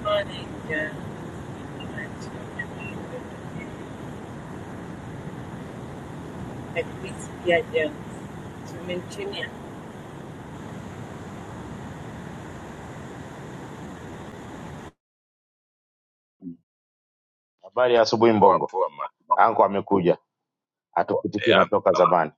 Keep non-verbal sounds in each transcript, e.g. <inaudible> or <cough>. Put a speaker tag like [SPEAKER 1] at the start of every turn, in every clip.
[SPEAKER 1] Morning, John. Nakisikia John, tumemchania
[SPEAKER 2] Habari ya asubuhi Mbongo, anko amekuja, hatupitishi na toka zamani.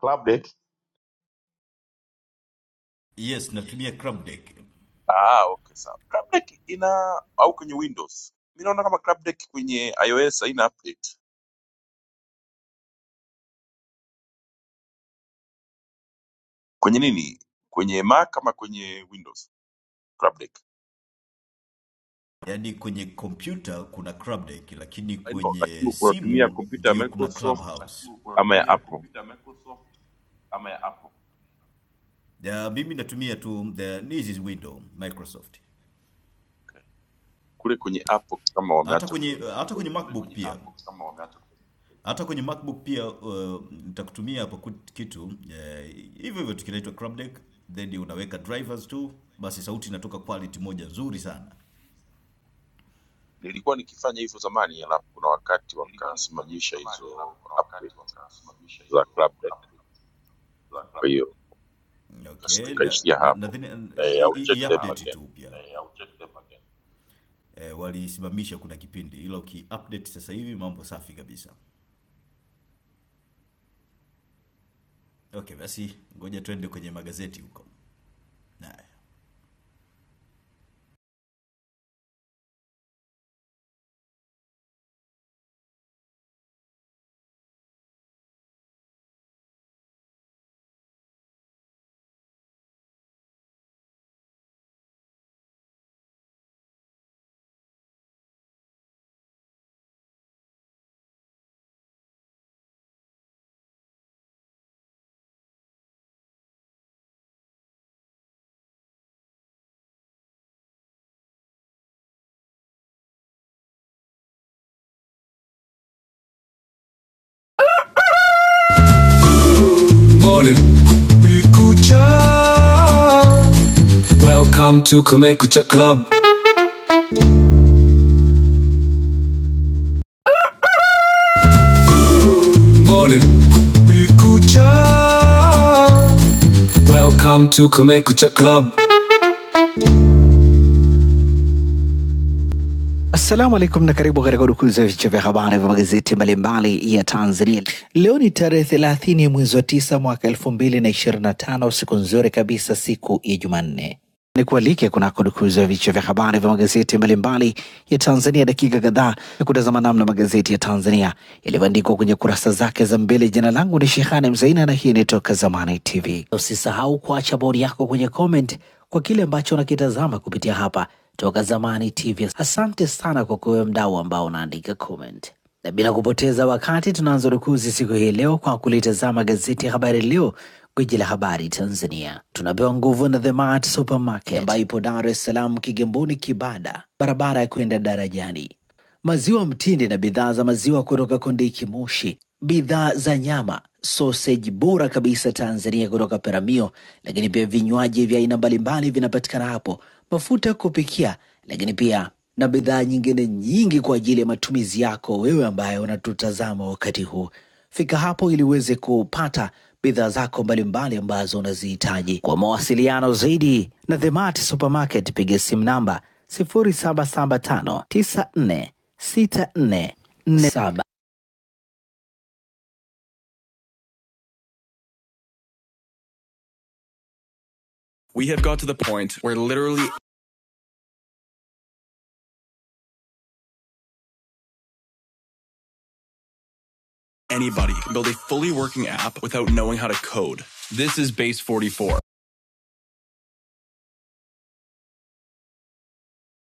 [SPEAKER 2] Club date
[SPEAKER 3] Morning, Kumekucha. Welcome to Kumekucha Club. Morning. Kumekucha. Welcome to Kumekucha Club. Assalamu alaikum na karibu katika udukuzi ya vichwa vya habari vya magazeti mbalimbali ya Tanzania. Leo ni tarehe thelathini mwezi wa tisa mwaka elfu mbili na ishirini na tano siku nzuri kabisa, siku ya Jumanne. Ni kualike kunako dukuzi ya vichwa vya habari vya magazeti mbalimbali ya Tanzania, dakika kadhaa ya kutazama namna magazeti ya Tanzania yalivyoandikwa kwenye kurasa zake za mbele. Jina langu ni Shehane Mzaina na hii ni Toka Zamani TV. Usisahau kuacha bodi yako kwenye comment kwa kile ambacho unakitazama kupitia hapa Toka Zamani TV. Asante sana kwa kuwe mdau ambao unaandika comment. Na bila kupoteza wakati tunaanza rukuzi siku hii leo kwa kulitazama gazeti ya Habari Leo, gwiji la habari Tanzania. Tunapewa nguvu na The Mart Supermarket ambayo ipo Dar es Salaam, Kigamboni, Kibada, barabara ya kwenda darajani. Maziwa mtindi na bidhaa za maziwa kutoka Kondiki Moshi, bidhaa za nyama, soseji bora kabisa Tanzania kutoka Peramio, lakini pia vinywaji vya aina mbalimbali vinapatikana hapo, mafuta ya kupikia, lakini pia na bidhaa nyingine nyingi kwa ajili ya matumizi yako wewe ambaye unatutazama wakati huu. Fika hapo ili uweze kupata bidhaa zako mbalimbali ambazo unazihitaji. Kwa mawasiliano zaidi na Themart Supermarket piga simu namba 0775946447.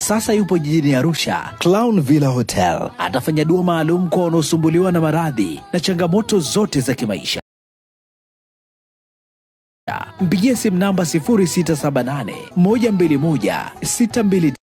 [SPEAKER 3] Sasa yupo jijini Arusha, Clown Villa Hotel. Atafanya dua maalum kwa wanaosumbuliwa na maradhi na changamoto zote za kimaisha. mpigie simu namba 0678 121 625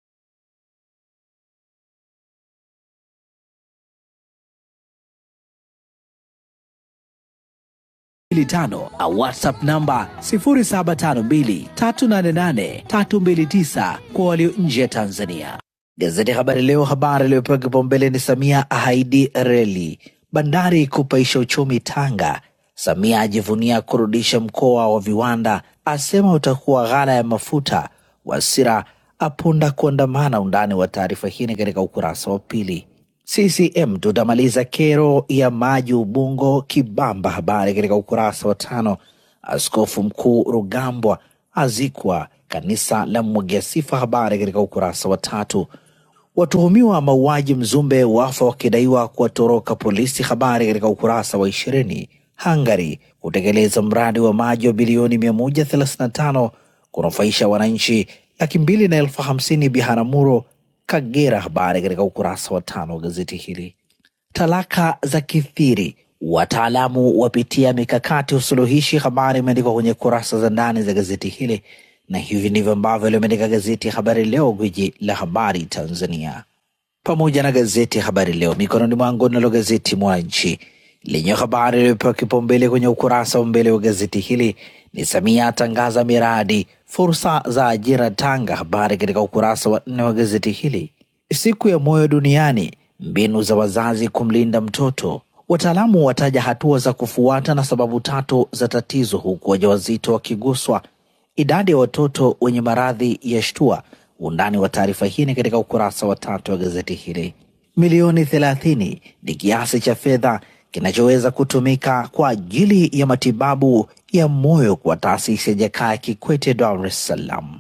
[SPEAKER 3] au whatsapp namba 0752 388 329 kwa walio nje ya Tanzania. Gazeti ya Habari Leo, habari iliyopewa kipaumbele ni Samia ahaidi reli, bandari kupaisha uchumi Tanga. Samia ajivunia kurudisha mkoa wa viwanda, asema utakuwa ghala ya mafuta. Wasira apunda kuandamana. Undani wa taarifa hii ni katika ukurasa wa pili. CCM tutamaliza kero ya maji Ubungo Kibamba, habari katika ukurasa wa tano. Askofu Mkuu Rugambwa azikwa. Kanisa la mwagia sifa. Habari katika ukurasa wa tatu. Watuhumiwa mauaji Mzumbe wafa wakidaiwa kuwatoroka polisi. Habari katika ukurasa wa ishirini. Hungary kutekeleza mradi wa maji wa bilioni 135 kunufaisha wananchi laki mbili na elfu hamsini Biharamulo, Kagera. Habari katika ukurasa wa tano wa gazeti hili. Talaka zakithiri, wataalamu wapitia mikakati usuluhishi. Habari imeandikwa kwenye kurasa za ndani za gazeti hili, na hivi ndivyo ambavyo limeandika gazeti ya Habari Leo, gwiji la habari Tanzania pamoja na gazeti Habari Leo mikononi mwangu. Nalo gazeti Mwananchi lenye habari iliyopewa kipaumbele kwenye ukurasa wa mbele wa gazeti hili ni Samia atangaza miradi fursa za ajira Tanga. Habari katika ukurasa wa nne wa gazeti hili. Siku ya moyo duniani, mbinu za wazazi kumlinda mtoto. Wataalamu wataja hatua za kufuata na sababu tatu za tatizo, huku wajawazito wakiguswa Idadi ya watoto wenye maradhi ya shtua. Undani wa taarifa hii ni katika ukurasa wa tatu wa gazeti hili. Milioni thelathini ni kiasi cha fedha kinachoweza kutumika kwa ajili ya matibabu ya moyo kwa taasisi ya Jakaya Kikwete, Dar es Salaam.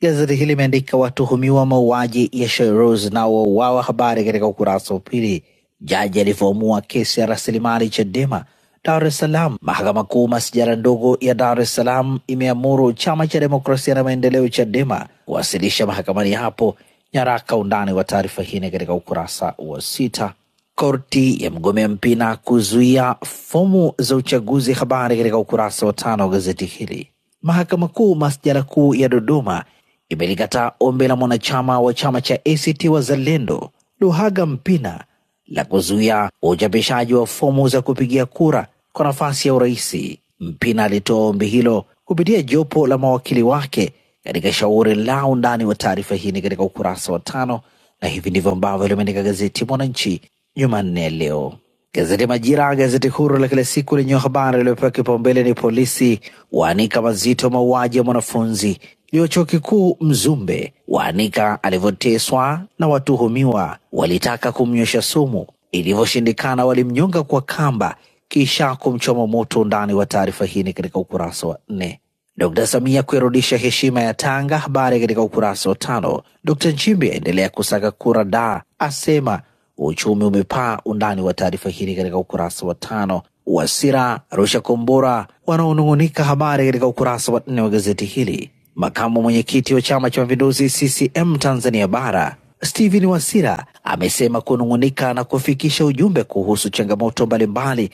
[SPEAKER 3] Gazeti hili limeandika watuhumiwa mauaji ya Shairoz na wauawa, habari katika ukurasa wa pili. Jaji alivyoamua kesi ya rasilimali Chadema Dar es Salaam. Mahakama Kuu masijara ndogo ya Dar es Salaam imeamuru chama cha demokrasia na maendeleo Chadema kuwasilisha mahakamani hapo nyaraka. Undani wa taarifa hii ni katika ukurasa wa sita. Korti ya mgombea Mpina kuzuia fomu za uchaguzi, habari katika ukurasa wa tano wa gazeti hili. Mahakama Kuu masjala kuu ya Dodoma imelikataa ombi la mwanachama wa chama cha ACT Wazalendo Luhaga Mpina la kuzuia uchapishaji wa fomu za kupigia kura kwa nafasi ya uraisi. Mpina alitoa ombi hilo kupitia jopo la mawakili wake katika shauri lao. Undani wa taarifa hii ni katika ukurasa wa tano na hivi ndivyo ambavyo limeandika gazeti Mwananchi Jumanne ya leo. Gazeti Majira, gazeti huru la kila siku lenye habari iliyopewa kipaumbele ni polisi waanika mazito mauaji ya mwanafunzi wa chuo kikuu Mzumbe, waanika alivyoteswa na watuhumiwa walitaka kumnywesha sumu, ilivyoshindikana walimnyonga kwa kamba kisha kumchoma moto. Undani wa taarifa hii ni katika ukurasa wa nne. Dkt Samia kuirudisha heshima ya Tanga. Habari katika ukurasa wa tano. Dkt Nchimbi aendelea kusaka kura da asema uchumi umepaa. Undani wa taarifa hili katika ukurasa wa tano. Wasira rusha kombora wanaonung'unika. Habari katika ukurasa wa nne wa gazeti hili. Makamu mwenyekiti wa Chama cha Mapinduzi CCM Tanzania Bara Stephen Wasira amesema kunung'unika na kufikisha ujumbe kuhusu changamoto mbalimbali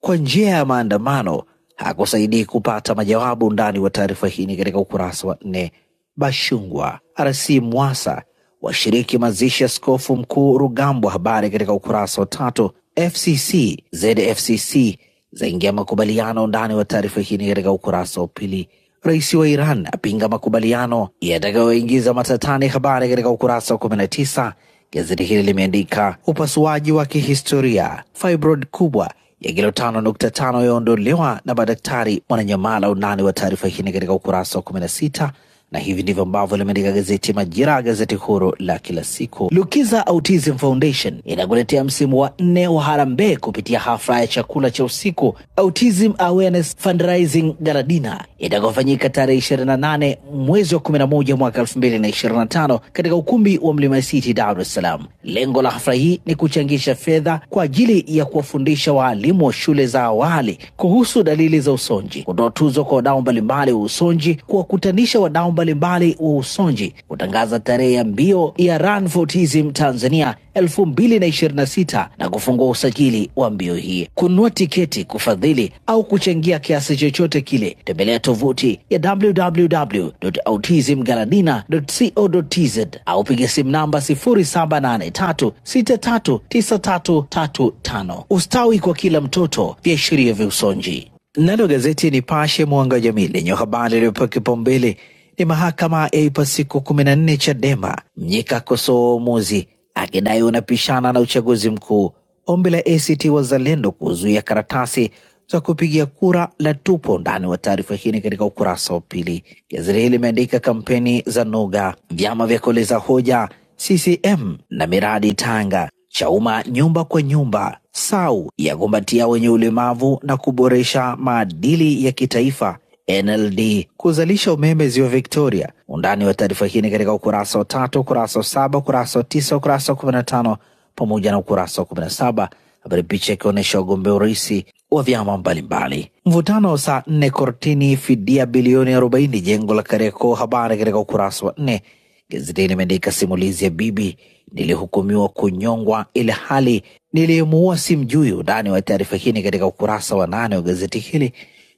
[SPEAKER 3] kwa njia ya maandamano hakusaidii kupata majawabu. Undani wa taarifa hii ni katika ukurasa wa nne. Bashungwa, RC Mwasa washiriki mazishi ya Askofu Mkuu Rugambwa, habari katika ukurasa wa tatu. FCC ZFCC zaingia makubaliano, undani wa taarifa hii ni katika ukurasa wa pili. Rais wa Iran apinga makubaliano yatakayoingiza matatani. Habari katika ukurasa wa 19. Gazeti hili limeandika upasuaji wa kihistoria, fibroid kubwa ya kilo 5.5 yaondolewa na madaktari. Mwananyamala. Undani wa taarifa hii ni katika ukurasa wa 16 na hivi ndivyo ambavyo limeandika gazeti Majira, gazeti huru la kila siku. Lukiza Autism Foundation inakuletea msimu wa nne wa harambee kupitia hafla ya chakula cha usiku Autism Awareness Fundraising Galadina itakaofanyika tarehe 28 mwezi wa 11 mwaka 2025 katika ukumbi wa Mlima City, Dar es Salaam. Lengo la hafla hii ni kuchangisha fedha kwa ajili ya kuwafundisha waalimu wa shule za awali kuhusu dalili za usonji, kutoa tuzo kwa wadau mbalimbali wa usonji kuwakutanisha wadau mbalimbali wa usonji kutangaza tarehe ya mbio ya Run for Autism Tanzania 2026 na ishirini na sita na kufungua usajili wa mbio hii. Kununua tiketi, kufadhili au kuchangia kiasi chochote kile, tembelea tovuti ya www.autismgaladina.co.tz au piga simu namba 0783639335. Ustawi kwa kila mtoto, viashiria vya usonji. Nalo gazeti Nipashe Mwanga wa Jamii lenye habari iliyopewa kipaumbele ni mahakama yaipa siku kumi na nne Chadema. Mnyika akosoa uamuzi akidai unapishana na uchaguzi mkuu. Ombi la ACT Wazalendo kuzuia karatasi za kupigia kura la tupo ndani wa taarifa hii ni katika ukurasa wa pili. Gazeti hili limeandika kampeni za noga, vyama vya kueleza hoja CCM na miradi Tanga. Chauma nyumba kwa nyumba sau yakumbatia wenye ulemavu na kuboresha maadili ya kitaifa NLD kuzalisha umeme ziwa Victoria. Undani wa taarifa hii ni katika ukurasa wa tatu, ukurasa wa saba, ukurasa wa tisa, ukurasa wa kumi na tano pamoja na ukurasa wa kumi na saba habari picha ikionyesha wagombea urais wa vyama mbalimbali. Mvutano saa nne kortini, fidia bilioni arobaini jengo la Kariakoo, habari katika ukurasa wa nne. Gazetini imeandika simulizi ya bibi nilihukumiwa kunyongwa ili hali niliyemuua simjui. Undani wa taarifa hii ni katika ukurasa wa nane wa gazeti hili,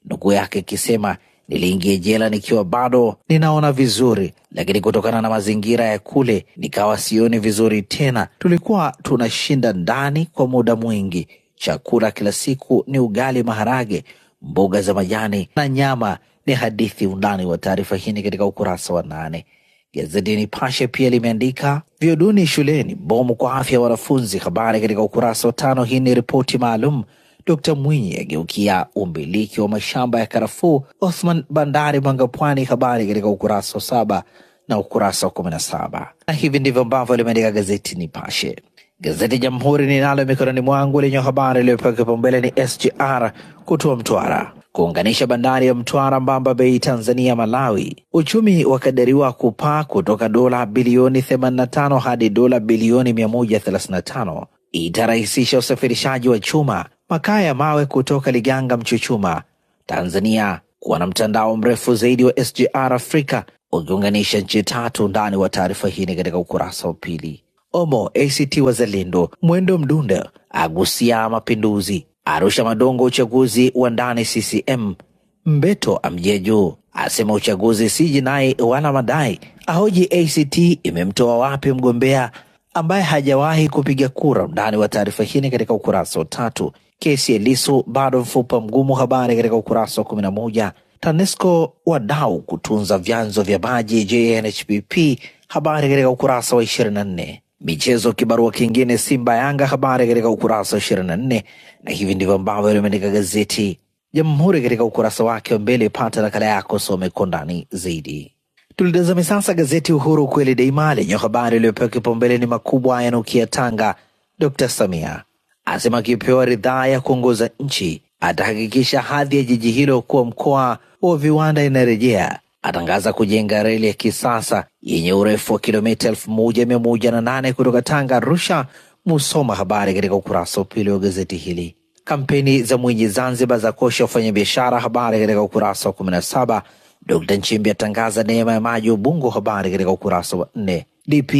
[SPEAKER 3] nukuu yake ikisema niliingia jela nikiwa bado ninaona vizuri, lakini kutokana na mazingira ya kule nikawa sioni vizuri tena. Tulikuwa tunashinda ndani kwa muda mwingi. Chakula kila siku ni ugali, maharage, mboga za majani na nyama. Ni hadithi. Undani wa taarifa hii ni katika ukurasa wa nane. Gazeti Nipashe pia limeandika vyoo duni shuleni, bomu kwa afya ya wanafunzi, habari katika ukurasa wa tano. Hii ni ripoti maalum. Dkt Mwinyi ageukia umiliki wa mashamba ya karafuu Othman Bandari Mwanga Pwani, habari katika ukurasa wa saba na ukurasa wa kumi na saba. Na hivi ndivyo ambavyo limeandika gazeti Nipashe. Gazeti Jamhuri ninalo mikononi mwangu lenye habari iliyopewa kipaumbele ni SGR kutoa mtwara kuunganisha bandari ya Mtwara, Mbamba Bay, Tanzania, Malawi. Uchumi wakadiriwa kupaa kutoka dola bilioni 85 hadi dola bilioni 135. Itarahisisha usafirishaji wa chuma, makaa ya mawe kutoka Liganga, Mchuchuma Tanzania kuwa na mtandao mrefu zaidi wa SGR Afrika ukiunganisha nchi tatu. Undani wa taarifa hii ni katika ukurasa wa pili. Omo ACT Wazalendo Mwendo Mdunda agusia mapinduzi Arusha Madongo, uchaguzi wa ndani CCM Mbeto Amjeju asema uchaguzi si jinai wala madai, ahoji ACT imemtoa wapi mgombea ambaye hajawahi kupiga kura. Undani wa taarifa hii ni katika ukurasa wa tatu. Kesi ya Lissu bado mfupa mgumu, habari katika ukurasa wa kumi na moja. TANESCO wadau kutunza vyanzo vya maji JNHPP, habari katika ukurasa wa ishirini na nne. Michezo kibarua kingine Simba Yanga, habari katika ukurasa wa ishirini na nne. Na hivi ndivyo ambavyo limeandika gazeti Jamhuri katika ukurasa wake wa mbele. Pata nakala yako, some kwa undani zaidi. Tulitazame sasa gazeti Uhuru ukweli daima lenye habari iliyopewa kipaumbele ni makubwa yanukia Tanga. Dr Samia asema akipewa ridhaa ya kuongoza nchi atahakikisha hadhi ya jiji hilo kuwa mkoa wa viwanda inarejea. Atangaza kujenga reli ya kisasa yenye urefu wa kilomita elfu moja mia moja na nane kutoka Tanga Arusha Musoma. Habari katika ukurasa wa pili wa gazeti hili. Kampeni za Mwinyi Zanzibar za kosha wafanyabiashara, habari katika ukurasa wa kumi na saba. Dkt Nchimbi atangaza neema ya maji Ubungo, habari katika ukurasa wa nne. DP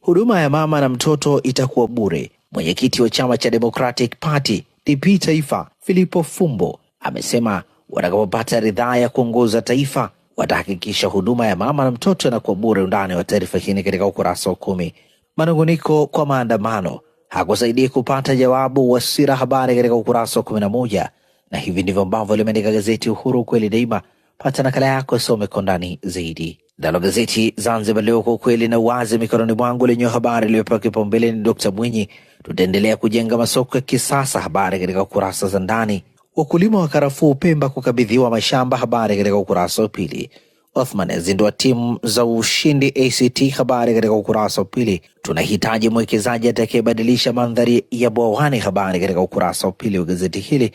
[SPEAKER 3] huduma ya mama na mtoto itakuwa bure. Mwenyekiti wa chama cha Democratic Party DP Taifa Filipo Fumbo amesema watakapopata ridhaa ya kuongoza taifa watahakikisha huduma ya mama na mtoto inakuwa bure. Undani wa taarifa hii ni katika ukurasa wa kumi manunguniko kwa maandamano hakusaidii kupata jawabu. Wasira habari katika ukurasa wa kumi na moja na hivi ndivyo ambavyo limeandika gazeti Uhuru kweli daima. Pata nakala yako isome kwa ndani zaidi. Nalo gazeti Zanzibar Leo kwa ukweli na uwazi mikononi mwangu lenye habari iliyopewa kipaumbele ni Dkt Mwinyi, tutaendelea kujenga masoko ya kisasa. Habari katika kurasa za ndani. Wakulima wa karafuu Pemba kukabidhiwa mashamba. Habari katika ukurasa wa pili. Othman azindua timu za ushindi ACT. Habari katika ukurasa wa pili. Tunahitaji mwekezaji atakayebadilisha mandhari ya Bwawani. Habari katika ukurasa wa pili wa gazeti hili.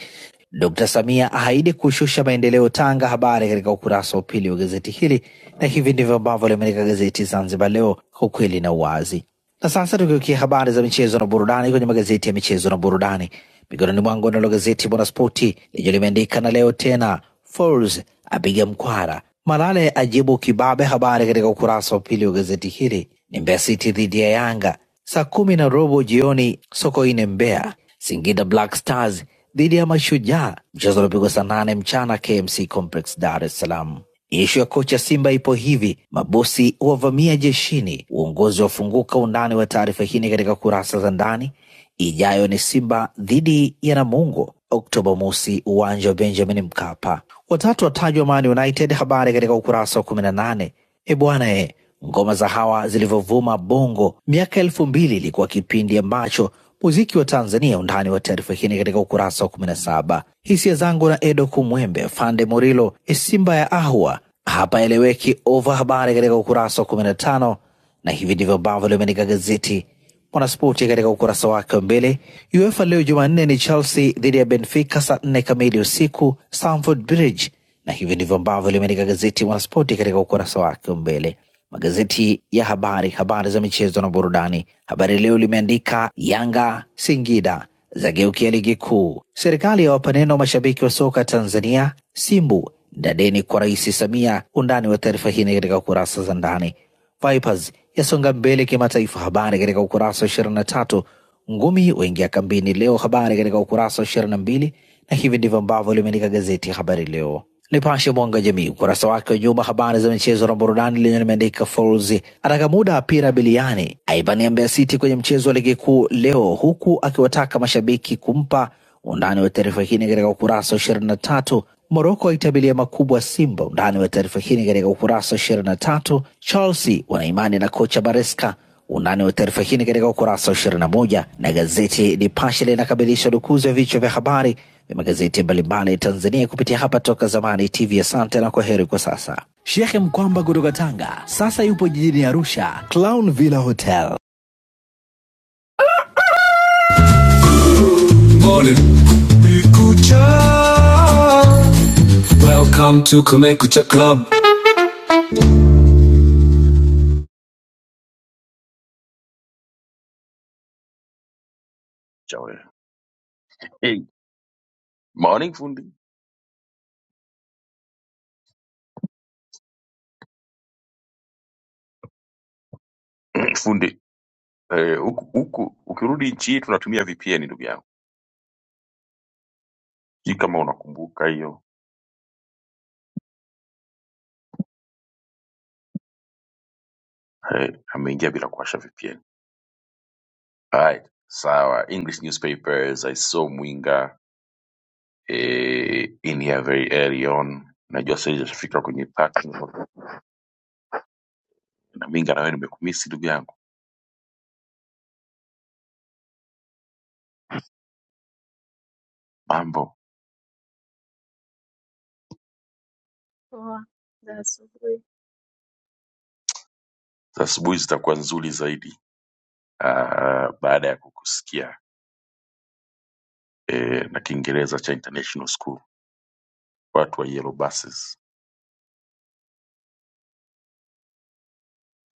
[SPEAKER 3] Dr. Samia ahaidi kushusha maendeleo Tanga. Habari katika ukurasa wa pili wa gazeti hili, na hivi ndivyo ambavyo limeandika gazeti Zanzibar Leo kwa ukweli na uwazi. Na sasa tukiukia habari za michezo na burudani kwenye magazeti ya michezo na burudani, mikononi mwangu nalo gazeti Mwanaspoti lenye limeandika na leo tena, Folz apiga mkwara, Malale ajibu kibabe. Habari katika ukurasa wa pili wa gazeti hili ni Mbeya City dhidi ya Yanga saa kumi na robo jioni Sokoine, Mbeya. Singida Black Stars dhidi ya Mashujaa, mchezo unapigwa saa nane mchana KMC Complex, Dar es Salaam. Ishu ya kocha Simba ipo hivi: mabosi wavamia jeshini, uongozi wafunguka. Undani wa taarifa hii ni katika kurasa za ndani. Ijayo ni Simba dhidi ya Namungo, Oktoba mosi, uwanja wa Benjamin Mkapa. Watatu watajwa Man United, habari katika ukurasa wa kumi na nane. E bwana e, ngoma za hawa zilivyovuma Bongo miaka elfu mbili ilikuwa kipindi ambacho muziki wa Tanzania. Undani wa taarifa hii ni katika ukurasa wa 17. Hisia zangu na Edo Kumwembe, Fande Murilo, Simba ya Ahwa hapa eleweki ova, habari katika ukurasa wa 15, na tano. Na hivi ndivyo ambavyo limeandika gazeti Mwanaspoti katika ukurasa wake wa mbele. UEFA leo Jumanne ni Chelsea dhidi ya Benfica saa nne kamili usiku Stamford Bridge, na hivi ndivyo ambavyo limeandika gazeti Mwanaspoti katika ukurasa wake wa mbele magazeti ya habari, habari za michezo na burudani. Habari Leo limeandika Yanga Singida zageukia ligi kuu, serikali yawapa neno mashabiki wa soka Tanzania, Simbu dadeni kwa Rais Samia. Undani wa taarifa hii ni katika kurasa za ndani. Vipers yasonga mbele kimataifa. Habari katika ukurasa wa ishirini na tatu. Ngumi waingia kambini leo, habari katika ukurasa wa ishirini na mbili, na hivi ndivyo ambavyo limeandika gazeti ya Habari Leo. Nipashe mwanga jamii ukurasa wake wa nyuma, habari za michezo na burudani, lenye limeandika Folz ataka muda apira biliani, aibania Mbeya City kwenye mchezo wa ligi kuu leo, huku akiwataka mashabiki kumpa undani wa taarifa hii ni katika ukurasa wa ishirini na tatu. Moroko itabiria makubwa Simba. Undani wa taarifa hii ni katika ukurasa wa ishirini na tatu. Chelsea wanaimani na kocha Baresca. Undani wa taarifa hii ni katika ukurasa wa ishirini na moja na gazeti Nipashe linakamilisha dukuzi ya vichwa vya habari vya magazeti mbalimbali ya Tanzania kupitia hapa Toka Zamani TV. Asante na kwa heri kwa sasa. Shekhe Mkwamba kutoka Tanga sasa yupo jijini Arusha, Clown Villa Hotel. Morning. Kumekucha. Welcome to Kumekucha Club.
[SPEAKER 4] Poa za asubuhi,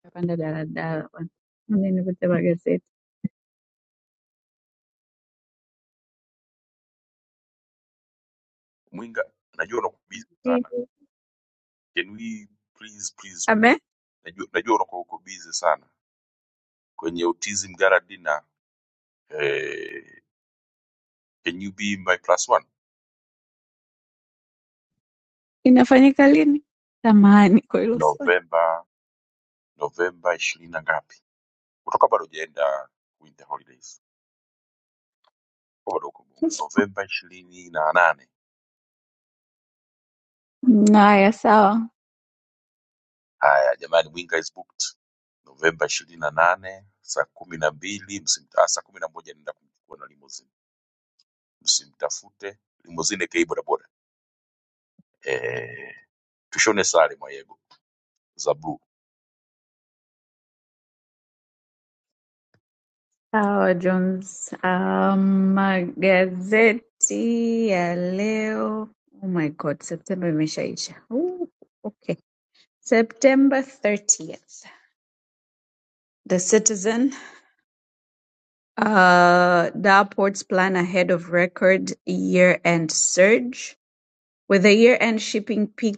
[SPEAKER 4] napanda daladala bwana, Mimi nimepata magazeti Ehe. Abe, inafanyika lini? Samahani kwa hilo swali. Haya, sawa. Sawa Jones. Um, magazeti ya leo oh my god, Septemba imeshaisha. Ooh, okay. September 30th. The Citizen, uh, Dow ports plan ahead of record year-end surge. With the year-end shipping peak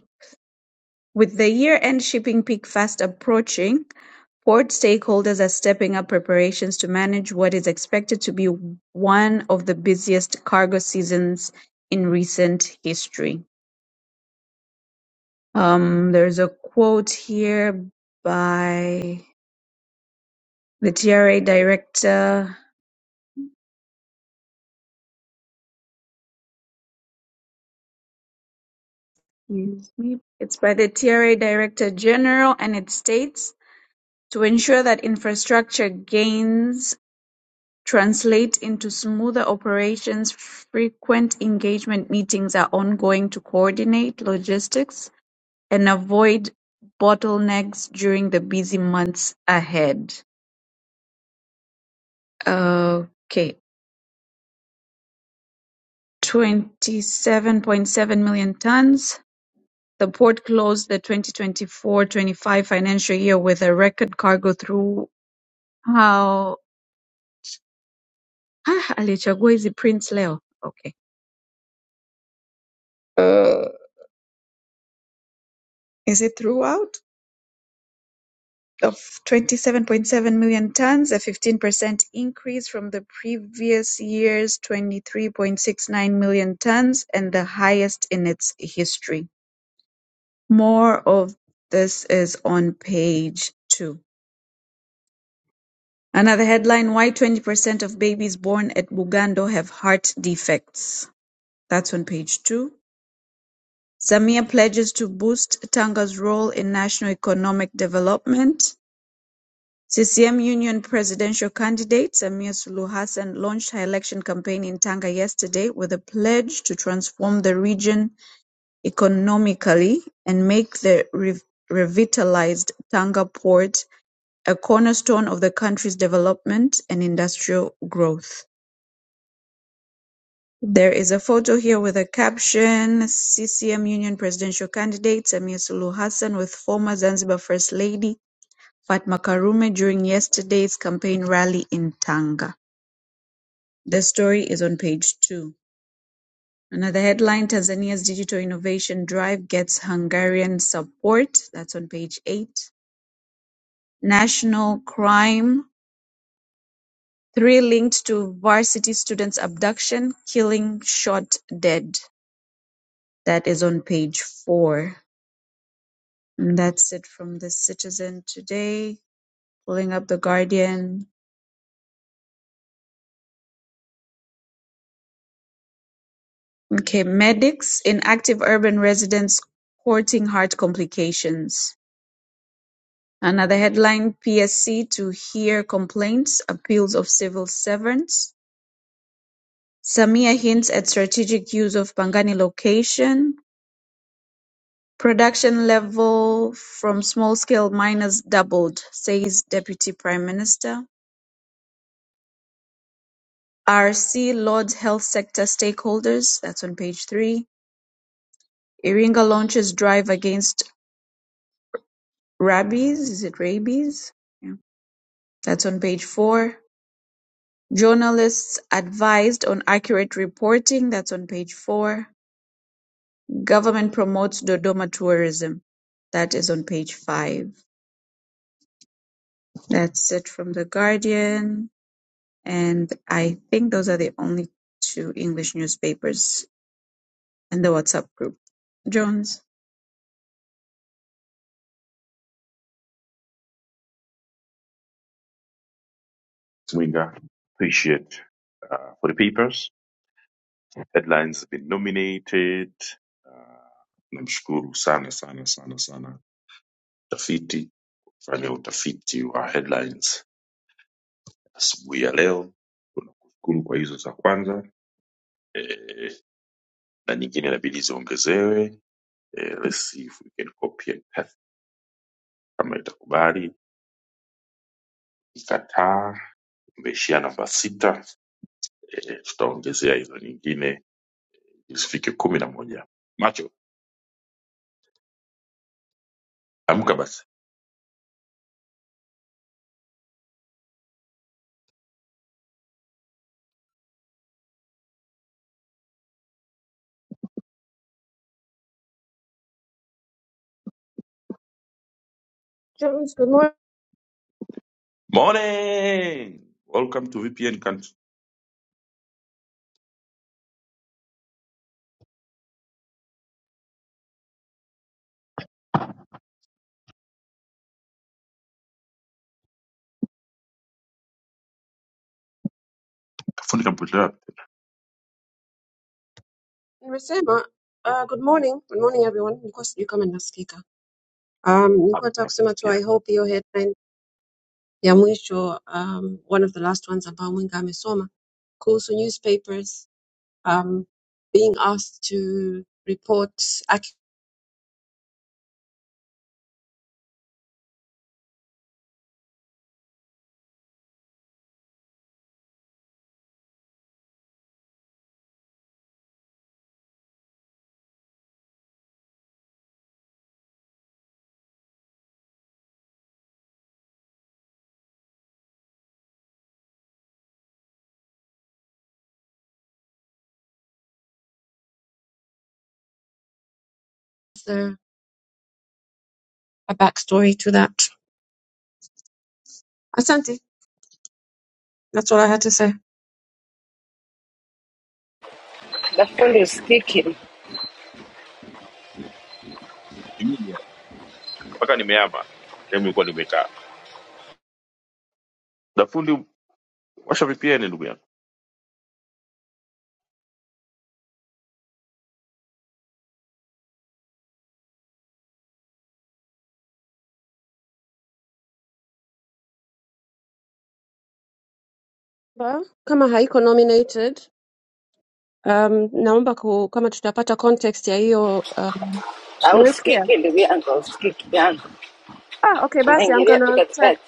[SPEAKER 4] with the year-end shipping peak fast approaching, port stakeholders are stepping up preparations to manage what is expected to be one of the busiest cargo seasons in recent history. Um, there's a quote here by the TRA director. Excuse me. It's by the TRA director general, and it states to ensure that infrastructure gains Translate into smoother operations frequent engagement meetings are ongoing to coordinate logistics and avoid bottlenecks during the busy months ahead. Okay, 27.7 million tons. The port closed the 2024-25 financial year with a record cargo through how ah, alichagua hizi prints leo. Okay. Uh, is it throughout? of 27.7 million tons, a 15% increase from the previous year's 23.69 million tons, and the highest in its history. More of this is on page two. Another headline, why 20% of babies born at Bugando have heart defects. That's on page two. Samia pledges to boost Tanga's role in national economic development. ccm union presidential candidate samia suluhu hassan launched her election campaign in tanga yesterday with a pledge to transform the region economically and make the rev- revitalized tanga port a cornerstone of the country's development and industrial growth there is a photo here with a caption ccm union presidential candidate samia suluhu hassan with former zanzibar first lady fatma karume during yesterday's campaign rally in tanga The story is on page two. Another headline, Tanzania's digital innovation drive gets Hungarian support. That's on page eight. National crime, three linked to varsity students abduction, killing shot dead. That is on page four. And that's it from the Citizen today. Pulling up the Guardian. Okay, medics in active urban residents courting heart complications. Another headline PSC to hear complaints, appeals of civil servants. Samia hints at strategic use of Pangani location. Production level from small scale miners doubled, says Deputy Prime Minister. RC Lords Health Sector Stakeholders, that's on page three. Iringa launches drive against rabies. Is it rabies? Yeah. That's on page four. Journalists advised on accurate reporting (that's on page four. Government promotes Dodoma tourism (that is on page five. That's it from The Guardian. And I think those are the only two English newspapers in the WhatsApp group. Jones.
[SPEAKER 5] Jones, good morning. Nimesema uh, good morning, good morning everyone. Nilikuwa sijui kama ninasikika. Um, nilikuwa nataka kusema tu I hope hiyo headline ya mwisho um, one of the last ones ambao Mwinga amesoma kuhusu newspapers um, being asked to report accurate a backstory to that. Asante, that's all I had to say.
[SPEAKER 1] dafundi, usikiki
[SPEAKER 5] Ba, kama haiko nominated um, naomba ku, kama tutapata context ya hiyo uh,
[SPEAKER 1] au
[SPEAKER 5] Unasikia?
[SPEAKER 1] usikiki, ndugu yangu, usikiki yangu,
[SPEAKER 5] Ah, okay basi I'm
[SPEAKER 1] unaingilia tu
[SPEAKER 5] gonna
[SPEAKER 1] katikati.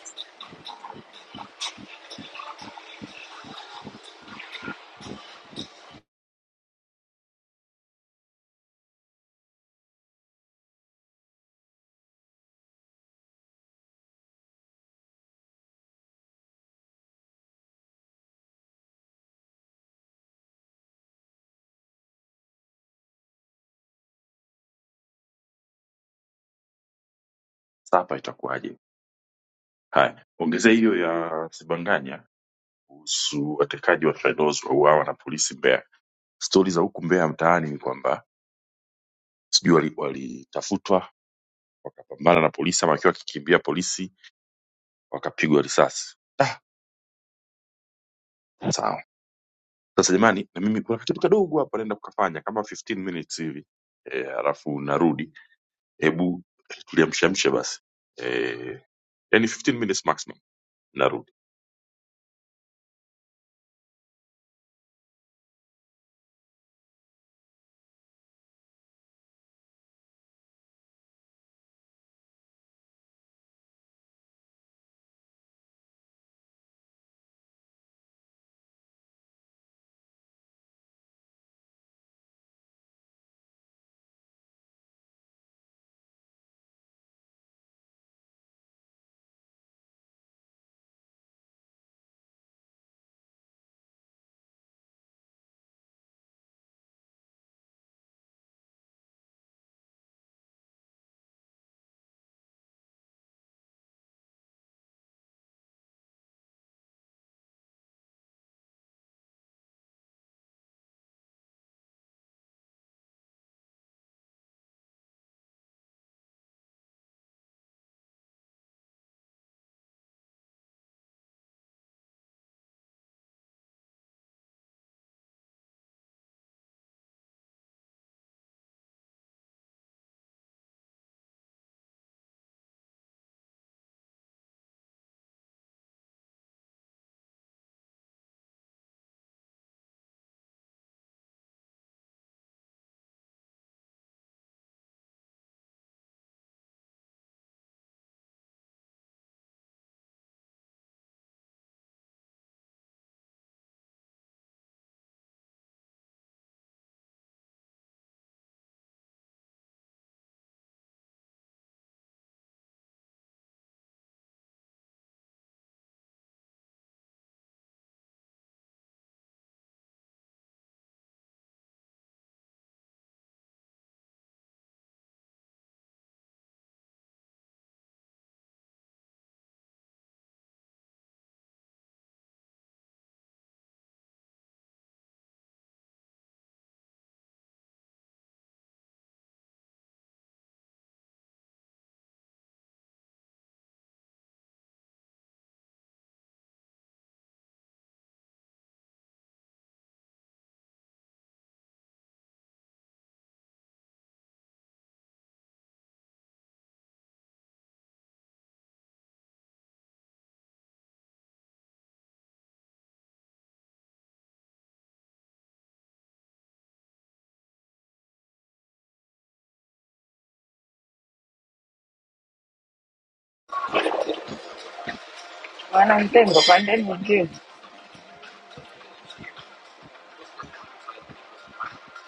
[SPEAKER 1] Wana mtengo, pandeni juu.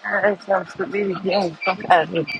[SPEAKER 1] Haya, tunamsubiri John kutoka Arusha.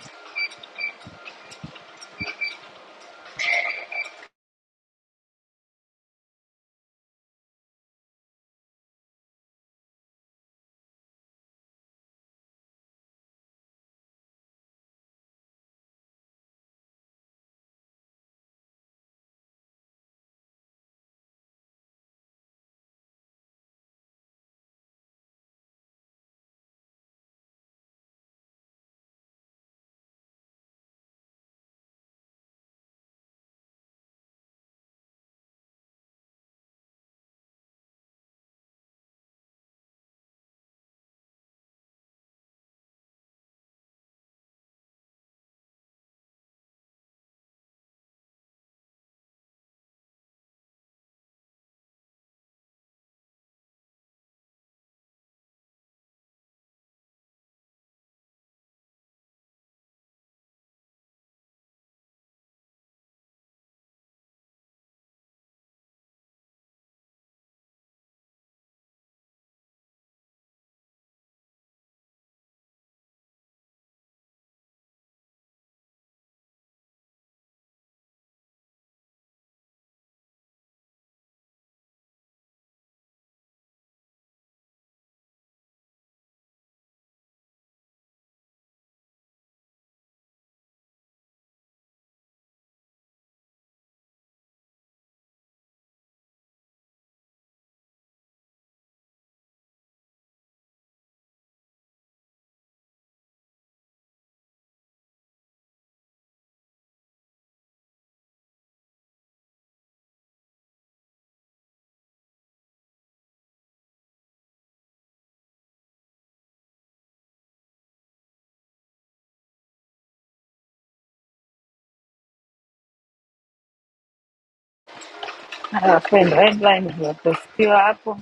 [SPEAKER 1] Haya, wapendwa, headline zimepostiwa hapo.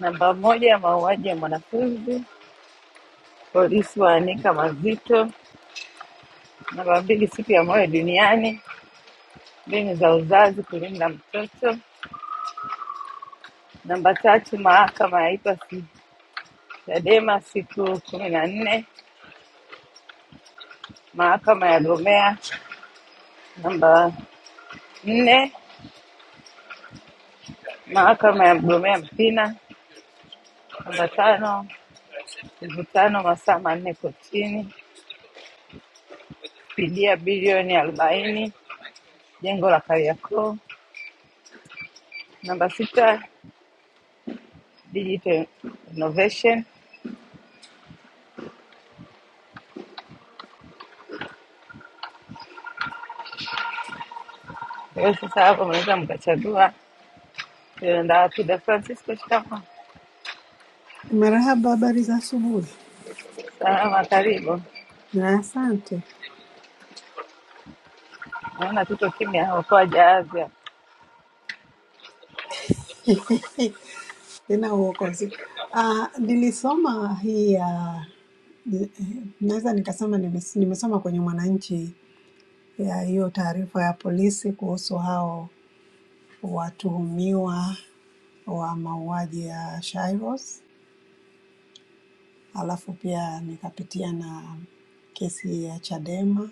[SPEAKER 1] Namba moja, mauaji ya mwanafunzi, polisi waanika mazito. Namba mbili, siku ya moyo duniani, mbinu za uzazi kulinda mtoto. Namba tatu, mahakama ya IPAC Chadema siku kumi na nne mahakama ya Gomea. Namba nne, mahakama ya Mgomea Mpina. Namba tano, mvutano masaa manne kotini, fidia bilioni arobaini jengo la Kariakoo. Namba sita, digital innovation. Kwa hiyo sasa hapo mnaweza mkachagua Ndaa Pida Francisco, shikamo.
[SPEAKER 6] Marahaba, habari za asubuhi
[SPEAKER 1] Salama, karibu.
[SPEAKER 6] na asante.
[SPEAKER 1] Naona tuko kimya, okoa jahazi. hapa.
[SPEAKER 6] <laughs> Tena uokozi. Ah, nilisoma hii ya eh, naweza nikasema nimes- nimesoma kwenye Mwananchi ya hiyo taarifa ya polisi kuhusu hao watuhumiwa wa mauaji ya Shairos, alafu pia nikapitia na kesi ya Chadema.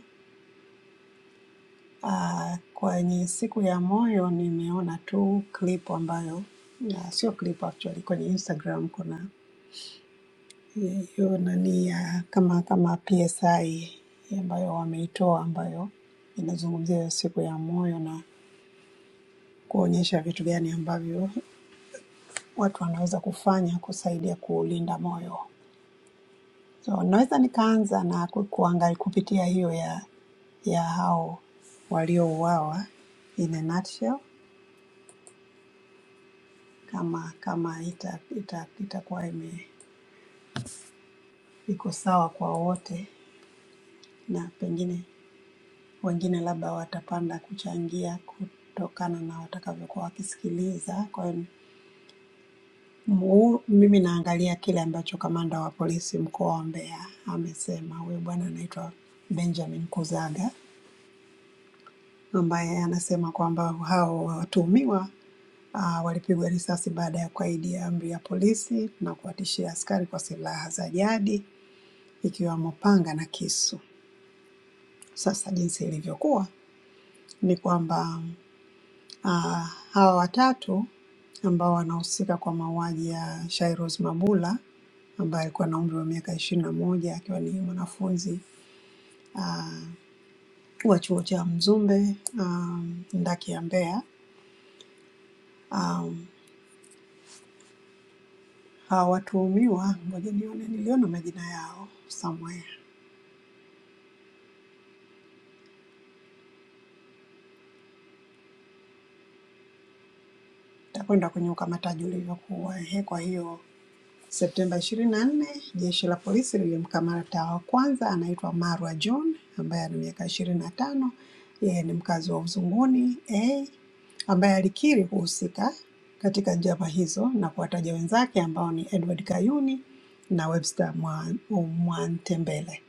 [SPEAKER 6] Ah, kwenye siku ya moyo nimeona tu clip ambayo na sio clip actually, kwenye Instagram kuna hiyo nani ya kama kama PSI ambayo wameitoa ambayo inazungumzia siku ya moyo na kuonyesha vitu gani ambavyo watu wanaweza kufanya kusaidia kuulinda moyo. So naweza nikaanza na ku- kuangali kupitia hiyo ya ya hao waliouawa in a nutshell, kama kama ita, ita, itakuwa ime iko sawa kwa wote na pengine wengine labda watapanda kuchangia kutokana na watakavyokuwa wakisikiliza. Kwa hiyo mu- mimi naangalia kile ambacho kamanda wa polisi mkoa wa Mbeya amesema. Huyu bwana anaitwa Benjamin Kuzaga ambaye anasema kwamba hao watuhumiwa uh, walipigwa risasi baada ya kukaidi amri ya polisi na kuwatishia askari kwa silaha za jadi ikiwemo panga na kisu. Sasa jinsi ilivyokuwa ni kwamba Ah, hawa watatu ambao wanahusika kwa mauaji ya Shairoz Mabula ambaye alikuwa na umri wa miaka ishirini na moja akiwa ni mwanafunzi ah, wa chuo cha Mzumbe ah, ndaki ya Mbeya. Ah, hawa watuhumiwa, ngoja nione, niliona majina yao somewhere, takwenda kwenye ukamataji ulivyokuwa. Ehe, kwa hiyo Septemba 24, jeshi la polisi lilimkamata wa kwanza anaitwa Marwa John ambaye ana miaka 25. Yeye ni mkazi wa Uzunguni A ambaye alikiri kuhusika katika njama hizo na kuwataja wenzake ambao ni Edward Kayuni na Webster Mwa- Mwantembele.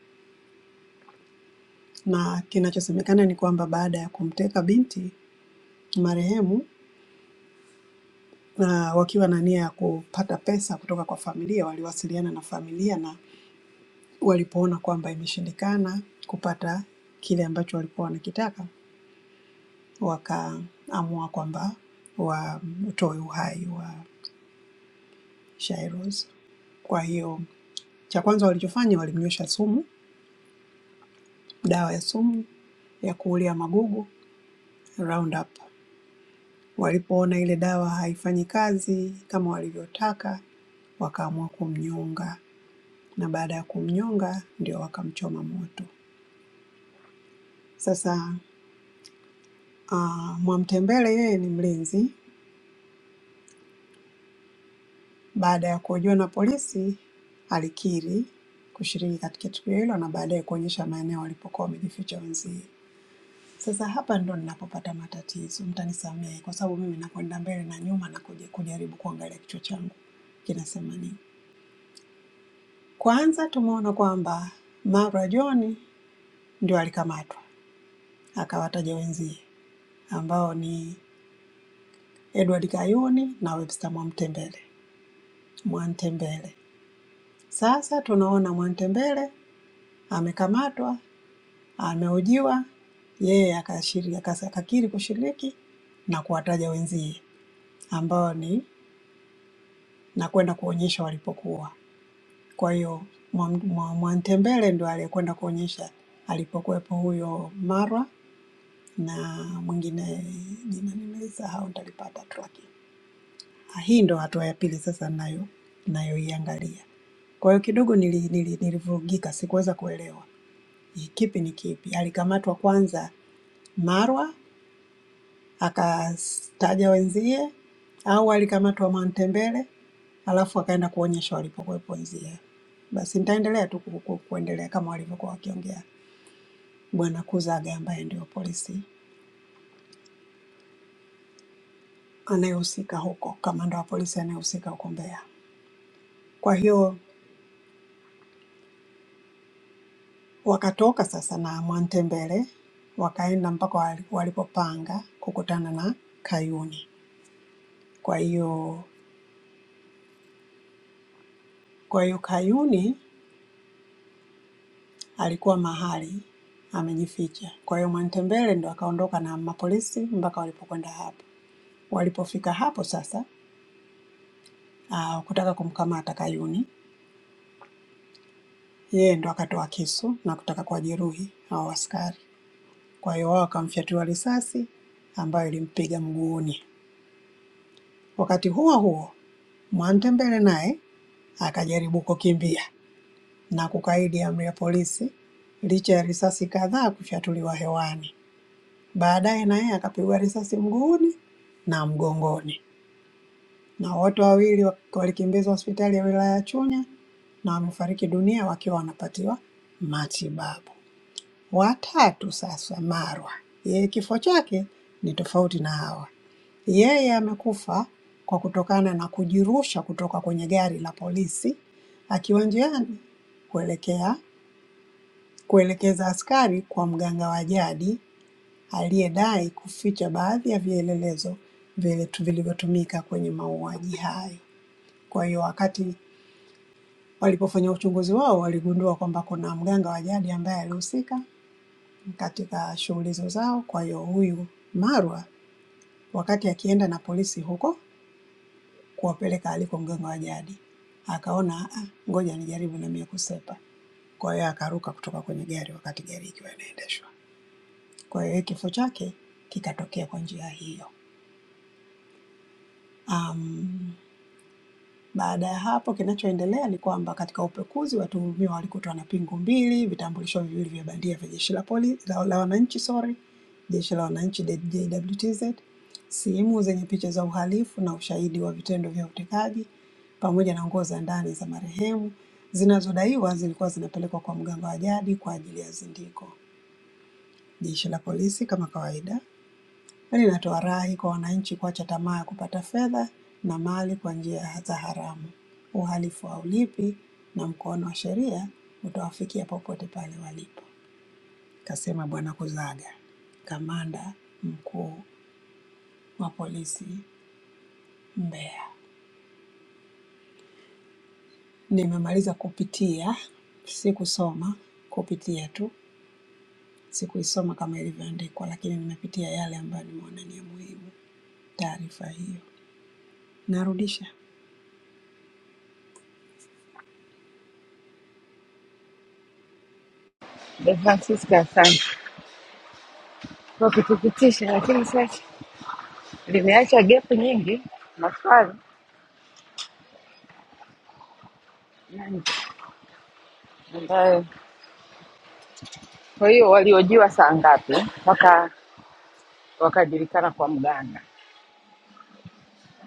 [SPEAKER 6] Na kinachosemekana ni kwamba baada ya kumteka binti marehemu na wakiwa na nia ya kupata pesa kutoka kwa familia, waliwasiliana na familia na Walipoona kwamba imeshindikana kupata kile ambacho walikuwa wanakitaka, wakaamua kwamba watoe uhai wa Shairoz. Kwa hiyo cha kwanza walichofanya walimnywesha sumu, dawa ya sumu ya kuulia magugu Roundup. Walipoona ile dawa haifanyi kazi kama walivyotaka, wakaamua kumnyonga, na baada ya kumnyonga ndio wakamchoma moto. Sasa uh, Mwamtembele yeye ni mlinzi Baada ya kuhojiwa na polisi, alikiri kushiriki katika tukio hilo na baadaye kuonyesha maeneo walipokuwa wamejificha wenzie. Sasa hapa ndo ninapopata matatizo, mtanisamehe kwa sababu mimi nakwenda mbele na nyuma na kuja- kujaribu kuangalia kichwa changu kinasema nini. Kwanza tumeona kwamba Mara John ndio alikamatwa akawataja wenzie ambao ni Edward Kayuni na Webster Mwantembele. Mwantembele. Sasa tunaona Mwantembele amekamatwa amehojiwa yeye akashiri- akas- akakiri kushiriki na kuwataja wenzie ambao ni na kwenda kuonyesha walipokuwa. Kwa hiyo Mwa- Mwa- Mwantembele ndo aliyekwenda kuonyesha alipokuwepo huyo Marwa na mwingine jina nimelisahau, nitalipata tu. lakini. Ah, Hii ndo hatua ya pili sasa nayo nayoiangalia. Kwa hiyo kidogo nili, nili, nilivurugika, sikuweza kuelewa ni kipi ni kipi. Alikamatwa kwanza Marwa akastaja wenzie au alikamatwa Mwantembele alafu akaenda kuonyesha walipokuwepo wenzie. Basi nitaendelea tu ku- ku- kuendelea kama walivyokuwa wakiongea Bwana Kuzaga ambaye ndio polisi anayehusika huko, kamanda wa polisi anayehusika huko Mbeya. Kwa hiyo wakatoka sasa na Mwantembele wakaenda mpaka wali- walipopanga kukutana na Kayuni. Kwa hiyo kwa hiyo Kayuni alikuwa mahali amejificha. Kwa hiyo Mwantembele ndo akaondoka na mapolisi mpaka walipokwenda hapo. Walipofika hapo sasa, uh, kutaka kumkamata Kayuni, yeye ndo akatoa kisu na kutaka kuwajeruhi hao askari. Kwa hiyo wao wakamfyatua risasi ambayo ilimpiga mguuni. Wakati huo huo, Mwantembele naye akajaribu kukimbia na kukaidi amri ya polisi licha ya risasi kadhaa kufyatuliwa hewani. Baadaye naye akapigwa risasi mguuni na mgongoni, na wote wawili wa- walikimbizwa hospitali ya wilaya ya Chunya na wamefariki dunia wakiwa wanapatiwa matibabu. Watatu sasa, Marwa, yeye kifo chake ni tofauti na hawa. Yeye amekufa kwa kutokana na kujirusha kutoka kwenye gari la polisi akiwa njiani kuelekea kuelekeza askari kwa mganga wa jadi aliyedai kuficha baadhi ya vielelezo vile tu- vilivyotumika kwenye mauaji hayo. Kwa hiyo wakati walipofanya uchunguzi wao waligundua kwamba kuna mganga wa jadi ambaye alihusika katika shughuli hizo zao. Kwa hiyo huyu Marwa wakati akienda na polisi huko kuwapeleka aliko mganga wa jadi akaona "Ah, ngoja nijaribu na mimi kusepa. Kwa hiyo akaruka kutoka kwenye gari wakati gari ikiwa inaendeshwa. Kwa hiyo kifo chake kikatokea kwa njia hiyo. Um, Baada ya hapo, kinachoendelea ni kwamba katika upekuzi watuhumiwa walikutwa na pingu mbili, vitambulisho viwili vya bandia vya jeshi la polisi la, la wananchi sorry, jeshi la wananchi JWTZ, simu zenye picha za uhalifu na ushahidi wa vitendo vya utekaji pamoja na nguo za ndani za marehemu zinazodaiwa zilikuwa zinapelekwa kwa mganga wa jadi kwa ajili ya zindiko. Jeshi la polisi kama kawaida Hili linatoa rai kwa wananchi kuacha tamaa ya kupata fedha na mali kwa njia za haramu. Uhalifu haulipi na mkono wa sheria utawafikia popote pale walipo, kasema Bwana Kuzaga, kamanda mkuu wa polisi Mbeya. Nimemaliza kupitia, sikusoma, kupitia tu, sikuisoma kama ilivyoandikwa, lakini nimepitia yale ambayo nimeona ni ya muhimu. Taarifa hiyo narudisha.
[SPEAKER 1] Da Francisco, asante. kwa kutupitisha, lakini sasa limeacha gap nyingi maswali mengi ambayo, kwa hiyo waliojiwa saa ngapi mpaka wakajulikana kwa mganga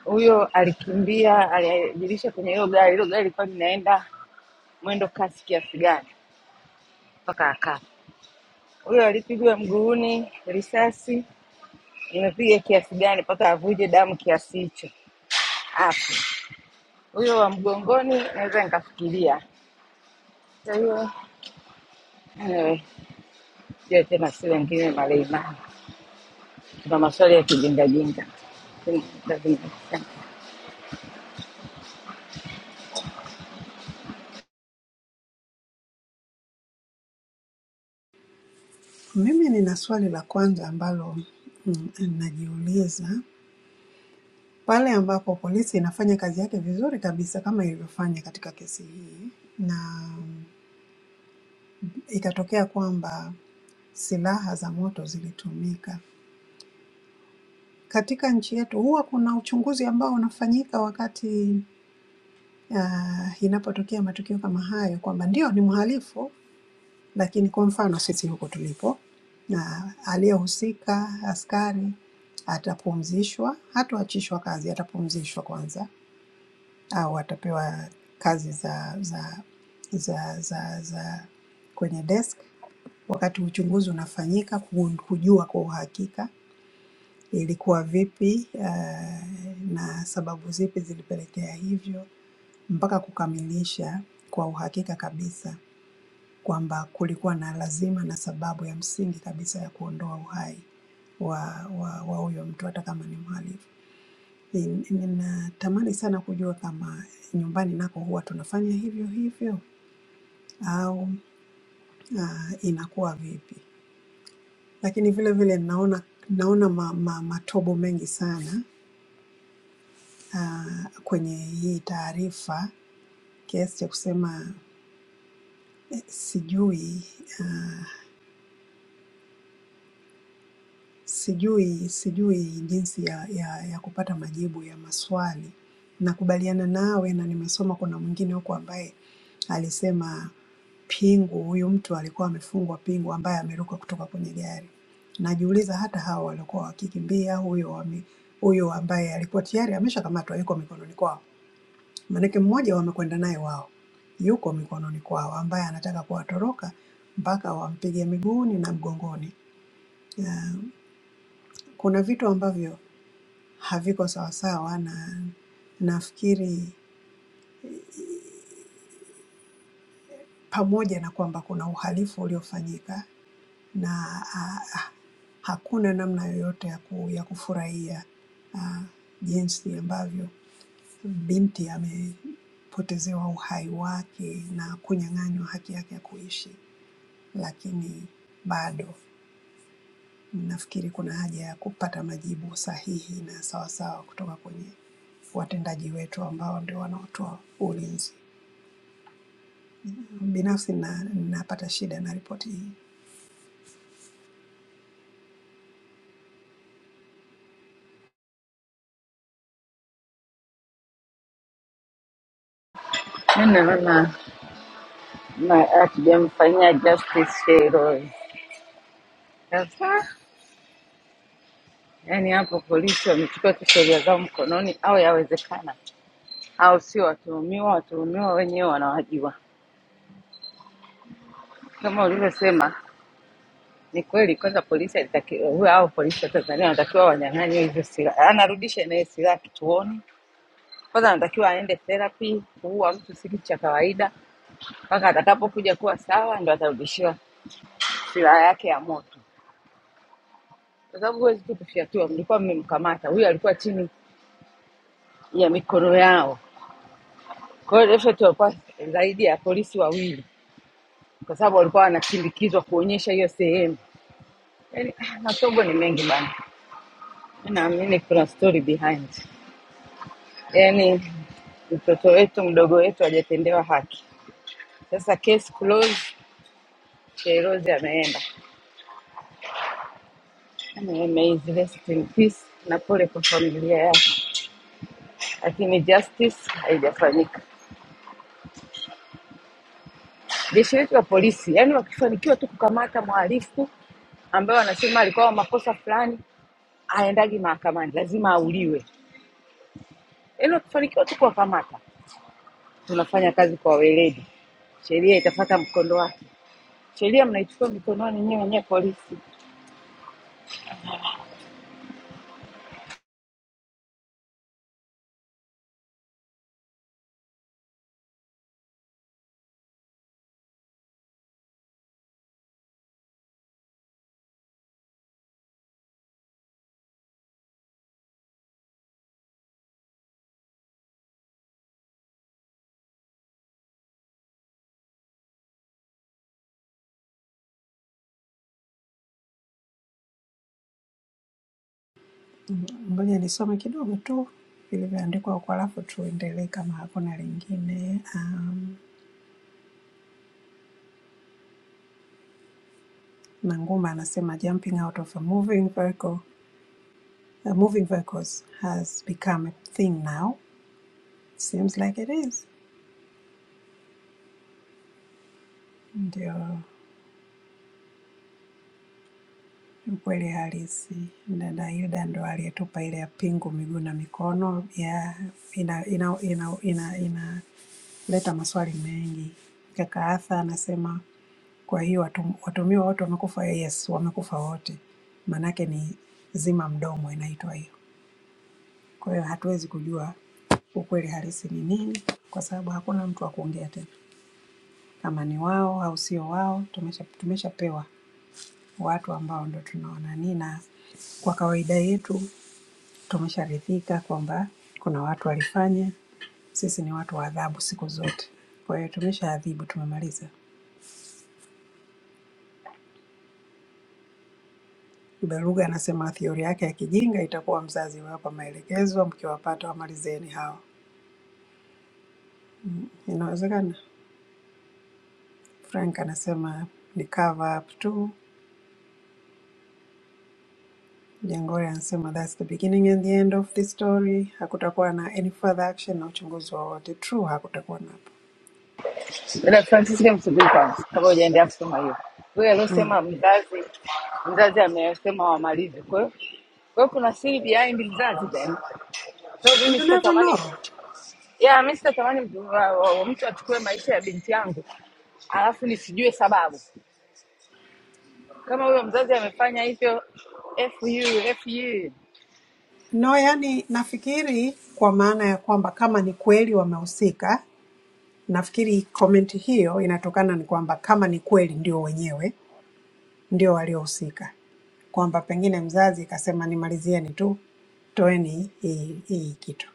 [SPEAKER 1] huyo? Alikimbia, aliajirisha kwenye hilo gari, hilo gari lilikuwa linaenda mwendo kasi kiasi gani mpaka akafa? Huyo alipigwa mguuni risasi imepiga kiasi gani mpaka avuje damu kiasi hicho? Hapo huyo wa mgongoni naweza nikafikiria. Kwa hiyo anyway, sio tena, si wengine maleimani, tuna maswali ya kijingajinga.
[SPEAKER 6] Mimi nina swali la kwanza ambalo mm, najiuliza pale ambapo polisi inafanya kazi yake vizuri kabisa kama ilivyofanya katika kesi hii, na ikatokea kwamba silaha za moto zilitumika katika nchi yetu, huwa kuna uchunguzi ambao unafanyika wakati uh, inapotokea matukio kama hayo, kwamba ndio ni mhalifu, lakini kwa mfano sisi huko tulipo, na aliyehusika askari atapumzishwa, hatoachishwa kazi, atapumzishwa kwanza, au atapewa kazi za za za za, za kwenye desk wakati uchunguzi unafanyika ku- kujua kwa uhakika ilikuwa vipi uh, na sababu zipi zilipelekea hivyo mpaka kukamilisha kwa uhakika kabisa kwamba kulikuwa na lazima na sababu ya msingi kabisa ya kuondoa uhai wa wa wa huyo mtu hata kama ni mhalifu. Ni- Ninatamani sana kujua kama nyumbani nako huwa tunafanya hivyo hivyo au ah, inakuwa vipi, lakini vile vile naona naona ma, ma, matobo mengi sana ah, kwenye hii taarifa kiasi cha kusema eh, sijui uh, Sijui sijui jinsi ya ya ya kupata majibu ya maswali. Nakubaliana nawe na nimesoma kuna mwingine huko ambaye alisema pingu, huyu mtu alikuwa amefungwa pingu ambaye ameruka kutoka kwenye gari. Najiuliza hata hao waliokuwa wakikimbia huyo wame huyo ambaye alikuwa tayari ameshakamatwa yuko mikononi kwao. Maanake mmoja wamekwenda naye wao, yuko mikononi kwao ambaye anataka kuwatoroka mpaka wampige miguuni na mgongoni. Ah, Kuna vitu ambavyo haviko sawasawa na nafikiri pamoja na kwamba kuna uhalifu uliofanyika na ah, ah, hakuna namna yoyote ya, ku, ya kufurahia ah, jinsi ambavyo binti amepotezewa uhai wake na kunyang'anywa haki yake ya kuishi, lakini bado nafikiri kuna haja ya kupata majibu sahihi na sawasawa kutoka kwenye watendaji wetu ambao ndio wanaotoa ulinzi. Binafsi na napata shida na ripoti hii.
[SPEAKER 1] Mi naona ma- hatujamfanyia justice Sheiloi kabisa. Yaani hapo polisi wamechukua tu sheria zao mkononi, au yawezekana, au sio watuhumiwa, watuhumiwa wenyewe wanawajua. Kama ulivyosema, ni kweli. Kwanza polisi alitakiwa huyo, au polisi wa Tanzania wanatakiwa wanyang'anywe hizo silaha, anarudisha naye silaha kituoni. Kwanza anatakiwa aende therapy. Kuua mtu si kitu cha kawaida. mpaka atakapokuja kuwa sawa ndo atarudishiwa silaha yake ya moto, kwa sababu huwezi tu kufyatua. Mlikuwa mmemkamata huyu, alikuwa chini ya mikono yao. Kwa hiyo efeti walikuwa zaidi ya polisi wawili, kwa sababu walikuwa wanasindikizwa kuonyesha hiyo sehemu. Yani masomo ni mengi bana, mi naamini kuna story behind. Yani mtoto wetu mdogo wetu hajatendewa haki. Sasa case closed, Shyrose ameenda, ameizile in peace na pole kwa familia yake. lakini justice haijafanyika. Jeshi letu la polisi, yani wakifanikiwa tu kukamata mhalifu ambaye wanasema alikuwa na makosa fulani, aendagi mahakamani, lazima auliwe. Yani wakifanikiwa tu kuwakamata, tunafanya kazi kwa weledi, sheria itafata mkondo wake. Sheria mnaichukua mikononi nyinyi wenyewe polisi.
[SPEAKER 6] Ngoja nisome kidogo tu vilivyoandikwa huko, alafu tuendelee kama hakuna lingine. Um, Nanguma anasema jumping out of a moving vehicle, uh, moving vehicles has become a thing now. Seems like it is. Ndio ukweli halisi. Dada Hilda ndo aliyetupa ile ya pingu miguu na mikono ya ina ina ina ina inaleta maswali mengi. Kaka Arthur anasema Kwa hiyo watu- watuhumiwa wote wamekufa, yes, wamekufa wote, maanake ni zima mdomo inaitwa hiyo. Kwa hiyo hatuwezi kujua ukweli halisi ni nini, kwa sababu hakuna mtu wa kuongea tena kama ni wao au sio wao. Tumesha tumeshapewa watu ambao ndo tunawanani, na kwa kawaida yetu tumesharidhika kwamba kuna watu walifanya, sisi ni watu wa adhabu siku zote. Kwa hiyo tumeshaadhibu, tumemaliza. Beluga anasema theory yake ya kijinga itakuwa mzazi wapa maelekezo mkiwapata wamalizeni hao. Inawezekana. Frank anasema ni cover up tu. Jangore anasema that's the beginning and the end of the story. Hakutakuwa na any further action na uchunguzi wowote. True, hakutakuwa napo.
[SPEAKER 1] Dada Francisca msubiri kwanza, kabla hujaendelea kusema hiyo. Wewe
[SPEAKER 6] Mm.
[SPEAKER 1] aliosema mzazi, mzazi amesema wamalize, kwa hiyo kwa hiyo kuna siri behind mzazi then. So mimi
[SPEAKER 6] You never
[SPEAKER 1] sitatamani mtoto
[SPEAKER 6] know.
[SPEAKER 1] ya mi sitatamani mtu wa- wa- mtu achukue maisha ya binti yangu alafu nisijue sababu kama huyo mzazi amefanya hivyo fu fu
[SPEAKER 6] No, yani nafikiri kwa maana ya kwamba kama ni kweli wamehusika, nafikiri komenti hiyo inatokana ni kwamba kama ni kweli ndio wenyewe ndio waliohusika, kwamba pengine mzazi kasema nimalizieni tu, toeni hii hii kitu.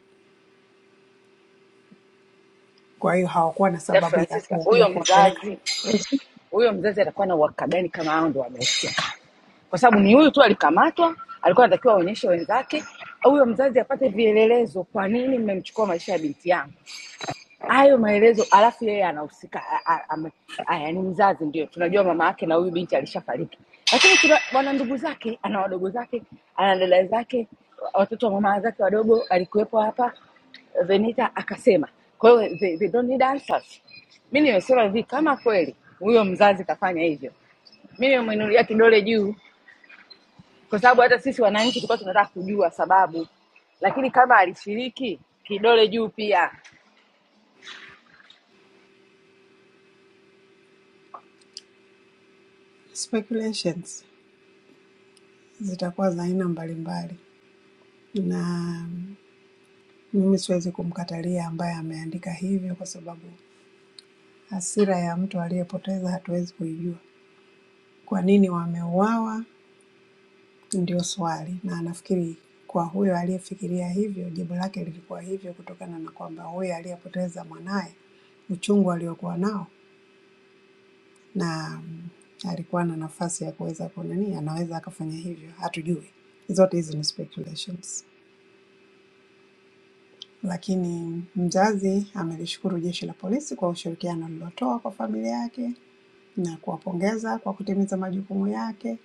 [SPEAKER 6] Kwa hiyo hawakuwa na
[SPEAKER 1] da
[SPEAKER 6] sababu ya,
[SPEAKER 1] francisca
[SPEAKER 6] ku, ya
[SPEAKER 1] huyo
[SPEAKER 6] kuwapeleka.
[SPEAKER 1] mzazi
[SPEAKER 5] check.
[SPEAKER 1] huyo mzazi atakuwa na uhakika gani kama hao ndo wamehusika kwa sababu ni huyu tu alikamatwa alikuwa anatakiwa aonyeshe wenzake huyo mzazi apate vielelezo kwa nini mmemchukua maisha ya binti yangu hayo maelezo alafu yeye anahusika a- a- ame- aya ni mzazi ndio tunajua mama yake na huyu binti alishafariki lakini tuna wana ndugu zake ana wadogo zake ana dada zake watoto wa mama zake wadogo alikuwepo hapa venita akasema kwa hiyo they, they don't need answers mi nimesema hivi kama kweli huyo mzazi kafanya hivyo mi nimemwinulia kidole juu kwa sababu hata sisi wananchi tulikuwa tunataka kujua sababu lakini kama alishiriki kidole juu pia
[SPEAKER 6] Speculations zitakuwa za aina mbalimbali, na mimi siwezi kumkatalia ambaye ameandika hivyo, kwa sababu hasira ya mtu aliyepoteza hatuwezi kuijua. Kwa nini wameuawa? Ndio swali, na nafikiri kwa huyo aliyefikiria hivyo, jibu lake lilikuwa hivyo kutokana na kwamba huyo aliyepoteza mwanaye, uchungu aliokuwa nao, na mm, alikuwa na nafasi ya kuweza kunani, anaweza akafanya hivyo, hatujui. Zote hizi ni speculations, lakini mzazi amelishukuru jeshi la polisi kwa ushirikiano lililotoa kwa familia yake na kuwapongeza kwa kutimiza majukumu yake.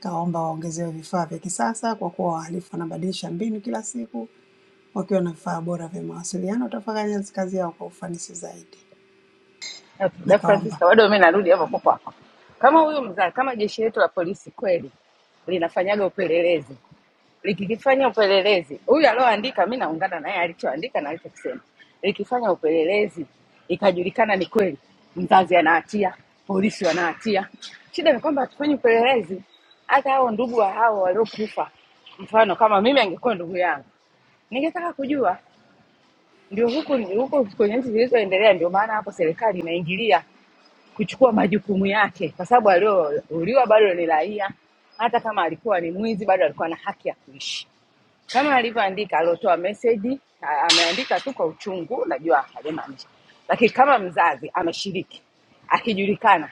[SPEAKER 6] Kaomba waongezewe vifaa vya kisasa kwa kuwa wahalifu wanabadilisha mbinu kila siku wakiwa na vifaa bora vya mawasiliano utafanya kazi yao kwa ufanisi zaidi.
[SPEAKER 1] Na Dada
[SPEAKER 6] Nakaomba.
[SPEAKER 1] Francisca, bado mimi narudi hapo hapo hapo. Kama huyu mzaa, kama jeshi letu la polisi kweli linafanyaga upelelezi, likifanya upelelezi, huyu alioandika, mi naungana naye alichoandika na alichokisema. Likifanya upelelezi ikajulikana ni kweli, mzazi anahatia, polisi wanahatia. Shida ni kwamba hatufanyi upelelezi. Hata hao ndugu wa hao waliokufa, mfano kama mimi angekuwa ndugu yangu, ningetaka kujua. Ndio huku huku kwenye nchi zilizoendelea, ndio maana hapo serikali inaingilia kuchukua majukumu yake, kwa sababu aliyouliwa bado ni raia. Hata kama alikuwa ni mwizi, bado alikuwa na haki ya kuishi, kama alivyoandika aliotoa meseji. a- Ameandika tu kwa uchungu, najua hajamaanisha, lakini kama mzazi ameshiriki, akijulikana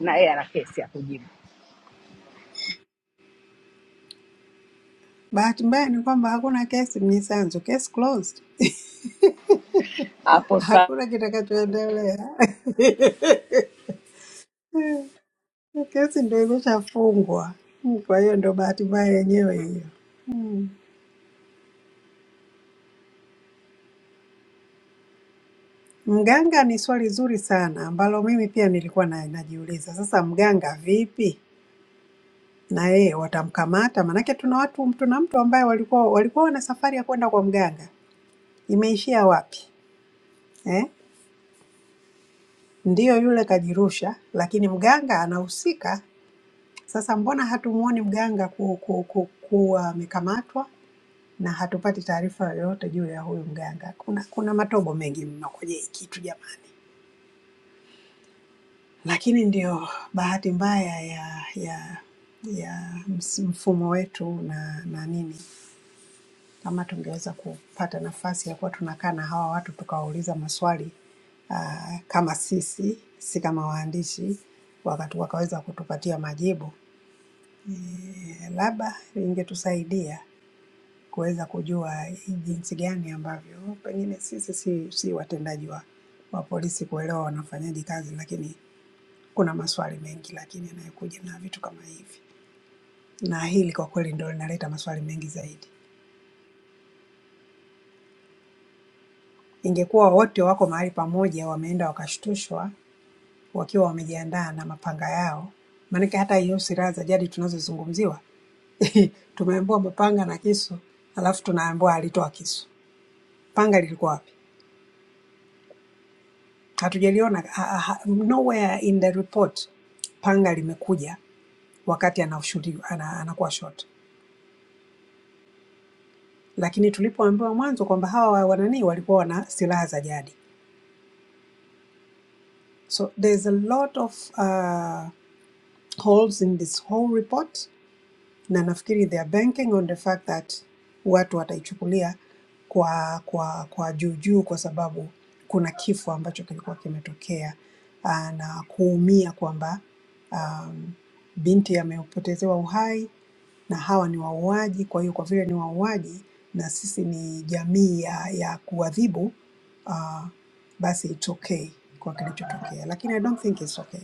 [SPEAKER 1] na yeye ana kesi ya kujibu
[SPEAKER 6] Bahati mbaya ni kwamba hakuna kesi mnisanzu, kesi closed,
[SPEAKER 1] hapo. Saa
[SPEAKER 6] hakuna kitakachoendelea. <laughs> Kesi ndio imeshafungwa, kwa hiyo ndio bahati mbaya yenyewe hiyo. Mganga ni swali zuri sana ambalo mimi pia nilikuwa na, najiuliza sasa, mganga vipi na yeye watamkamata? Manake tuna watu tuna mtu ambaye walikuwa walikuwa wana safari ya kwenda kwa mganga, imeishia wapi eh? Ndiyo yule kajirusha, lakini mganga anahusika. Sasa mbona hatumuoni mganga ku, ku, ku, kuwa amekamatwa na hatupati taarifa yoyote juu ya huyu mganga? Kuna, kuna matobo mengi mno kwenye hii kitu jamani, lakini ndio bahati mbaya ya ya ya ms- mfumo wetu na, na nini kama tungeweza kupata nafasi ya kuwa tunakaa na hawa watu tukawauliza maswali uh, kama sisi si kama waandishi wakatu wakaweza kutupatia majibu eh, labda ingetusaidia kuweza kujua jinsi gani ambavyo pengine sisi si, si watendaji wa, wa polisi kuelewa wanafanyaje kazi, lakini kuna maswali mengi lakini yanayokuja na vitu kama hivi, na hili kwa kweli ndio linaleta maswali mengi zaidi. Ingekuwa wote wako mahali pamoja wameenda wakashtushwa wakiwa wamejiandaa na mapanga yao. Maanake hata hiyo silaha za jadi tunazozungumziwa <laughs> tumeambiwa mapanga na kisu, alafu tunaambiwa alitoa kisu. Panga lilikuwa wapi? Hatujaliona ha- ha- ha- nowhere in the report panga limekuja wakati anashuhudiwa ana, anakuwa shot, lakini tulipoambiwa mwanzo kwamba hawa wanani walikuwa wana silaha za jadi, so there's a lot of uh, holes in this whole report na nafikiri they are banking on the fact that watu wataichukulia kwa kwa kwa juu juu kwa sababu kuna kifo ambacho kilikuwa kimetokea ah, na kuumia kwamba um, binti amepotezewa uhai na hawa ni wauaji. Kwa hiyo kwa vile ni wauaji na sisi ni jamii ya, ya kuadhibu uh, basi it's okay kwa kilichotokea, lakini I don't think it's okay.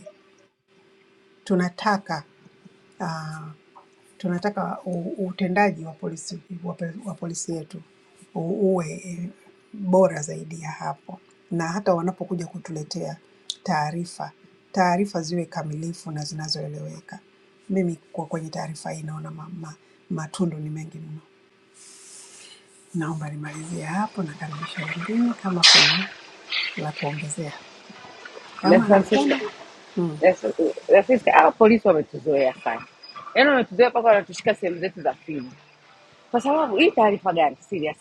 [SPEAKER 6] Tunataka uh, tunataka u- utendaji wa polisi, wa, pe- wa polisi yetu u- uwe eh, bora zaidi ya hapo, na hata wanapokuja kutuletea taarifa, taarifa ziwe kamilifu na zinazoeleweka. Mimi kwa kwenye taarifa hii naona ma, ma, matundu ni mengi mno. Naomba nimalizie hapo, nakaribisha wengine kama kuna la kuongezea.
[SPEAKER 1] na
[SPEAKER 6] Kama
[SPEAKER 1] Francisca,
[SPEAKER 6] hakuna mm.
[SPEAKER 1] na Francisca, hawa polisi wametuzoea sana, yaani wametuzoea mpaka wanatushika sehemu zetu za fimu. Kwa sababu hii taarifa gani serious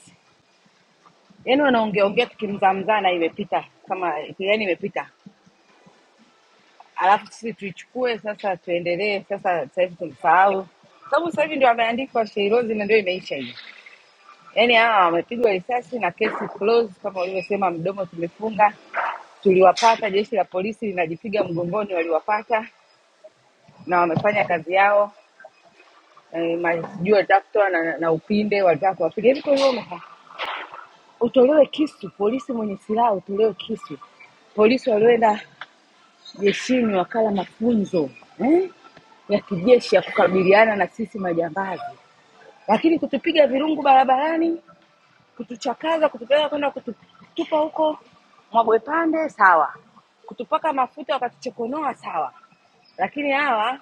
[SPEAKER 1] yani wanaongea ongea tukimzamzana imepita kama yani imepita alafu sisi tuichukue sasa tuendelee sasa sasa hivi tumsahau Kwa sababu sasa hivi ndio ameandikwa sheirozi na ndio imeisha hiyo yani hawa wamepigwa risasi na kesi close kama ulivyosema mdomo tumefunga tuliwapata jeshi la polisi linajipiga mgongoni waliwapata na wamefanya kazi yao Eh, ma- sijui walitaka kutoa na, na upinde walitaka kuwapiga hivi kwa hivyo umefa- utolewe kisu polisi mwenye silaha utolewe kisu polisi walioenda jeshini wakala mafunzo eh, ya kijeshi ya kukabiliana na sisi majambazi, lakini kutupiga virungu barabarani, kutuchakaza, kutupeleka kwenda kututupa huko Mwagwe Pande, sawa, kutupaka mafuta wakatuchokonoa, sawa, lakini hawa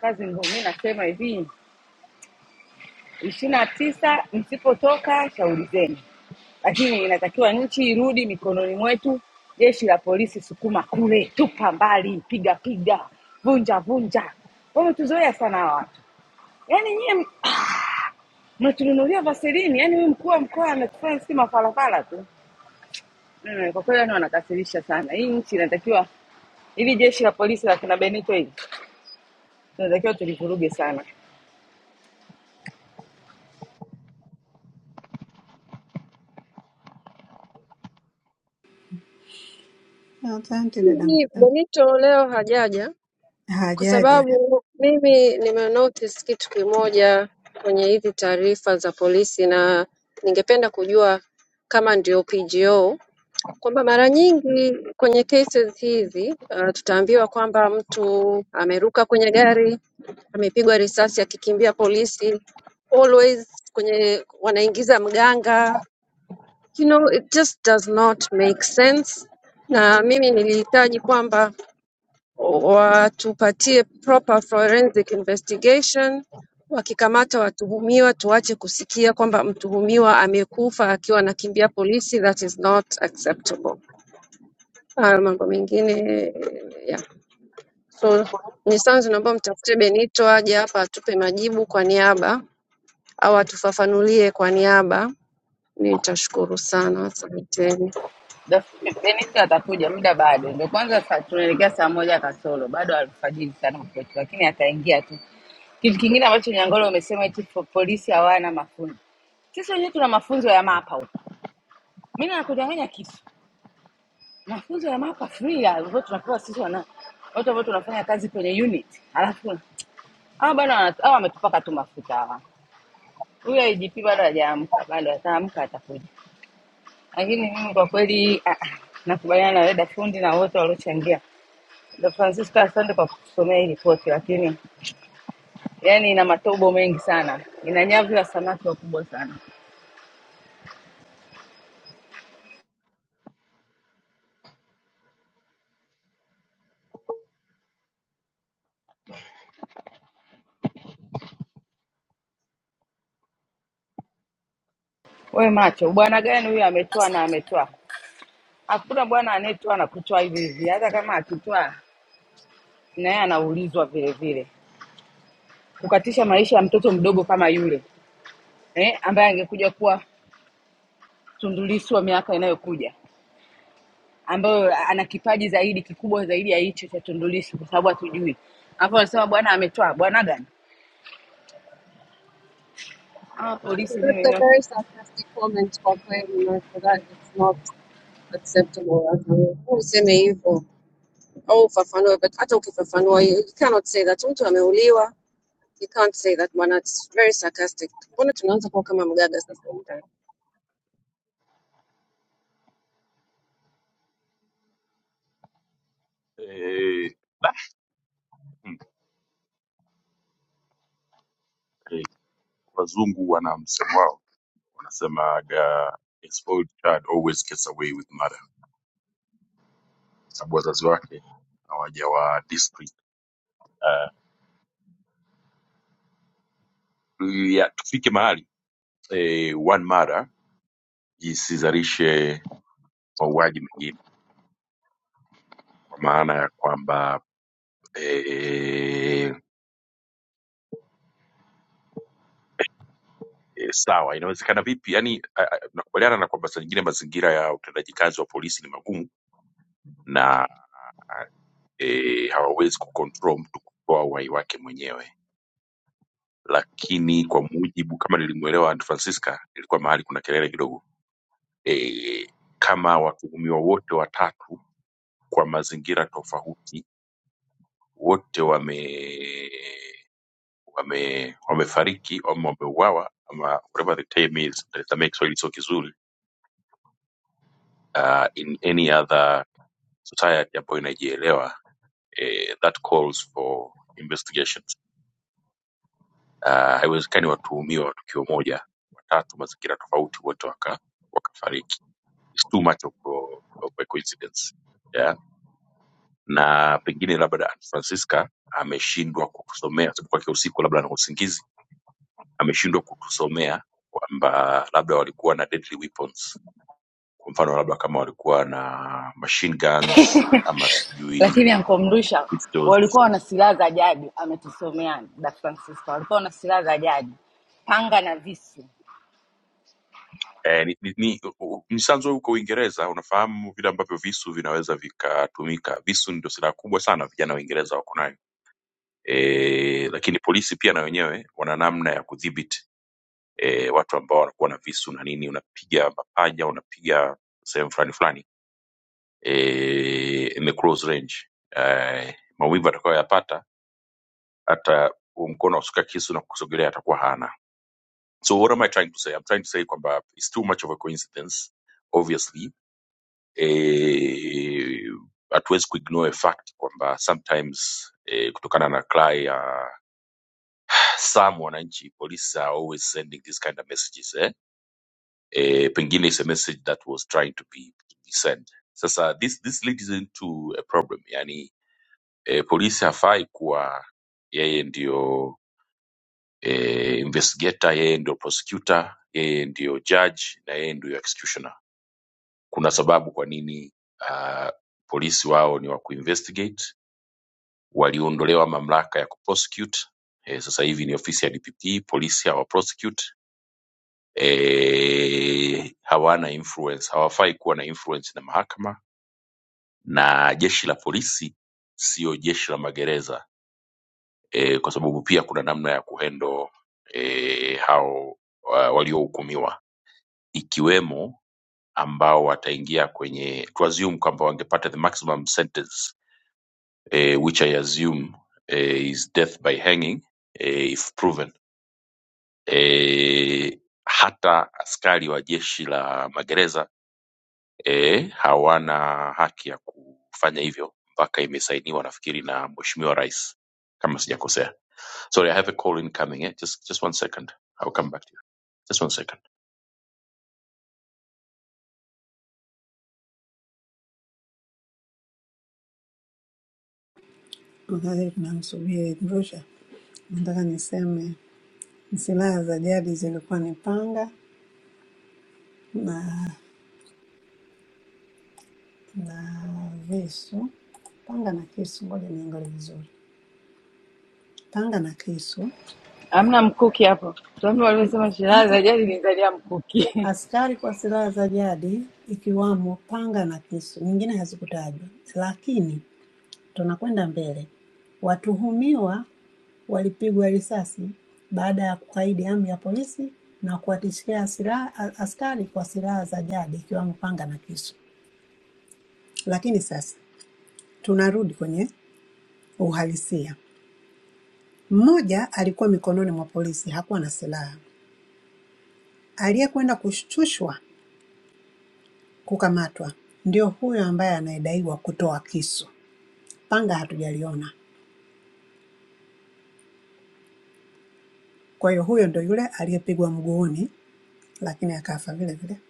[SPEAKER 1] kazi ngumu. Mi nasema hivi, ishirini na tisa msipotoka shauri zenu lakini inatakiwa nchi irudi mikononi mwetu jeshi la polisi sukuma kule tupa mbali piga piga vunja vunja wametuzoea sana hawa watu yaani nyie mnatununulia vaselini yaani huyu mkuu wa mkoa anatufanya sisi mafarafara tu Mm, kwa kweli yani wanakasirisha sana hii nchi inatakiwa hili jeshi la polisi la kina benito hili tunatakiwa tulivuruge sana
[SPEAKER 6] Asante dada,
[SPEAKER 5] Hivi
[SPEAKER 6] Msah.
[SPEAKER 5] Benito leo hajaja kwa
[SPEAKER 6] hajaja,
[SPEAKER 5] sababu mimi nimenotice kitu kimoja kwenye hizi taarifa za polisi, na ningependa kujua kama ndio PGO, kwamba mara nyingi kwenye cases hizi uh, tutaambiwa kwamba mtu ameruka kwenye gari, amepigwa risasi akikimbia polisi, always kwenye wanaingiza mganga, you know, it just does not make sense, na mimi nilihitaji kwamba watupatie proper forensic investigation. Wakikamata watuhumiwa, tuache kusikia kwamba mtuhumiwa amekufa akiwa anakimbia polisi. That is not acceptable. Ah, mambo mengine yeah. So Mnyisanzu, naomba mtafute Benito aje hapa atupe majibu kwa niaba au atufafanulie kwa niaba. Nitashukuru sana, asanteni.
[SPEAKER 1] Dafu- Dennis atakuja muda bado, ndio kwanza saa- tunaelekea saa moja kasoro, bado alfajiri sana kwetu, lakini ataingia tu. Kitu kingine ambacho Nyangolo umesema eti po- polisi hawana mafunzo, sisi wenyewe tuna mafunzo ya mapa huko. Mimi nakudanganya kitu, mafunzo ya mapa free ya ambayo tunapewa sisi wana watu ambao tunafanya kazi kwenye unit, alafu hawa bado wana- hawa wametupaka tu mafuta hawa. Huyo IGP bado hajaamka, bado ataamka atakuja, lakini mimi kwa kweli ah, ah, nakubaliana na wewe fundi na wote waliochangia The Francisco, asante kwa kutusomea hii ripoti, lakini yani ina matobo mengi sana, ina nyavu ya samaki wakubwa sana. We macho, bwana gani huyu ametoa na
[SPEAKER 7] Asante dada.
[SPEAKER 1] ametoa? Hakuna bwana anayetoa na kutoa hivi hivi, hata kama akitoa na yeye anaulizwa vile vile, kukatisha maisha ya mtoto mdogo kama yule eh, ambaye angekuja kuwa Tundulisu wa miaka inayokuja, ambayo ana kipaji zaidi kikubwa zaidi ya hicho cha Tundulisu, kwa sababu hatujui. Hapo wanasema bwana ametoa, bwana gani? Ah,
[SPEAKER 5] Martha,
[SPEAKER 1] polisi
[SPEAKER 5] That's a
[SPEAKER 1] mimi
[SPEAKER 5] very sarcastic comment kwa kweli, Martha. That is not acceptable. Akamwambia, Useme hivyo au ufafanue, but hata ukifafanua you you cannot say that mtu ameuliwa. You can't say that bwana, it's very sarcastic. Mbona tunaanza kuwa kama mgaga sasa humu ndani?
[SPEAKER 1] lakini ankomrusha walikuwa wana silaha za jadi, ametusomea da Francisco, walikuwa wana silaha za jadi, panga na visu.
[SPEAKER 6] tunamsubiri Mrusha. nataka niseme silaha za jadi zilikuwa ni panga na na visu, panga na kisu. Ngoja niangalie vizuri, panga na kisu.
[SPEAKER 1] Hamna mkuki hapo. Tuambie walivyosema
[SPEAKER 6] Ah,
[SPEAKER 1] silaha
[SPEAKER 6] ah,
[SPEAKER 1] za jadi ni zaidi ya mkuki. <laughs>
[SPEAKER 6] askari kwa silaha za jadi ikiwamo panga na kisu, nyingine hazikutajwa. Lakini tunakwenda mbele, watuhumiwa walipigwa risasi baada ya kukaidi amri ya polisi na kuwatishia silaha a- askari kwa silaha za jadi ikiwamo panga na kisu. Lakini sasa tunarudi kwenye Uhalisia: mmoja alikuwa mikononi mwa polisi, hakuwa na silaha. Aliyekwenda kushtushwa kukamatwa ndio huyo ambaye anayedaiwa kutoa kisu, panga hatujaliona. Kwa hiyo huyo ndio yule aliyepigwa mguuni, lakini akafa vile vile.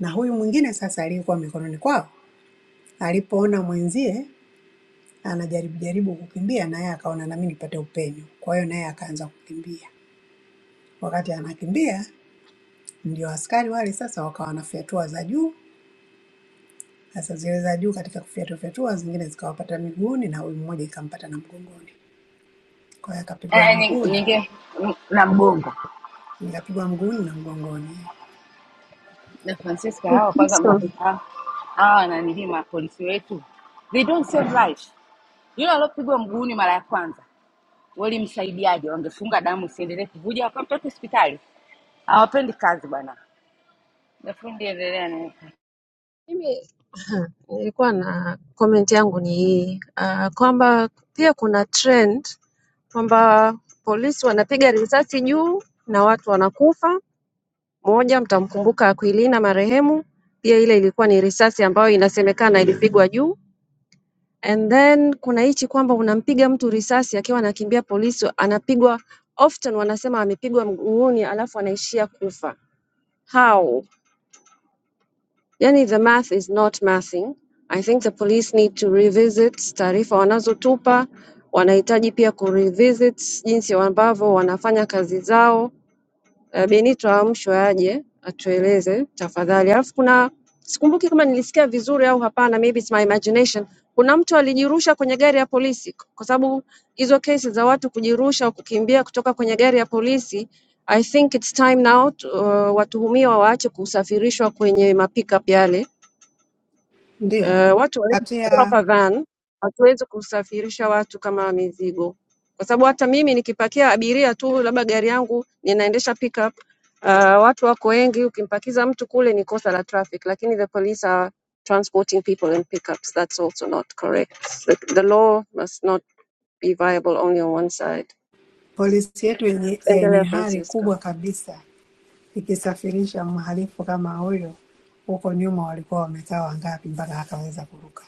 [SPEAKER 6] Na huyu mwingine sasa aliyekuwa mikononi kwao, alipoona mwenzie anajaribu jaribu kukimbia, naye akaona nami nipate upenyo, kwa hiyo naye akaanza kukimbia. Wakati anakimbia, ndio askari wale sasa wakawa wanafyatua za juu Sasa zile za juu katika kufyatuafyatua zingine zikawapata miguuni na huyu mmoja ikampata na mgongoni. Kwa hiyo akapigwa
[SPEAKER 1] Eh,
[SPEAKER 6] mguu
[SPEAKER 1] ni-
[SPEAKER 6] na
[SPEAKER 1] ninge m- na mgongo
[SPEAKER 6] nikapigwa mguuni na mgongoni.
[SPEAKER 1] na Francisco hawa kwanza ma-
[SPEAKER 5] So,
[SPEAKER 1] ha- hawa wananilii mapolisi wetu they don't save life. Yule aliopigwa mguuni mara ya kwanza walimsaidiaje? Wangefunga damu isiendelee kuvuja, wakamtoa hospitali. Hawapendi kazi bwana. Nafundi endelea na
[SPEAKER 5] mimi Nilikuwa na comment yangu ni hii uh, kwamba pia kuna trend kwamba polisi wanapiga risasi juu na watu wanakufa. Moja, mtamkumbuka Aquilina marehemu, pia ile ilikuwa ni risasi ambayo inasemekana ilipigwa juu. And then kuna hichi kwamba unampiga mtu risasi akiwa anakimbia polisi, anapigwa often, wanasema amepigwa mguuni, alafu anaishia kufa. How? Yani the math is not mathing. I think the police need to revisit taarifa wanazotupa, wanahitaji pia kurevisit jinsi ambavyo wanafanya kazi zao. Eh, Benito aamshwe aje atueleze tafadhali. Alafu kuna sikumbuki kama nilisikia vizuri au hapana, maybe it's my imagination. Kuna mtu alijirusha kwenye gari ya polisi, kwa sababu hizo kesi za watu kujirusha au kukimbia kutoka kwenye gari ya polisi I think it's time now to, uh, watuhumiwa waache kusafirishwa kwenye mapickup yale
[SPEAKER 6] Ndio
[SPEAKER 5] Eh, watu hawawezi
[SPEAKER 6] kati ya
[SPEAKER 5] proper van, hatuwezi kusafirisha watu kama mizigo, kwa sababu hata mimi nikipakia abiria tu, labda gari yangu ninaendesha pickup uh, watu wako wengi, ukimpakiza mtu kule ni kosa la traffic, lakini the police are transporting people in pickups. That's also not correct. The, the law must not be viable only on one side.
[SPEAKER 6] polisi yetu yenye, yenye
[SPEAKER 5] Endelea
[SPEAKER 6] hari
[SPEAKER 5] Francisca.
[SPEAKER 6] kubwa kabisa ikisafirisha mhalifu kama huyo, huko nyuma walikuwa wamekaa wangapi mpaka akaweza kuruka?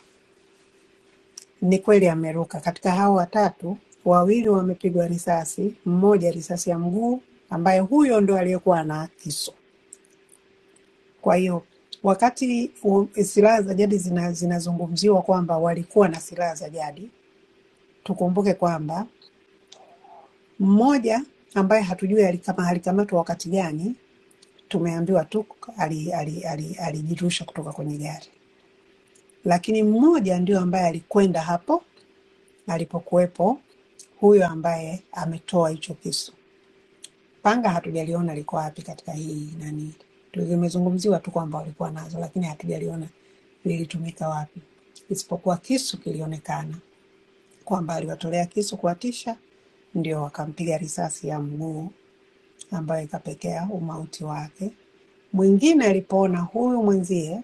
[SPEAKER 6] Ni kweli ameruka. Katika hao watatu, wawili wamepigwa risasi, mmoja risasi ya mguu, ambaye huyo ndo aliyekuwa na kisu Kwa hiyo wakati u- silaha za jadi zina, zinazungumziwa kwamba walikuwa na silaha za jadi, tukumbuke kwamba mmoja ambaye hatujui alikama alikamatwa wakati gani, tumeambiwa tu alijirusha ali- ali- ali- alijirusha kutoka kwenye gari, lakini mmoja ndio ambaye alikwenda hapo alipokuwepo huyo ambaye ametoa hicho kisu. Panga hatujaliona liko wapi katika hii nani, limezungumziwa tu kwamba walikuwa nazo, lakini hatujaliona lilitumika wapi, isipokuwa kisu kilionekana kwamba aliwatolea kisu kuwatisha, ndio wakampiga risasi ya mguu ambayo ikapekea umauti wake. Mwingine alipoona huyu mwenzie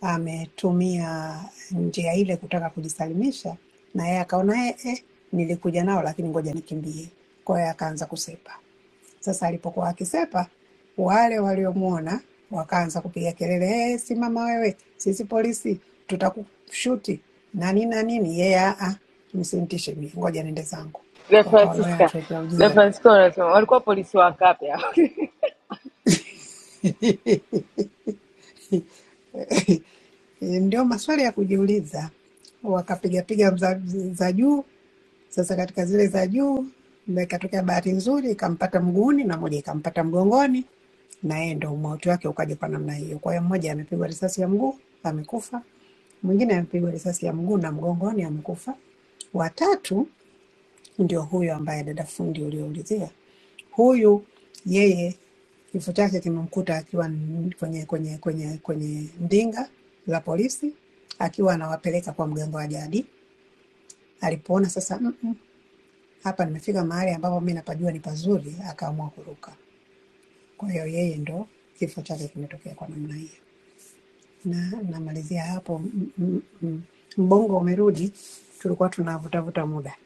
[SPEAKER 6] ametumia njia ile kutaka kujisalimisha, na yeye akaona eh, eh, nilikuja nao lakini ngoja nikimbie. Kwa hiyo akaanza kusepa. Sasa alipokuwa akisepa, wale waliomwona wakaanza kupiga kelele, hey, simama wewe, sisi polisi tutakushuti na nini na nini. Yeye yeah, ah, msimtishe mimi, ngoja niende zangu.
[SPEAKER 1] De
[SPEAKER 6] Wakaona wewe
[SPEAKER 1] Francisca.
[SPEAKER 6] anatuletea
[SPEAKER 1] De
[SPEAKER 6] ujinga. <laughs>
[SPEAKER 1] Francisco unasema walikuwa polisi wakapi hao?
[SPEAKER 6] Ndio maswali ya kujiuliza, wakapigapiga za, za juu Sasa katika zile za juu na ikatokea bahati nzuri ikampata mguuni na moja ikampata mgongoni, na yeye ndo umauti wake ukaja kwa namna hiyo. Kwa hiyo mmoja amepigwa risasi ya mguu amekufa, mwingine amepigwa risasi ya mguu na mgongoni amekufa, watatu ndio huyo ambaye dada fundi ulioulizia. Huyu yeye kifo chake kimemkuta akiwa n- kwenye kwenye kwenye kwenye ndinga la polisi akiwa anawapeleka kwa mganga wa jadi. Alipoona sasa hapa nimefika mahali ambapo mi napajua ni pazuri, akaamua kuruka. Kwa hiyo yeye ndo kifo chake kimetokea kwa namna hiyo, na namalizia hapo. m- m- m- Mbongo umerudi, tulikuwa tunavutavuta muda.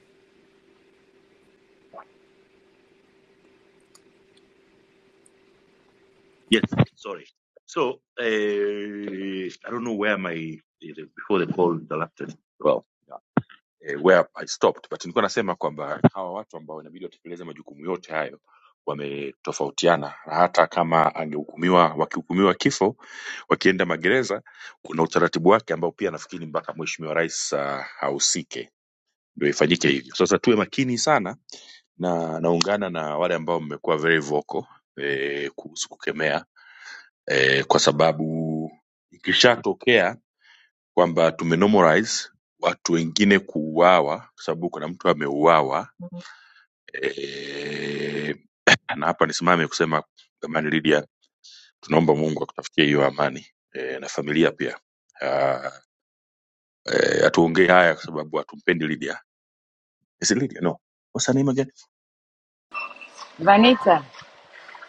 [SPEAKER 1] <laughs> Vanita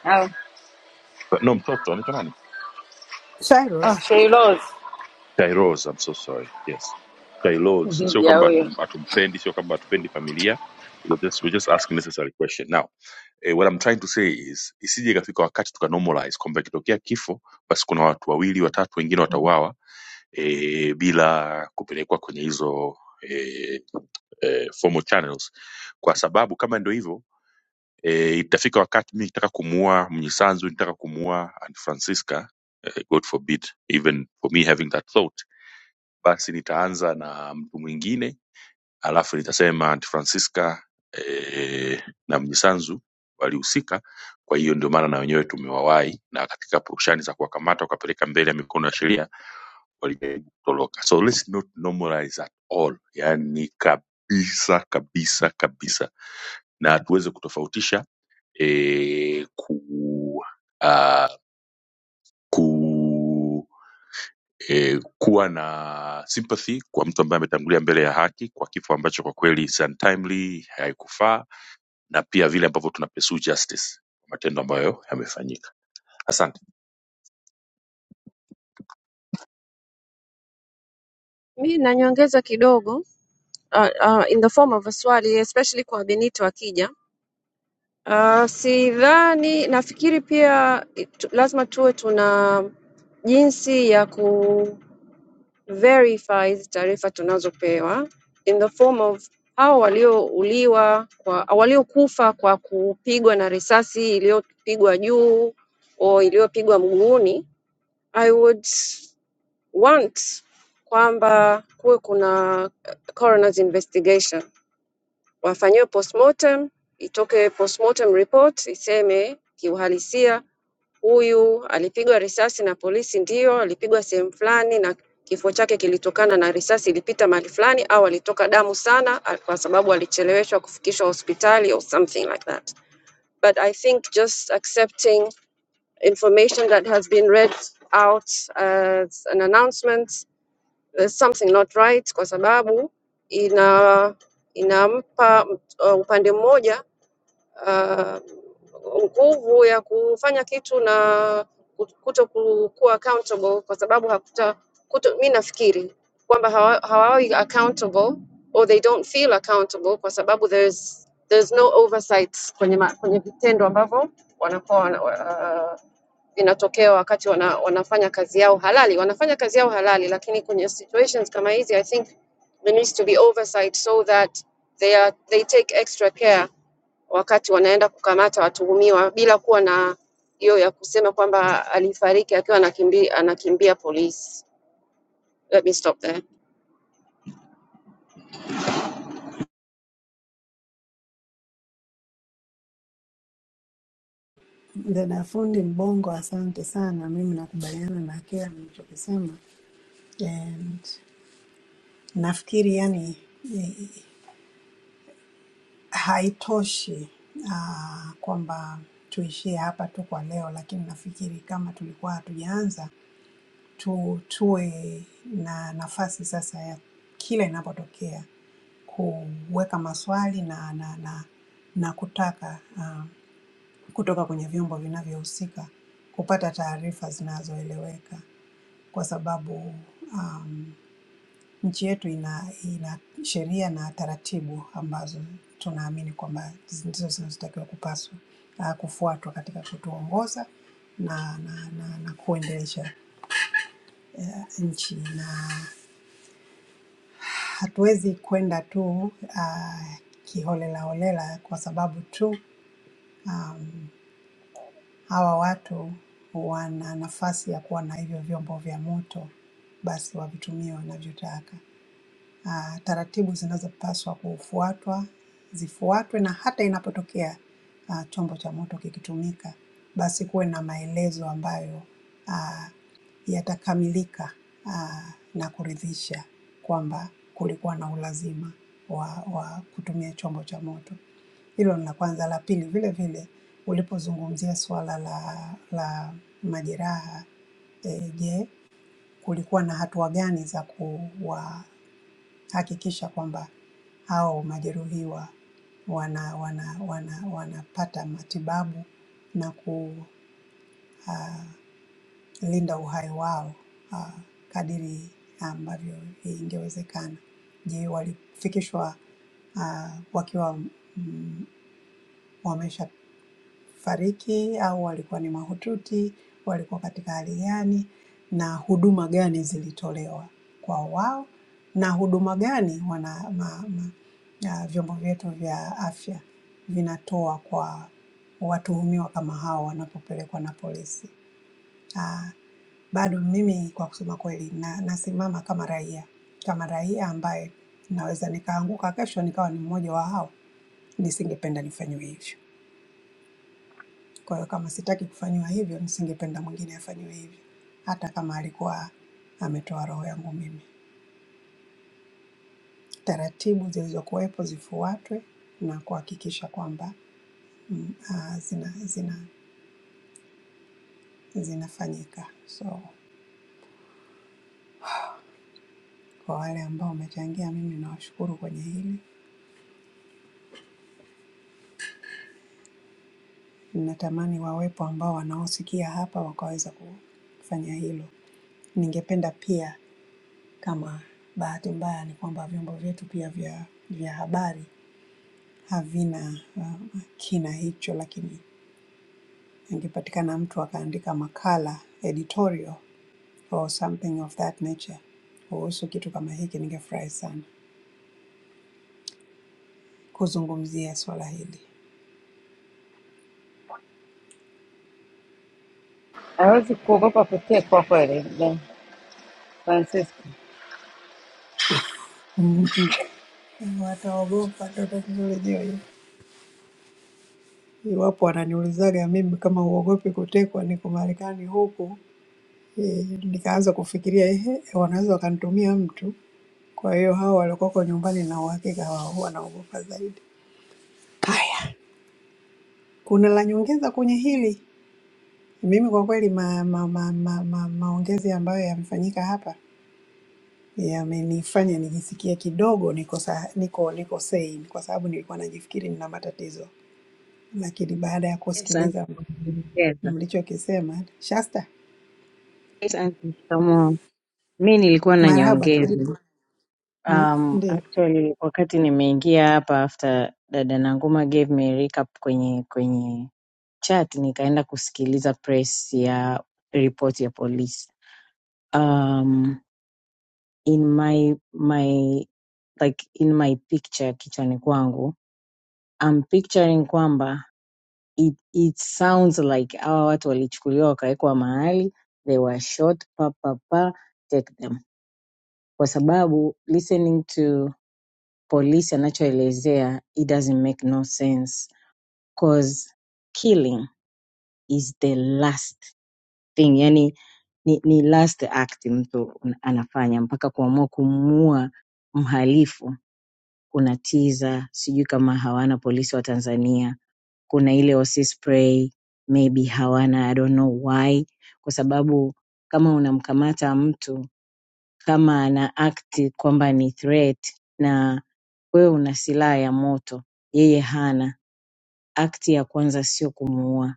[SPEAKER 1] au oh,
[SPEAKER 6] Cyrus
[SPEAKER 1] Sheilos Dija huyo
[SPEAKER 5] Mi nanyongeza kidogo uh, uh, in the form of a swali especially kwa Benito akija. Uh, sidhani, nafikiri pia it- lazima tuwe tuna jinsi ya ku verify hizi taarifa tunazopewa in the form of hao waliouliwa kwa au waliokufa kwa kupigwa na risasi iliyopigwa juu au iliyopigwa mguuni. I would want kwamba kuwe kuna eh, coroner's investigation wafanyiwe postmortem, itoke postmortem report iseme kiuhalisia huyu alipigwa risasi na polisi, ndio alipigwa sehemu fulani na kifo chake kilitokana na risasi ilipita mahali fulani, au alitoka damu sana a- kwa sababu alicheleweshwa kufikishwa hospitali or something like that. But I think just accepting information that has been read out as an announcement there's something not right, kwa sababu ina inampa uh, upande mmoja uh, nguvu ya kufanya kitu na kuto ku- kuwa accountable kwa sababu hakuta kuto, mi nafikiri kwamba hawa- hawawi accountable or they don't feel accountable kwa sababu there's there's no oversight kwenye ma, kwenye vitendo ambavyo wanakuwa wana, uh, vinatokea wakati wana, wanafanya kazi yao halali wanafanya kazi yao halali lakini kwenye situations kama hizi I think there needs to be oversight so that they are they take extra care wakati wanaenda kukamata watuhumiwa bila kuwa na hiyo ya kusema kwamba alifariki akiwa anakimbia, anakimbia polisi. Let me stop there.
[SPEAKER 6] dada fundi Mbongo, asante sana. Mimi nakubaliana na kila mlichokisema, and nafikiri yani eh, haitoshi ah, kwamba tuishie hapa tu kwa leo, lakini nafikiri kama tulikuwa hatujaanza tu, tuwe na nafasi sasa ya kila inapotokea kuweka maswali na, na, na, na kutaka uh, kutoka kwenye vyombo vinavyohusika kupata taarifa zinazoeleweka, kwa sababu um, nchi yetu ina, ina sheria na taratibu ambazo tunaamini kwamba ndizo zinazotakiwa kupaswa uh, kufuatwa katika kutuongoza na, na, na, na kuendelesha uh, nchi na hatuwezi kwenda tu uh, kiholelaholela kwa sababu tu um, hawa watu wana nafasi ya kuwa na hivyo vyombo vya moto, basi wavitumie wanavyotaka ah, taratibu zinazopaswa kufuatwa zifuatwe, na hata inapotokea ah, chombo cha moto kikitumika, basi kuwe na maelezo ambayo ah, yatakamilika ah, na kuridhisha kwamba kulikuwa na ulazima wa, wa kutumia chombo cha moto. Hilo ni la kwanza. La pili, vile vile ulipozungumzia suala la, la majeraha eh, je, kulikuwa na hatua gani za kuwa hakikisha kwamba hao majeruhiwa wana, wana, wana, wanapata matibabu na kulinda uhai wao ah, kadiri ambavyo ingewezekana. Je, walifikishwa ah, wakiwa mm, wamesha fariki au walikuwa ni mahututi, walikuwa katika hali gani na huduma gani zilitolewa kwa wao na huduma gani wana ma, ma, ah, vyombo vyetu vya afya vinatoa kwa watuhumiwa kama hao wanapopelekwa na polisi. Ah, bado mimi kwa kusema kweli na, nasimama kama raia, kama raia ambaye naweza nikaanguka kesho nikawa ni mmoja wa hao, nisingependa nifanyiwe hivyo. Kwa hiyo kama sitaki kufanyiwa hivyo, nisingependa mwingine afanyiwe hivyo, hata kama alikuwa ametoa roho yangu mimi. Taratibu zilizokuwepo zifuatwe na kuhakikisha kwamba mm, ah, zina, zina, zinafanyika. So kwa wale ambao wamechangia, mimi nawashukuru kwenye hili. Ninatamani wawepo ambao wanaosikia hapa wakaweza kufanya hilo. Ningependa pia kama bahati mbaya ni kwamba vyombo vyetu pia vya, vya habari havina uh, kina hicho, lakini ingepatikana mtu akaandika makala editorial or something of that nature kuhusu kitu kama hiki, ningefurahi sana kuzungumzia swala hili.
[SPEAKER 1] hawezi kuogopa kutekwa kweli. Francisca.
[SPEAKER 6] <laughs> Mhm. Wataogopa, ndo tatizo lenyewe. hilo. Iwapo wananiulizaga mimi kama uogopi kutekwa, niko Marekani huku eh, nikaanza kufikiria ehe, wanaweza wakanitumia mtu. Kwa hiyo hao waliokoko nyumbani na uhakika wao wanaogopa zaidi. Hai. Kuna la nyongeza kwenye hili? Mimi kwa kweli ma, ma, ma, ma, ma, maongezi ambayo yamefanyika hapa yamenifanya nijisikie kidogo niko sa, niko niko sane, kwa sababu nilikuwa najifikiri nina matatizo, lakini baada ya
[SPEAKER 8] Yes, aunty,
[SPEAKER 6] kusikiliza
[SPEAKER 8] kwa Kiingereza.
[SPEAKER 6] mlichokisema, Shasta,
[SPEAKER 8] Yes, aunty, shikamoo. Mi nilikuwa na
[SPEAKER 6] marhaba, karibu.
[SPEAKER 8] nyongeza.
[SPEAKER 6] N-
[SPEAKER 8] Um,
[SPEAKER 6] Ndio,
[SPEAKER 8] actually wakati nimeingia hapa after dada Nanguma gave me a recap kwenye kwenye chat nikaenda kusikiliza press ya report ya polisi. Um, in my my like in my picture kichwani kwangu I'm picturing kwamba it, it sounds like hawa watu walichukuliwa wakawekwa mahali they were shot pa pa pa take them kwa sababu listening to polisi anachoelezea it doesn't make no sense cause killing is the last thing yani ni, ni last act mtu un- anafanya mpaka kuamua kumuua mhalifu kuna tiza sijui kama hawana polisi wa tanzania kuna ile wasispray maybe hawana i don't know why kwa sababu kama unamkamata mtu kama ana act kwamba ni threat Wewe una silaha ya moto, yeye hana. Akti ya kwanza sio kumuua,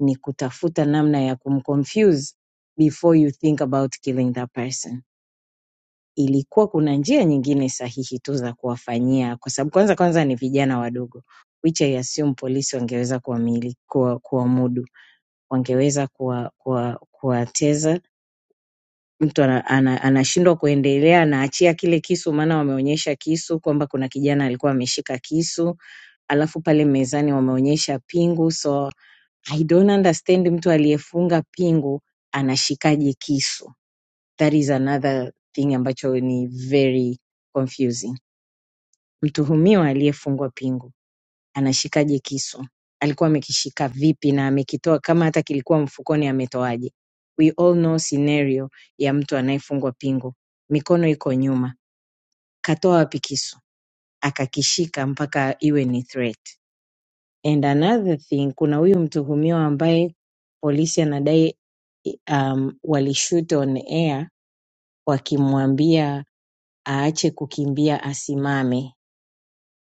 [SPEAKER 8] ni kutafuta namna ya kumconfuse before you think about killing that person. Ilikuwa kuna njia nyingine sahihi tu za kuwafanyia, kwa sababu kwanza kwanza ni vijana wadogo, which I assume polisi wangeweza kuwamili- kuwa- kuwamudu, wangeweza kuwa- kuwa- kuwateza mtu ana- ana- anashindwa kuendelea, anaachia kile kisu, maana wameonyesha kisu kwamba kuna kijana alikuwa ameshika kisu alafu pale mezani wameonyesha pingu so I don't understand mtu aliyefunga pingu anashikaje kisu. That is another thing ambacho ni very confusing. Mtuhumiwa aliyefungwa pingu anashikaje kisu? Alikuwa amekishika vipi na amekitoa kama hata kilikuwa mfukoni ametoaje? We all know scenario ya mtu anayefungwa pingu. Mikono iko nyuma. Katoa wapi kisu? Akakishika mpaka iwe ni threat. and another thing kuna huyu mtuhumiwa ambaye polisi anadai um, walishoot on air wakimwambia aache kukimbia asimame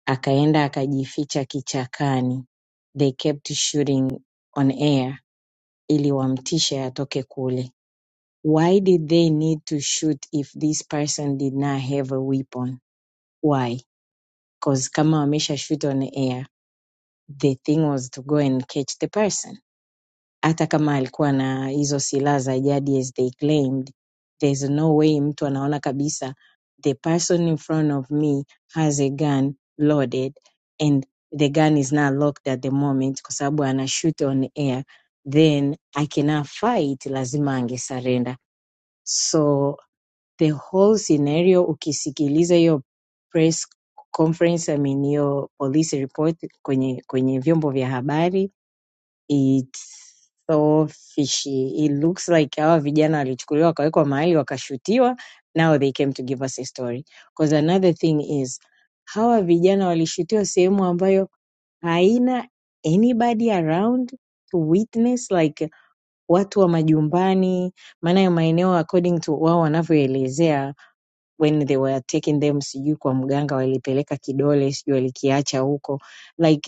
[SPEAKER 8] akaenda akajificha kichakani they kept shooting on air ili wamtishe atoke kule why did they need to shoot if this person did not have a weapon why 'Cause kama wamesha shoot on air the thing was to go and catch the person hata kama alikuwa na hizo silaha za jadi as they claimed there's no way mtu anaona kabisa the person in front of me has a gun loaded and the gun is not locked at the moment kwa sababu ana shoot on air then I cannot fight lazima angesurrender so the whole scenario ukisikiliza hiyo press conference I mean hiyo police report kwenye kwenye vyombo vya habari It's so fishy. It looks like hawa vijana walichukuliwa wakawekwa mahali wakashutiwa. Now they came to give us a story. Because another thing is hawa vijana walishutiwa sehemu ambayo haina anybody around to witness like watu wa majumbani, maana ya maeneo according to wao wanavyoelezea when they were taking them, sijui kwa mganga walipeleka kidole, sijui walikiacha huko like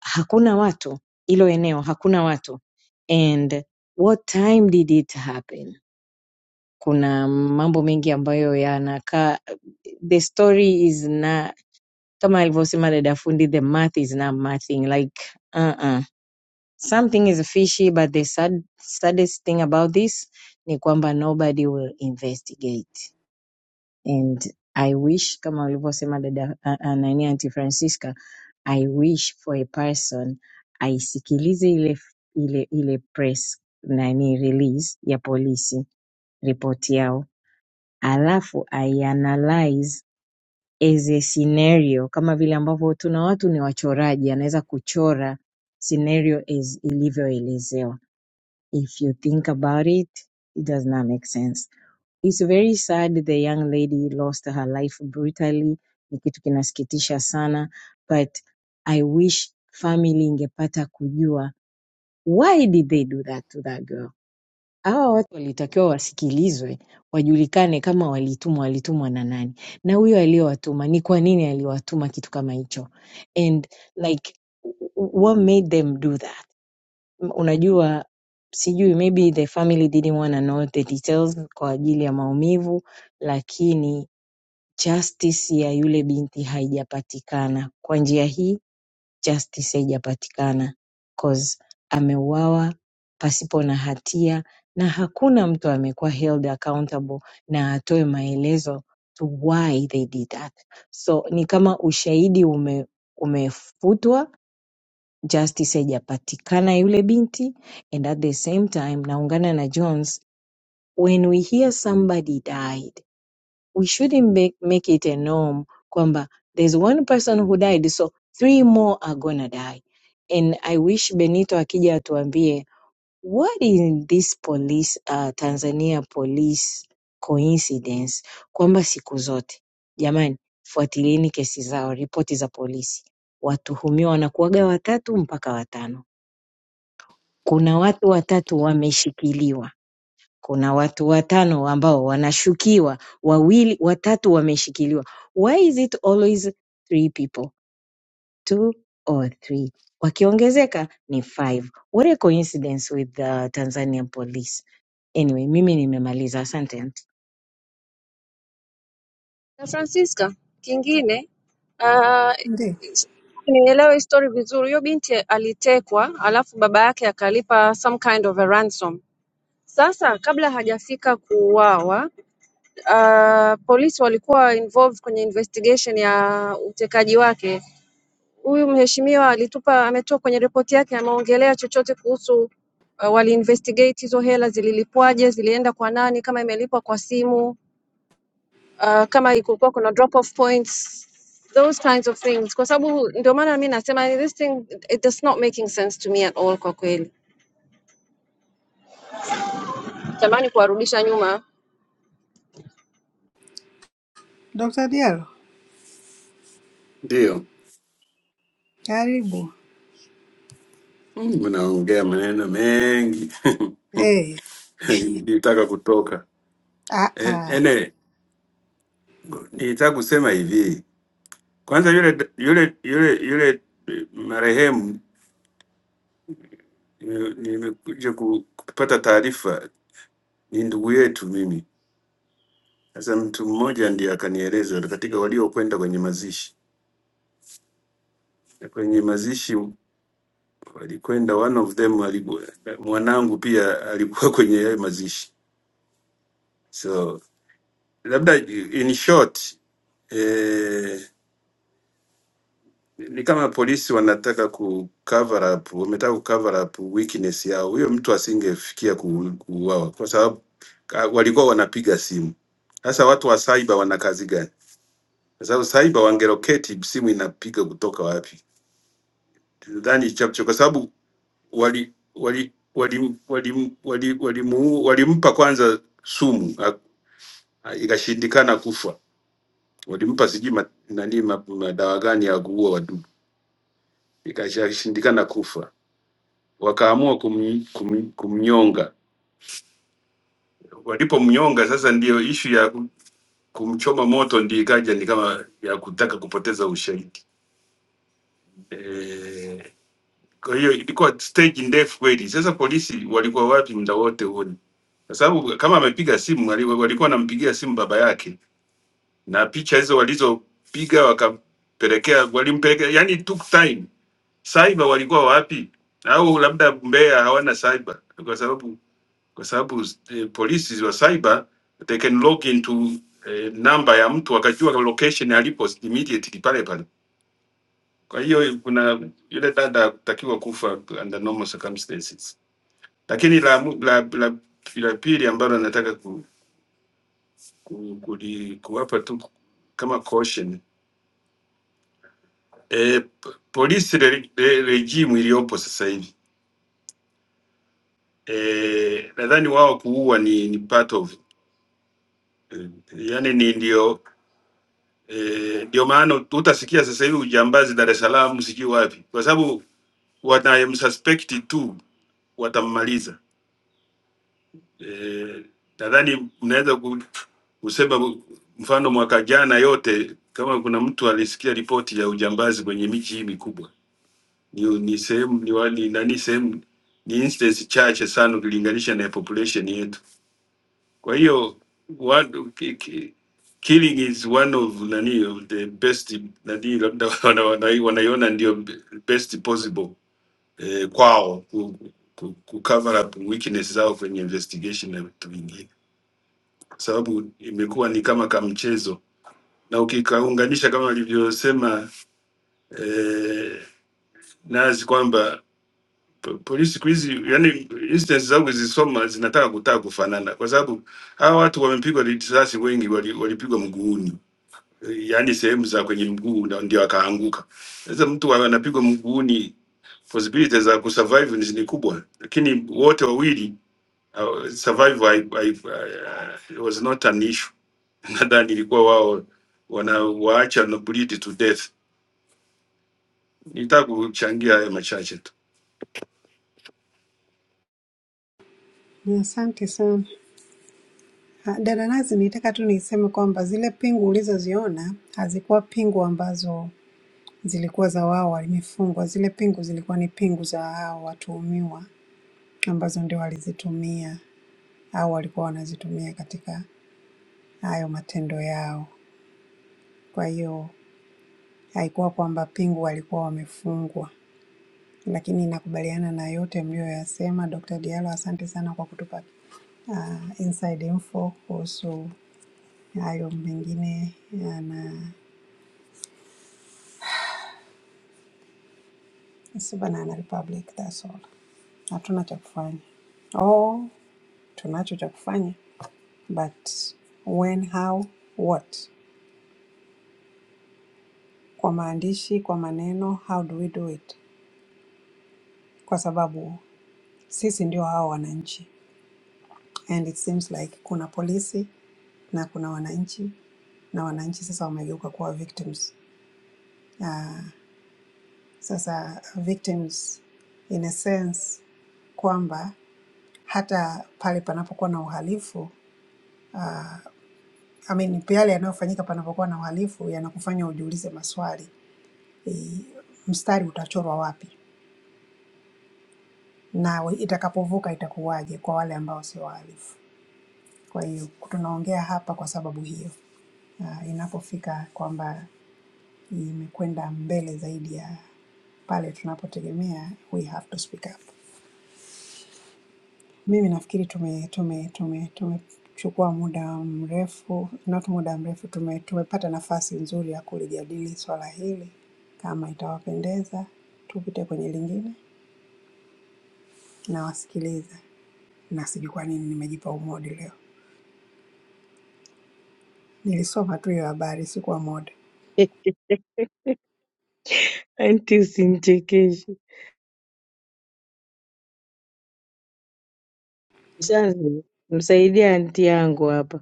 [SPEAKER 8] hakuna watu hilo eneo hakuna watu and what time did it happen kuna mambo mengi ambayo yanakaa the story is na kama alivyosema dada fundi the math is not mathing like uh-uh. something is fishy but the sad, saddest thing about this ni kwamba nobody will investigate and i wish kama alivyosema dada uh, uh, nani anti francisca I wish for a person aisikilize ile ile ile press nani release ya polisi report yao alafu aianalyze as a scenario kama vile ambavyo tuna watu ni wachoraji anaweza kuchora scenario as ilivyoelezewa if you think about it it does not make sense It's very sad the young lady lost her life brutally, ni kitu kinasikitisha sana but I wish family ingepata kujua why did they do that to that girl. Hawa watu walitakiwa wasikilizwe, wajulikane kama walitumwa, walitumwa na nani, na huyo aliyowatuma ni kwa nini aliwatuma kitu kama hicho, and like w- w- what made them do that M- unajua sijui maybe the family didn't want to know the details kwa ajili ya maumivu lakini justice ya yule binti haijapatikana kwa njia hii justice haijapatikana cause ameuawa pasipo na hatia na hakuna mtu amekuwa held accountable na atoe maelezo to why they did that so ni kama ushahidi ume, umefutwa justice haijapatikana yule binti and at the same time naungana na Jones when we hear somebody died we shouldn't make, make it a norm kwamba there's one person who died so three more are gonna die and I wish Benito akija atuambie what is this police uh, Tanzania police coincidence kwamba siku zote jamani fuatilieni kesi zao ripoti za polisi watuhumiwa wanakuwaga watatu mpaka watano kuna watu watatu wameshikiliwa. Kuna watu watano ambao wanashukiwa, wawili watatu wameshikiliwa. Why is it always three people? Two or three. Wakiongezeka ni five. What a coincidence with the Tanzanian police. Anyway, mimi nimemaliza. Asante aunty.
[SPEAKER 5] Na Francisca, kingine uh,
[SPEAKER 6] ndio,
[SPEAKER 5] nielewe story vizuri. Huyo binti alitekwa, alafu baba yake akalipa some kind of a ransom. Sasa kabla hajafika kuuawa, uh, polisi walikuwa involved kwenye investigation ya utekaji wake huyu mheshimiwa alitupa ametoa kwenye ripoti yake ameongelea chochote kuhusu uh, wali investigate hizo hela zililipwaje, zilienda kwa nani, kama imelipwa kwa simu uh, kama ilikuwa kuna drop off points those kinds of things, kwa sababu ndio maana mi nasema this thing it does not making sense to me at all. Kwa kweli tamani kuwarudisha nyuma.
[SPEAKER 6] Dr. Diallo,
[SPEAKER 9] Ndio,
[SPEAKER 6] karibu.
[SPEAKER 9] Mungu naongea maneno mengi
[SPEAKER 6] Hey,
[SPEAKER 9] <laughs> nitaka kutoka.
[SPEAKER 6] ah,
[SPEAKER 9] E-
[SPEAKER 6] ah.
[SPEAKER 9] Ene, nitaka kusema hivi kwanza, yule yule yule yule marehemu nime- nimekuja ku- kupata taarifa, ni ndugu yetu mimi. Sasa mtu mmoja ndiye akanieleza katika waliokwenda kwenye mazishi, Na kwenye mazishi walikwenda, one of them aliku- mwanangu pia alikuwa kwenye hayo mazishi so labda in short eh, ni kama polisi wanataka ku cover up, wametaka ku cover up weakness yao. Huyo mtu asingefikia ku- kuuawa kwa sababu ka- walikuwa wanapiga simu. Sasa watu wa cyber wana kazi gani? Kwa sababu cyber wangeloketi, simu inapiga kutoka wapi? Nadhani hicho hapo, kwa sababu wali wali walimpa wali, wali, wali, wali walimpa kwanza sumu ak- ikashindikana kufa walimpa sijui ma- nani ma- madawa gani ya kuua wadudu, ikashindikana kufa, wakaamua kum, kum, kumnyonga. Walipomnyonga sasa, ndiyo ishu ya kum- kumchoma moto ndiyo ikaja ni kama ya kutaka kupoteza ushahidi e, kwa hiyo ilikuwa stage ndefu kweli. Sasa polisi walikuwa wapi muda wote huo? kwa sababu kama amepiga simu wali- walikuwa wanampigia simu baba yake, na picha hizo walizopiga wakampelekea, walimpelekea yani took time cyber walikuwa wapi? Au labda Mbeya hawana cyber kwa sababu kwa sababu eh, polisi wa cyber they can log into eh, namba ya mtu akajua location alipo immediately pale pale. Kwa hiyo kuna yule dada hakutakiwa kufa under normal circumstances, lakini la mu- la, la, la pili ambalo nataka ku, ku, ku, kuwapa tu kama caution eh, p- polisi re, re, regime iliyopo sasa hivi eh, nadhani wao kuua ni, ni part of eh, yani ni ndio eh, ndio maana utasikia sasa hivi ujambazi Dar es Salaam sijui wapi, kwa sababu wanayemsuspect tu watammaliza. Eh, nadhani mnaweza ku- kusema mfano mwaka jana yote, kama kuna mtu alisikia ripoti ya ujambazi kwenye miji hii mikubwa, ni, ni sehemu ni, wa- ni nani sehemu ni instance chache sana ukilinganisha na population yetu. Kwa hiyo watu ki- ki- killing is one of nani of the best nani, labda <laughs> wana- wana- wanaiona ndio best possible eh, kwao ku, ku, ku cover up weakness zao kwenye investigation na vitu vingine, kwa sababu imekuwa ni kama kamchezo, na ukikaunganisha kama alivyosema eh, Nazi kwamba po- polisi siku hizi yani instance zangu zisoma zinataka kutaka kufanana, kwa sababu hawa watu wamepigwa risasi, wengi wali- walipigwa mguuni yaani sehemu za kwenye mguu na ndio akaanguka. Sasa mtu anapigwa mguuni, possibility za kusurvive ni ni kubwa, lakini wote wawili uh, survive I, I, I, it was not an issue. <laughs> Nadhani ilikuwa wao wanawaacha na bleed to death. Nitaka kuchangia haya machache tu.
[SPEAKER 6] Asante sana. Ah, Dada Nazi, nitaka tu niseme kwamba zile pingu ulizoziona hazikuwa pingu ambazo zilikuwa za wao wamefungwa. Zile pingu zilikuwa ni pingu za hao watuhumiwa ambazo ndio walizitumia au walikuwa wanazitumia katika hayo matendo yao. Kwa hiyo haikuwa kwamba pingu walikuwa wamefungwa, lakini nakubaliana na yote mliyoyasema. Dr. Diallo, asante sana kwa kutupa uh, inside info kuhusu hayo mengine yana Banana Republic, that's all. Hatuna cha kufanya. Oh, tunacho cha kufanya but when, how, what, kwa maandishi, kwa maneno, how do we do it? Kwa sababu sisi ndio hao wananchi, and it seems like kuna polisi na kuna wananchi, na wananchi sasa wamegeuka kuwa victims. Uh, sasa victims in a sense kwamba hata pale panapokuwa na uhalifu I mean, yale yanayofanyika panapokuwa na uhalifu yanakufanya ujiulize maswali e, mstari utachorwa wapi? na itakapovuka itakuwaje kwa wale ambao sio wahalifu. Kwa hiyo tunaongea hapa kwa sababu hiyo, uh, inapofika kwamba imekwenda mbele zaidi ya pale tunapotegemea, we have to speak up. Mimi nafikiri tume tume tume tumechukua muda mrefu, not muda mrefu, tume tumepata nafasi nzuri ya kulijadili swala hili. Kama itawapendeza, tupite kwenye lingine. Nawasikiliza na sijui kwa nini nimejipa umodi leo. Nilisoma tu hiyo habari, sikuwa moda.
[SPEAKER 8] <laughs> Aunty usinichekeshe. Shanzi, msaidia aunty yangu hapa.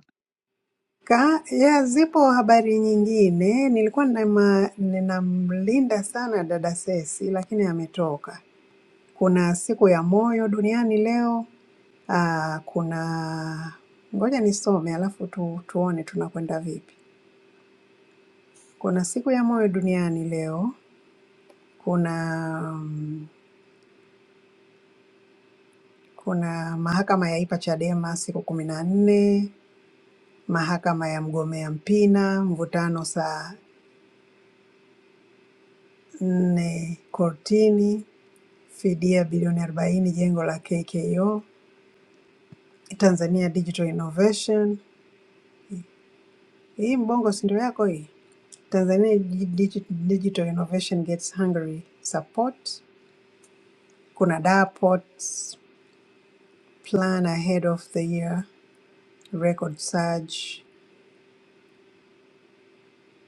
[SPEAKER 6] Ka, ya, zipo habari nyingine. Nilikuwa ninama- ninamlinda sana dada Sesi, lakini ametoka. Kuna siku ya moyo duniani leo. Aa, kuna ngoja nisome alafu tu, tuone tunakwenda vipi. Kuna siku ya moyo duniani leo. Kuna mm, kuna mahakama yaipa Chadema siku kumi na nne mahakama ya mgombea Mpina mvutano saa nne kortini, fidia bilioni arobaini jengo la KKO, Tanzania Digital Innovation. Hii Mbongo si ndio yako hii? Tanzania Digi- Digi- Digital Innovation gets Hungary support. Kuna Darport's plan ahead of the year record surge.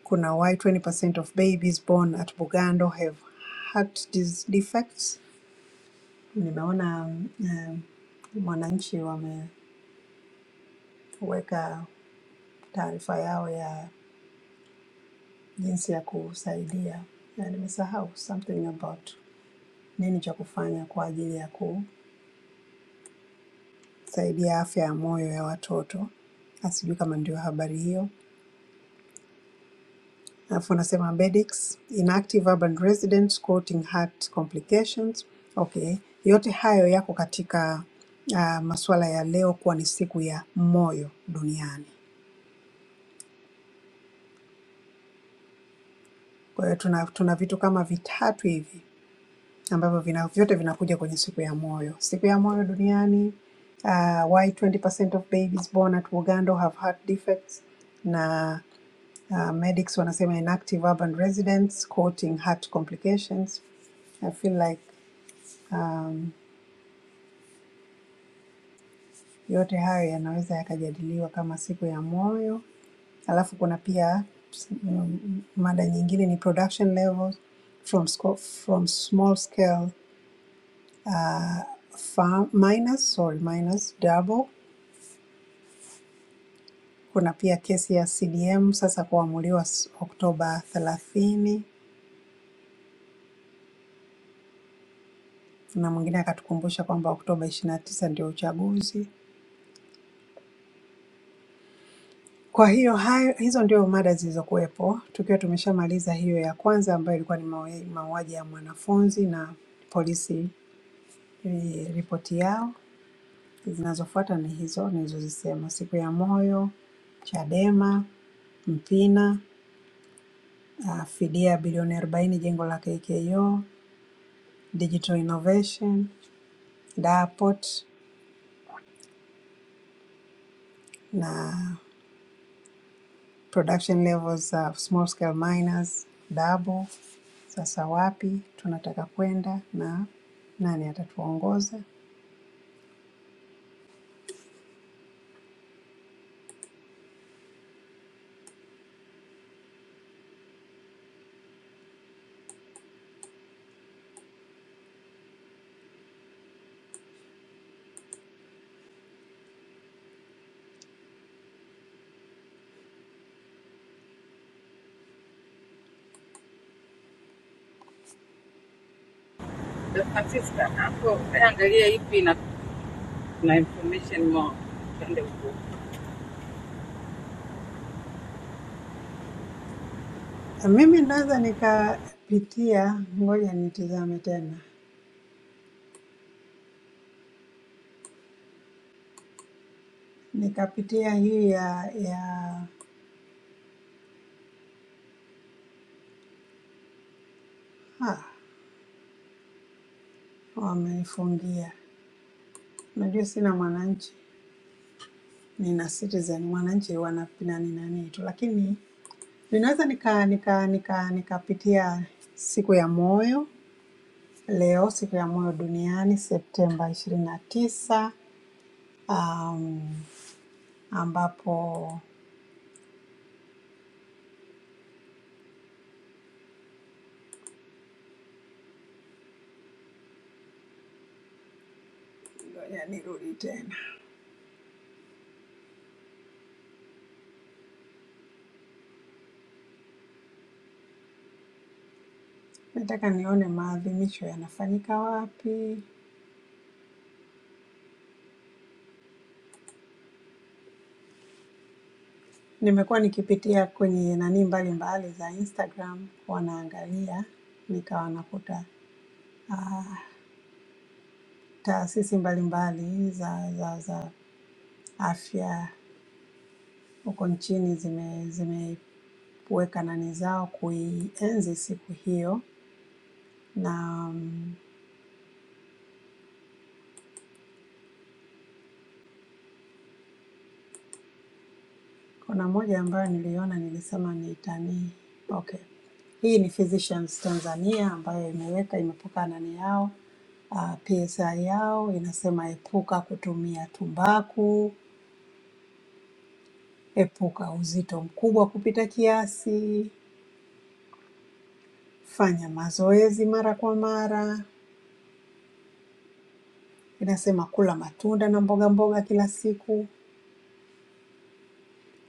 [SPEAKER 6] Kuna why 20% of babies born at Bugando have heart dis- defects. Nimeona um, um, Mwananchi wameweka taarifa yao ya jinsi ya kusaidia na nimesahau something about nini cha kufanya kwa ajili ya kusaidia afya ya moyo ya watoto. Na sijui kama ndio habari hiyo. Alafu anasema Bedex, inactive urban residents quoting heart complications. Okay, yote hayo yako katika uh, masuala ya leo kuwa ni siku ya moyo duniani. Kwa hiyo tuna, tuna vitu kama vitatu hivi ambavyo vina, vyote vinakuja kwenye siku ya moyo. Siku ya moyo duniani, uh, why 20% of babies born at Bugando have heart defects na uh, medics wanasema inactive urban residents quoting heart complications. I feel like um, yote hayo yanaweza yakajadiliwa kama siku ya moyo. Alafu kuna pia mm, mada nyingine ni production levels from, sco- from small scale farm, miners, sorry, miners double Kuna pia kesi ya CDM sasa kuamuliwa Oktoba thelathini na mwingine akatukumbusha kwamba Oktoba ishirini na tisa ndio uchaguzi. Kwa hiyo hayo, hizo ndio mada zilizokuwepo, tukiwa tumeshamaliza hiyo ya kwanza ambayo ilikuwa ni mawe- mauaji ya mwanafunzi na polisi eh, ripoti yao. Zinazofuata ni hizo nilizozisema, siku ya moyo, Chadema, Mpina, ah, fidia bilioni arobaini jengo la KKO, Digital Innovation, DAPOT na production levels za small scale miners double. Sasa wapi tunataka kwenda na nani atatuongoza?
[SPEAKER 1] De Francisco Dada Francisca, hapo eh, angalia ipi ina na information more, tuende huko.
[SPEAKER 6] Mimi naweza nikapitia, ngoja nitizame tena, nikapitia hii ya ya ha, wamenifungia. Unajua sina Mwananchi, nina Citizen. Mwananchi wanapina ni nani tu, lakini ninaweza nika nika nika nikapitia siku ya moyo Leo siku ya moyo duniani Septemba 29, um, ambapo ngoja nirudi tena, nataka nione maadhimisho yanafanyika wapi. Nimekuwa nikipitia kwenye nani mbalimbali za Instagram, wanaangalia nikawa nakuta ah, taasisi mbalimbali za, za, za afya huko nchini zime zimeweka nani zao kuienzi siku hiyo na um, Kuna moja ambayo niliona nilisema nitani. Okay. Hii ni Physicians Tanzania ambayo imeweka imepuka nani yao uh, PSI yao inasema epuka kutumia tumbaku, epuka uzito mkubwa kupita kiasi, fanya mazoezi mara kwa mara, inasema kula matunda na mboga mboga kila siku,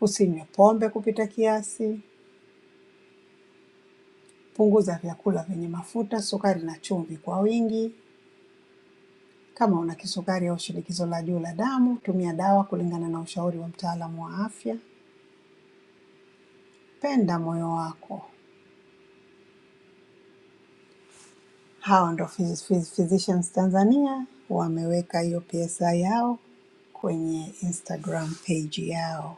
[SPEAKER 6] usinywe pombe kupita kiasi, punguza vyakula vyenye mafuta, sukari na chumvi kwa wingi, Kama una kisukari au shinikizo la juu la damu, tumia dawa kulingana na ushauri wa mtaalamu wa afya. Penda moyo wako. Hawa ndo Phys- Phys- Physicians Tanzania wameweka hiyo PSI yao kwenye Instagram page yao.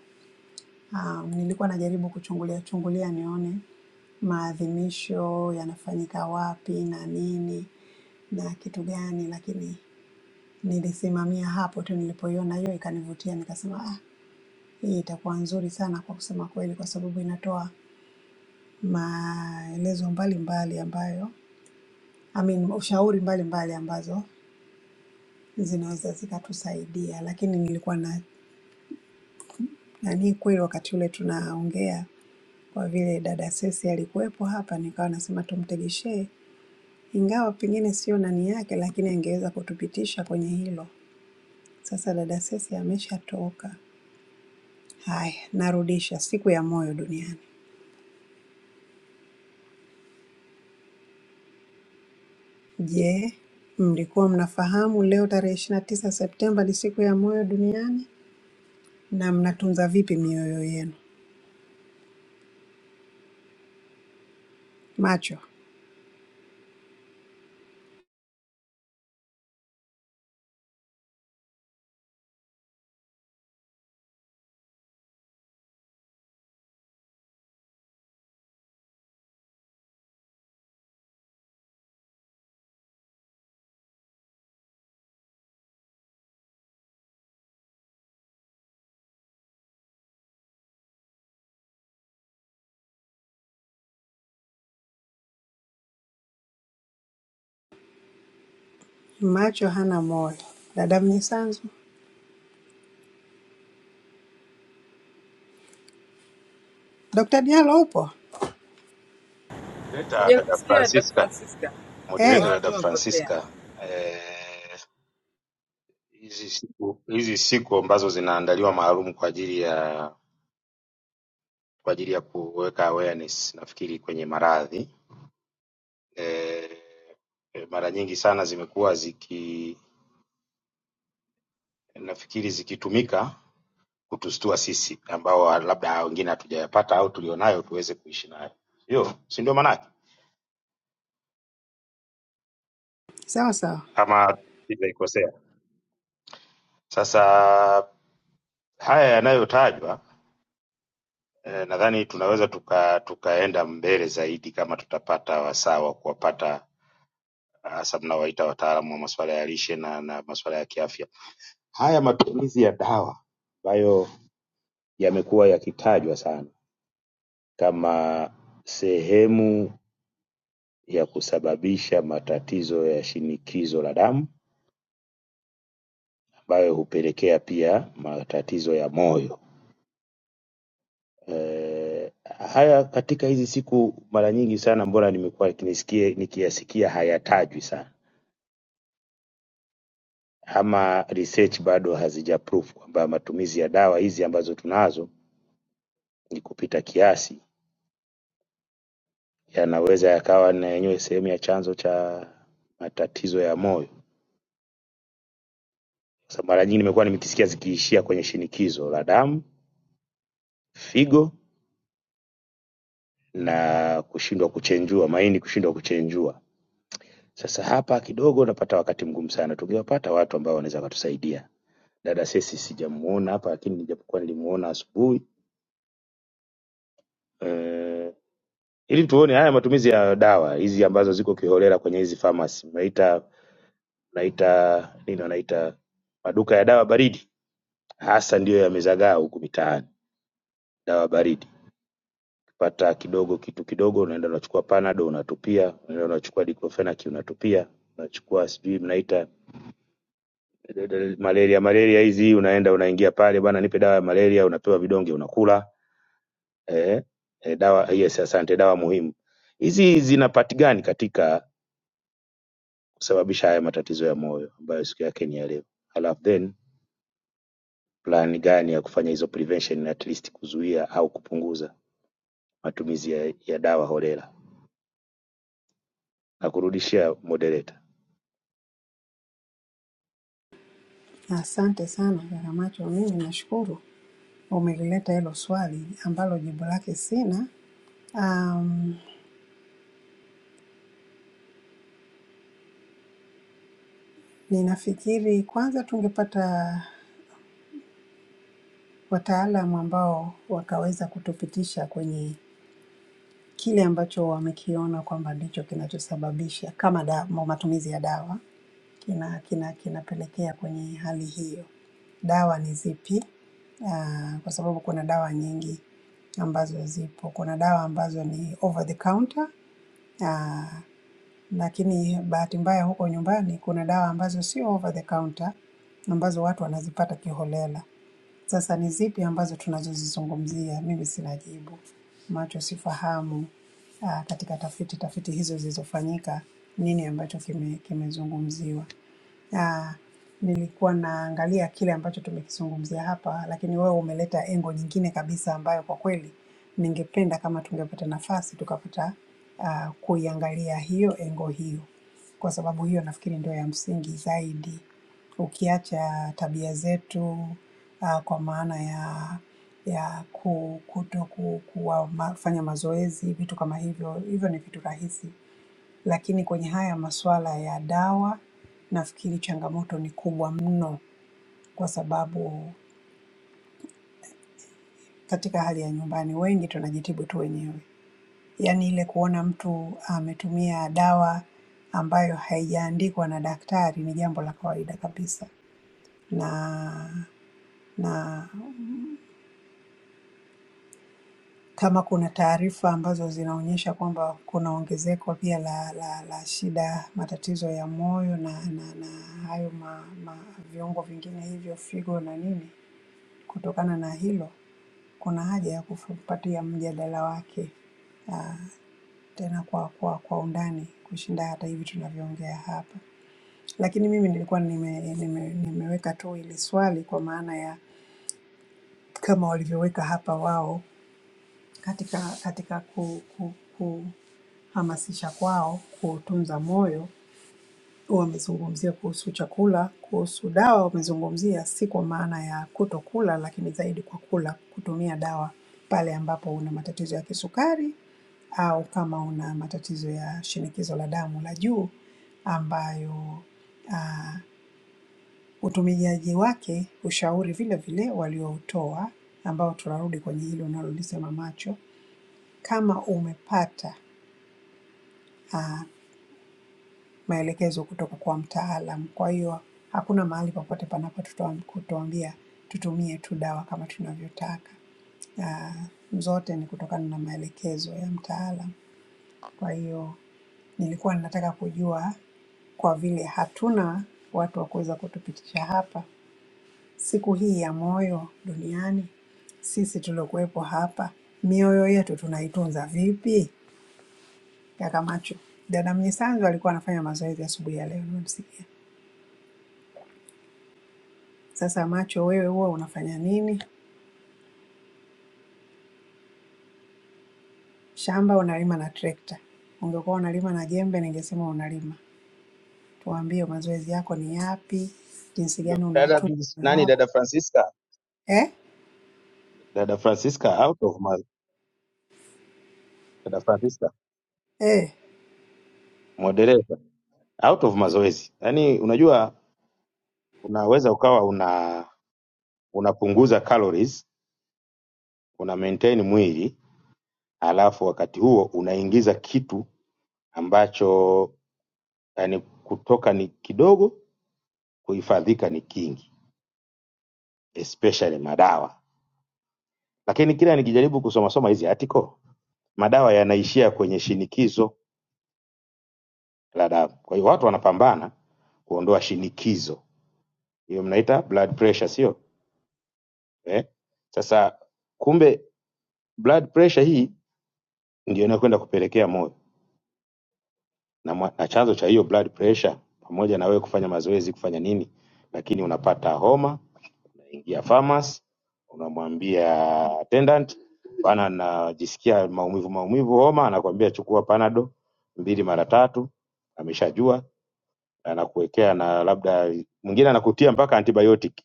[SPEAKER 6] Um, nilikuwa najaribu kuchungulia chungulia nione maadhimisho yanafanyika wapi na nini na kitu gani, lakini nilisimamia hapo tu nilipoiona hiyo ikanivutia, nikasema ah, Hii itakuwa nzuri sana kwa kusema kweli, kwa sababu inatoa maelezo mbalimbali ambayo I mean, ushauri mbalimbali ambazo zinaweza zikatusaidia, lakini nilikuwa na nani kweli, wakati ule tunaongea, kwa vile dada Sesi alikuwepo hapa, nikawa nasema tumtegeshee, ingawa pengine sio nani yake, lakini angeweza kutupitisha kwenye hilo. Sasa dada Sesi ameshatoka. Haya, narudisha siku ya moyo duniani. Je, mlikuwa mnafahamu leo tarehe 29 Septemba ni siku ya moyo duniani? Na mnatunza vipi mioyo yenu? Macho, macho hana moyo. Dada Mnyisanzu, Dr. Diallo upo?
[SPEAKER 2] leta
[SPEAKER 1] Sija
[SPEAKER 2] dada
[SPEAKER 1] kusikia Dada
[SPEAKER 2] Francisca,
[SPEAKER 1] Francisca,
[SPEAKER 2] moderator
[SPEAKER 6] Hey,
[SPEAKER 1] maana
[SPEAKER 2] dada
[SPEAKER 1] tumepotea.
[SPEAKER 2] Francisca. Eh, hizi siku hizi siku ambazo zinaandaliwa maalum kwa ajili ya kwa ajili ya kuweka awareness nafikiri kwenye maradhi eh, mara nyingi sana zimekuwa ziki nafikiri zikitumika kutustua sisi ambao labda wengine hatujayapata au tulionayo tuweze kuishi nayo, hiyo si ndio maanake,
[SPEAKER 6] sawa sawa.
[SPEAKER 2] ama sijaikosea? Sasa Haya yanayotajwa eh, nadhani tunaweza tuka, tukaenda mbele zaidi kama tutapata wasaa wa kuwapata eh, hasa mnawaita wataalamu wa masuala ya lishe na, na masuala ya kiafya. Haya matumizi ya dawa ambayo yamekuwa yakitajwa sana kama sehemu ya kusababisha matatizo ya shinikizo la damu ambayo hupelekea pia matatizo ya moyo Eh, haya katika hizi siku mara nyingi sana mbona nimekuwa nikisikia nikiyasikia hayatajwi sana, ama research bado hazija prove kwamba matumizi ya dawa hizi ambazo tunazo ni kupita kiasi, yanaweza yakawa na yenyewe sehemu ya chanzo cha matatizo ya moyo. Sasa mara nyingi nimekuwa nimekisikia zikiishia kwenye shinikizo la damu, figo na kushindwa kuchenjua, maini kushindwa kuchenjua. Sasa hapa kidogo napata wakati mgumu sana, tungewapata watu ambao wanaweza wakatusaidia Dada Cecy sijamuona hapa, lakini nijapokuwa nilimuona asubuhi eh, ili tuone haya matumizi ya dawa hizi ambazo ziko kiholela kwenye hizi pharmacy, mnaita mnaita nini, wanaita maduka ya dawa baridi, hasa ndiyo yamezagaa huku mitaani, dawa baridi pata kidogo kitu kidogo, unaenda unachukua panado unatupia, unaenda unachukua diclofenac unatupia, unachukua sijui mnaita eh, eh, eh, malaria malaria hizi, unaenda unaingia pale, bwana nipe dawa ya malaria, unapewa vidonge unakula eh, eh, dawa yes, asante, dawa muhimu hizi zinapatikani katika kusababisha haya matatizo ya moyo ambayo siku yake ni ya leo, halafu then plan gani ya kufanya hizo prevention at least kuzuia au kupunguza matumizi ya, ya dawa holela. Na kurudishia moderator
[SPEAKER 6] Asante sana kaka Macho, mimi nashukuru umelileta hilo swali ambalo jibu lake sina. Um, ninafikiri kwanza tungepata wataalamu ambao wakaweza kutupitisha kwenye kile ambacho wamekiona kwamba ndicho kinachosababisha kama da, ma- matumizi ya dawa kina kina kinapelekea kwenye hali hiyo. Dawa ni zipi? Ah, kwa sababu kuna dawa nyingi ambazo zipo. Kuna dawa ambazo ni over the counter ah, lakini bahati mbaya huko nyumbani kuna dawa ambazo sio over the counter ambazo watu wanazipata kiholela. Sasa ni zipi ambazo tunazozizungumzia? Mimi sina jibu, macho sifahamu. ah, Katika tafiti tafiti hizo zilizofanyika, nini ambacho kime- kimezungumziwa? Ah, nilikuwa naangalia kile ambacho tumekizungumzia hapa, lakini wewe umeleta engo nyingine kabisa ambayo kwa kweli ningependa kama tungepata nafasi tukapata ah, kuiangalia hiyo engo hiyo, kwa sababu hiyo nafikiri ndio ya msingi zaidi, ukiacha tabia zetu ah, kwa maana ya ya ku- kuto ku, kuwa ma, fanya mazoezi, vitu kama hivyo. Hivyo ni vitu rahisi, lakini kwenye haya masuala ya dawa nafikiri changamoto ni kubwa mno, kwa sababu katika hali ya nyumbani wengi tunajitibu tu wenyewe, yaani ile kuona mtu ametumia dawa ambayo haijaandikwa na daktari ni jambo la kawaida kabisa, na na kama kuna taarifa ambazo zinaonyesha kwamba kuna ongezeko pia la la la shida, matatizo ya moyo na na na hayo ma, ma viungo vingine hivyo figo na nini, Kutokana na hilo, kuna haja ya kufuatia mjadala wake ah, tena kwa, kwa, kwa undani kushinda hata hivi tunavyoongea hapa. Lakini mimi nilikuwa nime, nime, nimeweka tu ili swali kwa maana ya kama walivyoweka hapa wao katika katika ku, ku, kuhamasisha kwao kuutunza moyo Wamezungumzia kuhusu chakula, kuhusu dawa wamezungumzia, si kwa maana ya kutokula, lakini zaidi kwa kula, kutumia dawa pale ambapo una matatizo ya kisukari au kama una matatizo ya shinikizo la damu la juu, ambayo utumiaji wake ushauri vile vile walioutoa, ambao tunarudi kwenye hilo unalolisema macho, kama umepata maelekezo kutoka kwa mtaalamu. Kwa hiyo hakuna mahali popote panapo tutoa- kutuambia tutumie tu dawa kama tunavyotaka. Ah, zote ni kutokana na maelekezo ya mtaalamu. Kwa hiyo nilikuwa nataka kujua kwa vile hatuna watu wa kuweza kutupitisha hapa siku hii ya moyo duniani, sisi tuliokuwepo hapa mioyo yetu tunaitunza vipi? Kaka Macho, dada Mnyisanzu alikuwa anafanya mazoezi asubuhi ya leo, nimemsikia. Sasa macho, wewe huwa unafanya nini? Shamba unalima na trekta. Ungekuwa unalima na jembe, ningesema unalima. Tuambie mazoezi yako ni yapi, jinsi gani
[SPEAKER 2] Ndo- dada
[SPEAKER 6] unautunza muda
[SPEAKER 2] nani,
[SPEAKER 6] wako
[SPEAKER 2] dada Francisca,
[SPEAKER 6] eh?
[SPEAKER 2] dada Francisca out of ma, dada Francisca
[SPEAKER 6] Eh,
[SPEAKER 2] moderator out of mazoezi. Yani unajua unaweza ukawa una unapunguza calories, una maintain mwili alafu wakati huo unaingiza kitu ambacho yani kutoka ni kidogo kuhifadhika ni kingi especially madawa lakini kila nikijaribu kusomasoma hizi article madawa yanaishia kwenye shinikizo la damu kwa hiyo watu wanapambana kuondoa shinikizo hiyo mnaita blood pressure sio eh? sasa kumbe blood pressure hii ndio inayokwenda kupelekea moyo na, mwa- na chanzo cha hiyo blood pressure pamoja na wewe kufanya mazoezi kufanya nini lakini unapata homa unaingia farmers unamwambia attendant bana najisikia maumivu maumivu homa anakwambia chukua panado mbili mara tatu ameshajua anakuwekea na labda mwingine anakutia mpaka antibiotic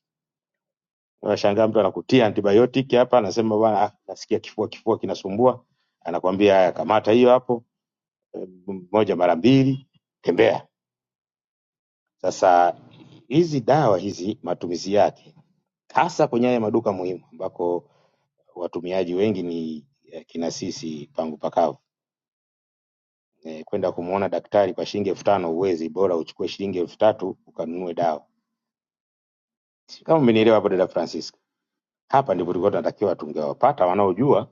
[SPEAKER 2] unashangaa mtu anakutia antibiotic hapa anasema bana ah, nasikia kifua kifua kinasumbua anakwambia haya kamata hiyo hapo eh, moja mara mbili tembea sasa hizi dawa hizi matumizi yake hasa kwenye haya maduka muhimu ambako watumiaji wengi ni eh, kina sisi pangu pakavu. Eh, kwenda kumuona daktari kwa shilingi elfu tano huwezi, bora uchukue shilingi elfu tatu ukanunue dawa. Si kama umenielewa hapo dada Francisca? Hapa ndipo tulikuwa tunatakiwa tungewapata wanaojua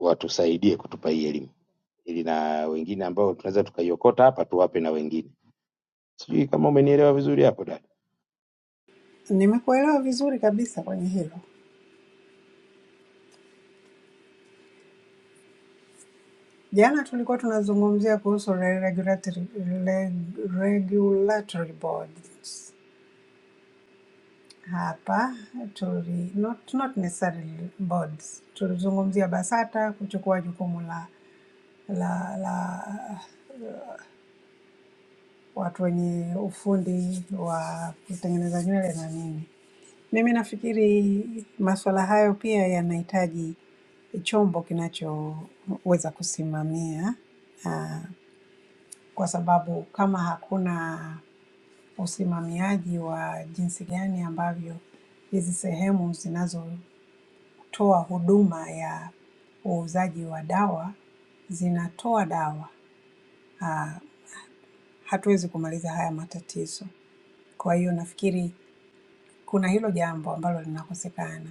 [SPEAKER 2] watusaidie kutupa hii elimu ili na wengine ambao tunaweza tukaiokota hapa tuwape na wengine. Sijui kama umenielewa vizuri hapo dada.
[SPEAKER 6] nimekuelewa vizuri kabisa kwenye hilo. Jana tulikuwa tunazungumzia kuhusu re- regulatory, re- regulatory boards hapa tuli, not, not necessarily boards, tulizungumzia BASATA kuchukua jukumu la la la watu wenye ufundi wa kutengeneza nywele na nini. Mimi nafikiri masuala hayo pia yanahitaji chombo kinachoweza kusimamia, ah, kwa sababu kama hakuna usimamiaji wa jinsi gani ambavyo hizi sehemu zinazotoa huduma ya uuzaji wa dawa zinatoa dawa, ah, hatuwezi kumaliza haya matatizo. Kwa hiyo nafikiri kuna hilo jambo ambalo linakosekana.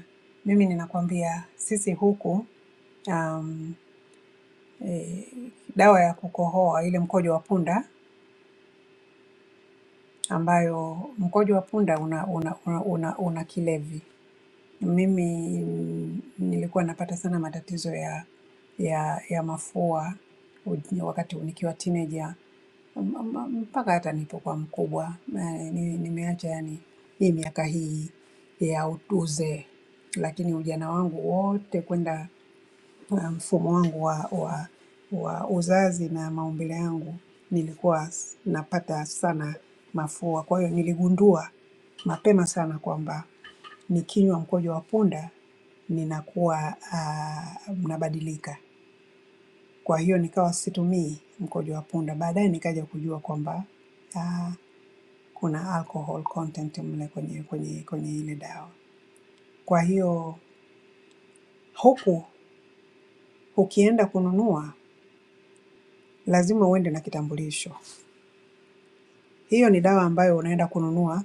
[SPEAKER 6] Mimi ninakwambia sisi huku um, e, dawa ya kukohoa ile mkojo wa punda ambayo mkojo wa punda una, una, una, una, una kilevi Mimi mm, nilikuwa napata sana matatizo ya ya ya mafua uj- wakati nikiwa teenager m- m- mpaka hata nilipokuwa mkubwa Eh, ni- nimeacha yani hii miaka hii ya utu- uzee, lakini ujana wangu wote kwenda uh, mfumo wangu wa, wa, wa uzazi na maumbile yangu nilikuwa s- napata sana mafua. Kwa hiyo niligundua mapema sana kwamba nikinywa mkojo wa punda ninakuwa ah, mnabadilika. Kwa hiyo nikawa situmii mkojo wa punda. Baadaye nikaja kujua kwamba ah, kuna alcohol content mle kwenye kwenye kwenye ile dawa. Kwa hiyo huku ukienda kununua lazima uende na kitambulisho. Hiyo ni dawa ambayo unaenda kununua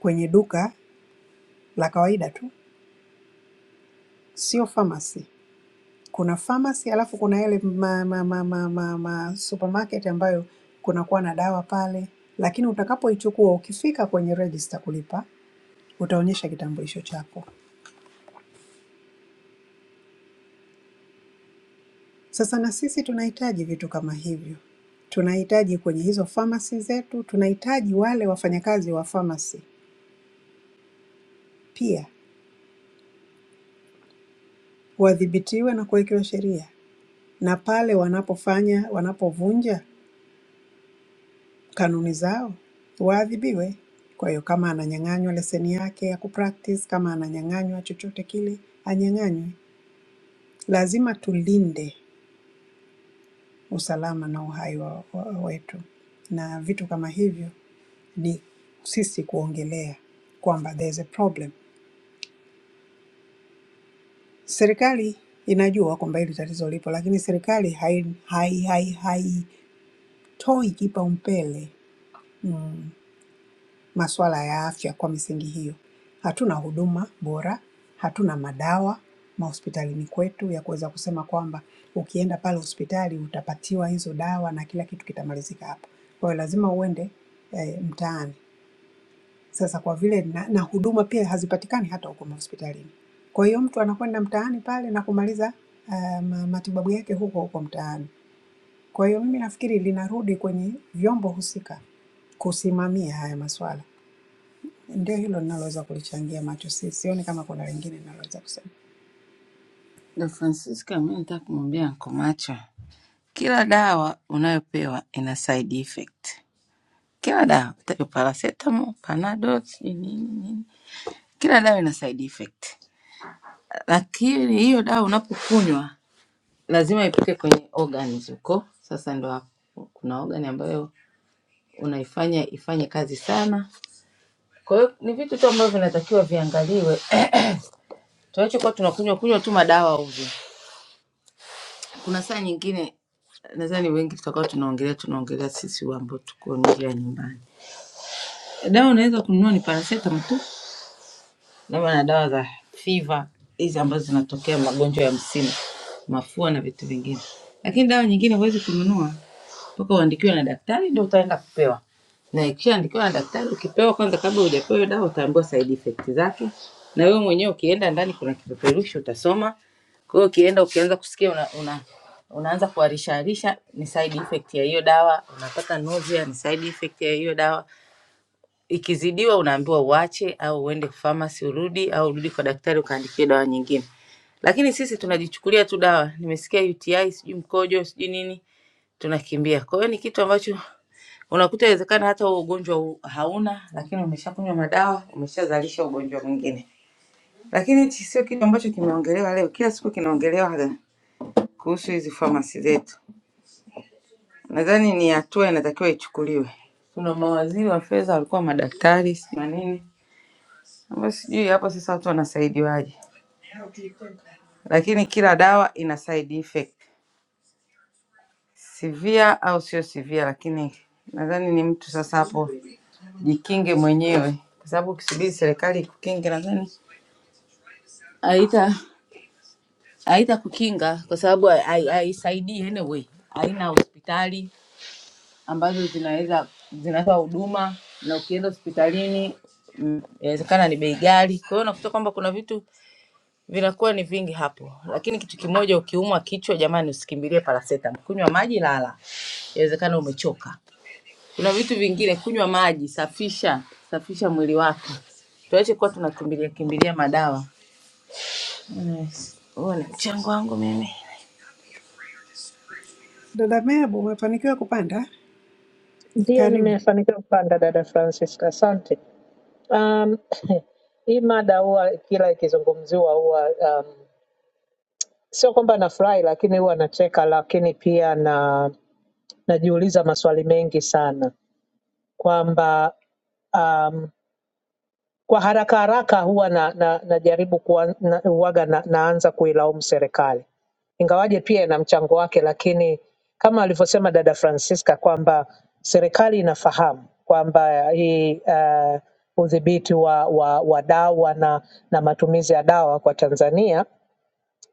[SPEAKER 6] kwenye duka la kawaida tu, sio pharmacy. kuna pharmacy alafu kuna yale ma, ma, ma, ma, ma, ma supermarket ambayo kunakuwa na dawa pale, lakini utakapoichukua ukifika kwenye register kulipa utaonyesha kitambulisho chako. Sasa na sisi tunahitaji vitu kama hivyo, tunahitaji kwenye hizo pharmacy zetu, tunahitaji wale wafanyakazi wa pharmacy pia wadhibitiwe na kuwekewa sheria, na pale wanapofanya wanapovunja kanuni zao waadhibiwe. Kwa hiyo kama ananyang'anywa leseni yake ya kupractice, kama ananyang'anywa chochote kile, anyang'anywe. Lazima tulinde usalama na uhai wa, wa, wetu, na vitu kama hivyo ni sisi kuongelea kwamba there's a problem. Serikali inajua kwamba hili tatizo lipo, lakini serikali haitoi hai, hai, hai haitoi kipaumbele mm, masuala ya afya. Kwa misingi hiyo, hatuna huduma bora, hatuna madawa mahospitalini kwetu ya kuweza kusema kwamba ukienda pale hospitali utapatiwa hizo dawa na kila kitu kitamalizika hapo. Kwa hiyo lazima uende eh, mtaani. Sasa kwa vile na, na huduma pia hazipatikani hata huko mahospitalini. Kwa hiyo mtu anakwenda mtaani pale na kumaliza ah, ma- matibabu yake huko huko mtaani. Kwa hiyo mimi nafikiri linarudi kwenye vyombo husika kusimamia haya masuala. Ndio hilo ninaloweza kulichangia macho, si sioni kama kuna lingine ninaloweza kusema.
[SPEAKER 1] Dada Francisca, mi nataka kumwambia Nkomacho, kila dawa unayopewa ina side effect. Kila dawa, hata hiyo paracetamol, panadol, sijui nini nini. Kila dawa ina side effect, lakini hiyo dawa unapokunywa lazima ipite kwenye organs huko. Sasa ndo hapo kuna organ ambayo unaifanya ifanye kazi sana. Kwa hiyo ni vitu tu ambavyo vinatakiwa viangaliwe, <clears throat> tunachokuwa tunakunywa kunywa tu madawa ovyo. Kuna saa nyingine nadhani wengi tutakuwa tunaongelea tunaongelea sisi ambao tuko nje ya nyumbani. Dawa unaweza kununua ni paracetamol tu labda na dawa za fiva hizi ambazo zinatokea magonjwa ya msimu, mafua na vitu vingine, lakini dawa nyingine huwezi kununua mpaka uandikiwe na daktari ndio utaenda kupewa, na ikishaandikiwa na daktari ukipewa kwanza, kabla hujapewa hiyo dawa utaambiwa side effect zake, na wewe mwenyewe ukienda ndani kuna kipeperushi utasoma. Kwa hiyo ukienda ukianza kusikia una, una, unaanza kuharishaharisha ni side effect ya hiyo dawa, unapata nausea ni side effect ya hiyo dawa ikizidiwa unaambiwa uache au uende famasi urudi au urudi kwa daktari ukaandikiwe dawa nyingine. Lakini sisi tunajichukulia tu dawa, nimesikia UTI sijui mkojo sijui nini, tunakimbia. Kwa hiyo ni kitu ambacho unakuta inawezekana hata huo ugonjwa u- hauna, lakini umeshakunywa madawa umeshazalisha ugonjwa mwingine. Lakini hichi sio kitu ambacho kimeongelewa leo, kila siku kinaongelewa kuhusu hizi famasi zetu. Nadhani ni hatua inatakiwa ichukuliwe. Kuna mawaziri wa fedha walikuwa madaktari sijui na nini Ambayo sijui hapo sasa watu wanasaidiwaje, lakini kila dawa ina side effect severe au sio severe, lakini nadhani ni mtu sasa hapo jikinge mwenyewe, kwa sababu ukisubiri serikali ikukinge nadhani haita haita kukinga kwa sababu hai- haisaidii anyway. Haina hospitali ambazo zinaweza zinatoa huduma, na ukienda hospitalini mm, inawezekana ni bei ghali. Kwa hiyo unakuta kwamba kuna vitu vinakuwa ni vingi hapo, lakini kitu kimoja, ukiumwa kichwa, jamani, usikimbilie paracetamol, kunywa maji, lala, inawezekana umechoka. Kuna vitu vingine, kunywa maji, safisha safisha mwili wako, tuache kuwa tunakimbilia kimbilia madawa. Yes. Huo ni mchango wangu mimi.
[SPEAKER 6] Dada Meabu, umefanikiwa kupanda?
[SPEAKER 10] Ndiyo,
[SPEAKER 6] Karibu
[SPEAKER 10] nimefanikiwa kupanda dada Francisca, asante. Um, <clears throat> hii mada huwa kila ikizungumziwa huwa um, sio kwamba nafurahi, lakini huwa nacheka, lakini pia na najiuliza maswali mengi sana kwamba um, kwa haraka haraka huwa na, na, najaribu kuwa, na, huwaga na, naanza kuilaumu serikali, ingawaje pia ina mchango wake, lakini kama alivyosema dada Francisca kwamba serikali inafahamu kwamba hii uh, udhibiti wa, wa, wa dawa na, na matumizi ya dawa kwa Tanzania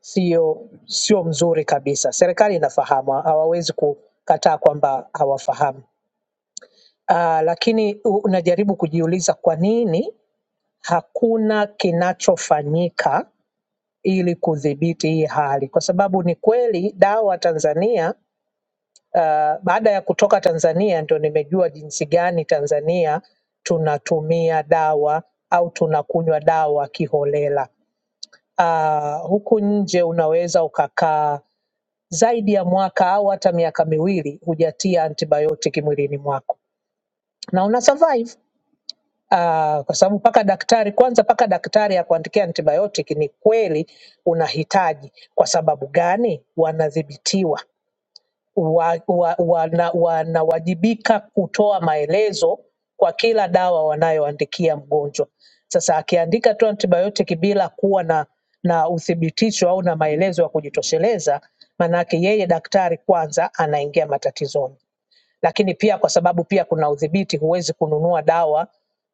[SPEAKER 10] sio sio mzuri kabisa. Serikali inafahamu, hawawezi kukataa kwamba hawafahamu. Uh, lakini u- unajaribu kujiuliza kwa nini hakuna kinachofanyika ili kudhibiti hii hali, kwa sababu ni kweli dawa Tanzania uh, baada ya kutoka Tanzania ndio nimejua jinsi gani Tanzania tunatumia dawa au tunakunywa dawa kiholela. Uh, huku nje unaweza ukakaa zaidi ya mwaka au hata miaka miwili hujatia antibiotiki mwilini mwako na una survive Ah, kwa sababu mpaka daktari kwanza, mpaka daktari akuandikia antibiotic ni kweli unahitaji. Kwa sababu gani? Wanadhibitiwa, wa, wa, wana, wanawajibika kutoa maelezo kwa kila dawa wanayoandikia mgonjwa. Sasa akiandika tu antibiotic bila kuwa na na uthibitisho au na maelezo ya kujitosheleza, maanake yeye daktari kwanza anaingia matatizoni lakini pia kwa sababu pia kuna udhibiti, huwezi kununua dawa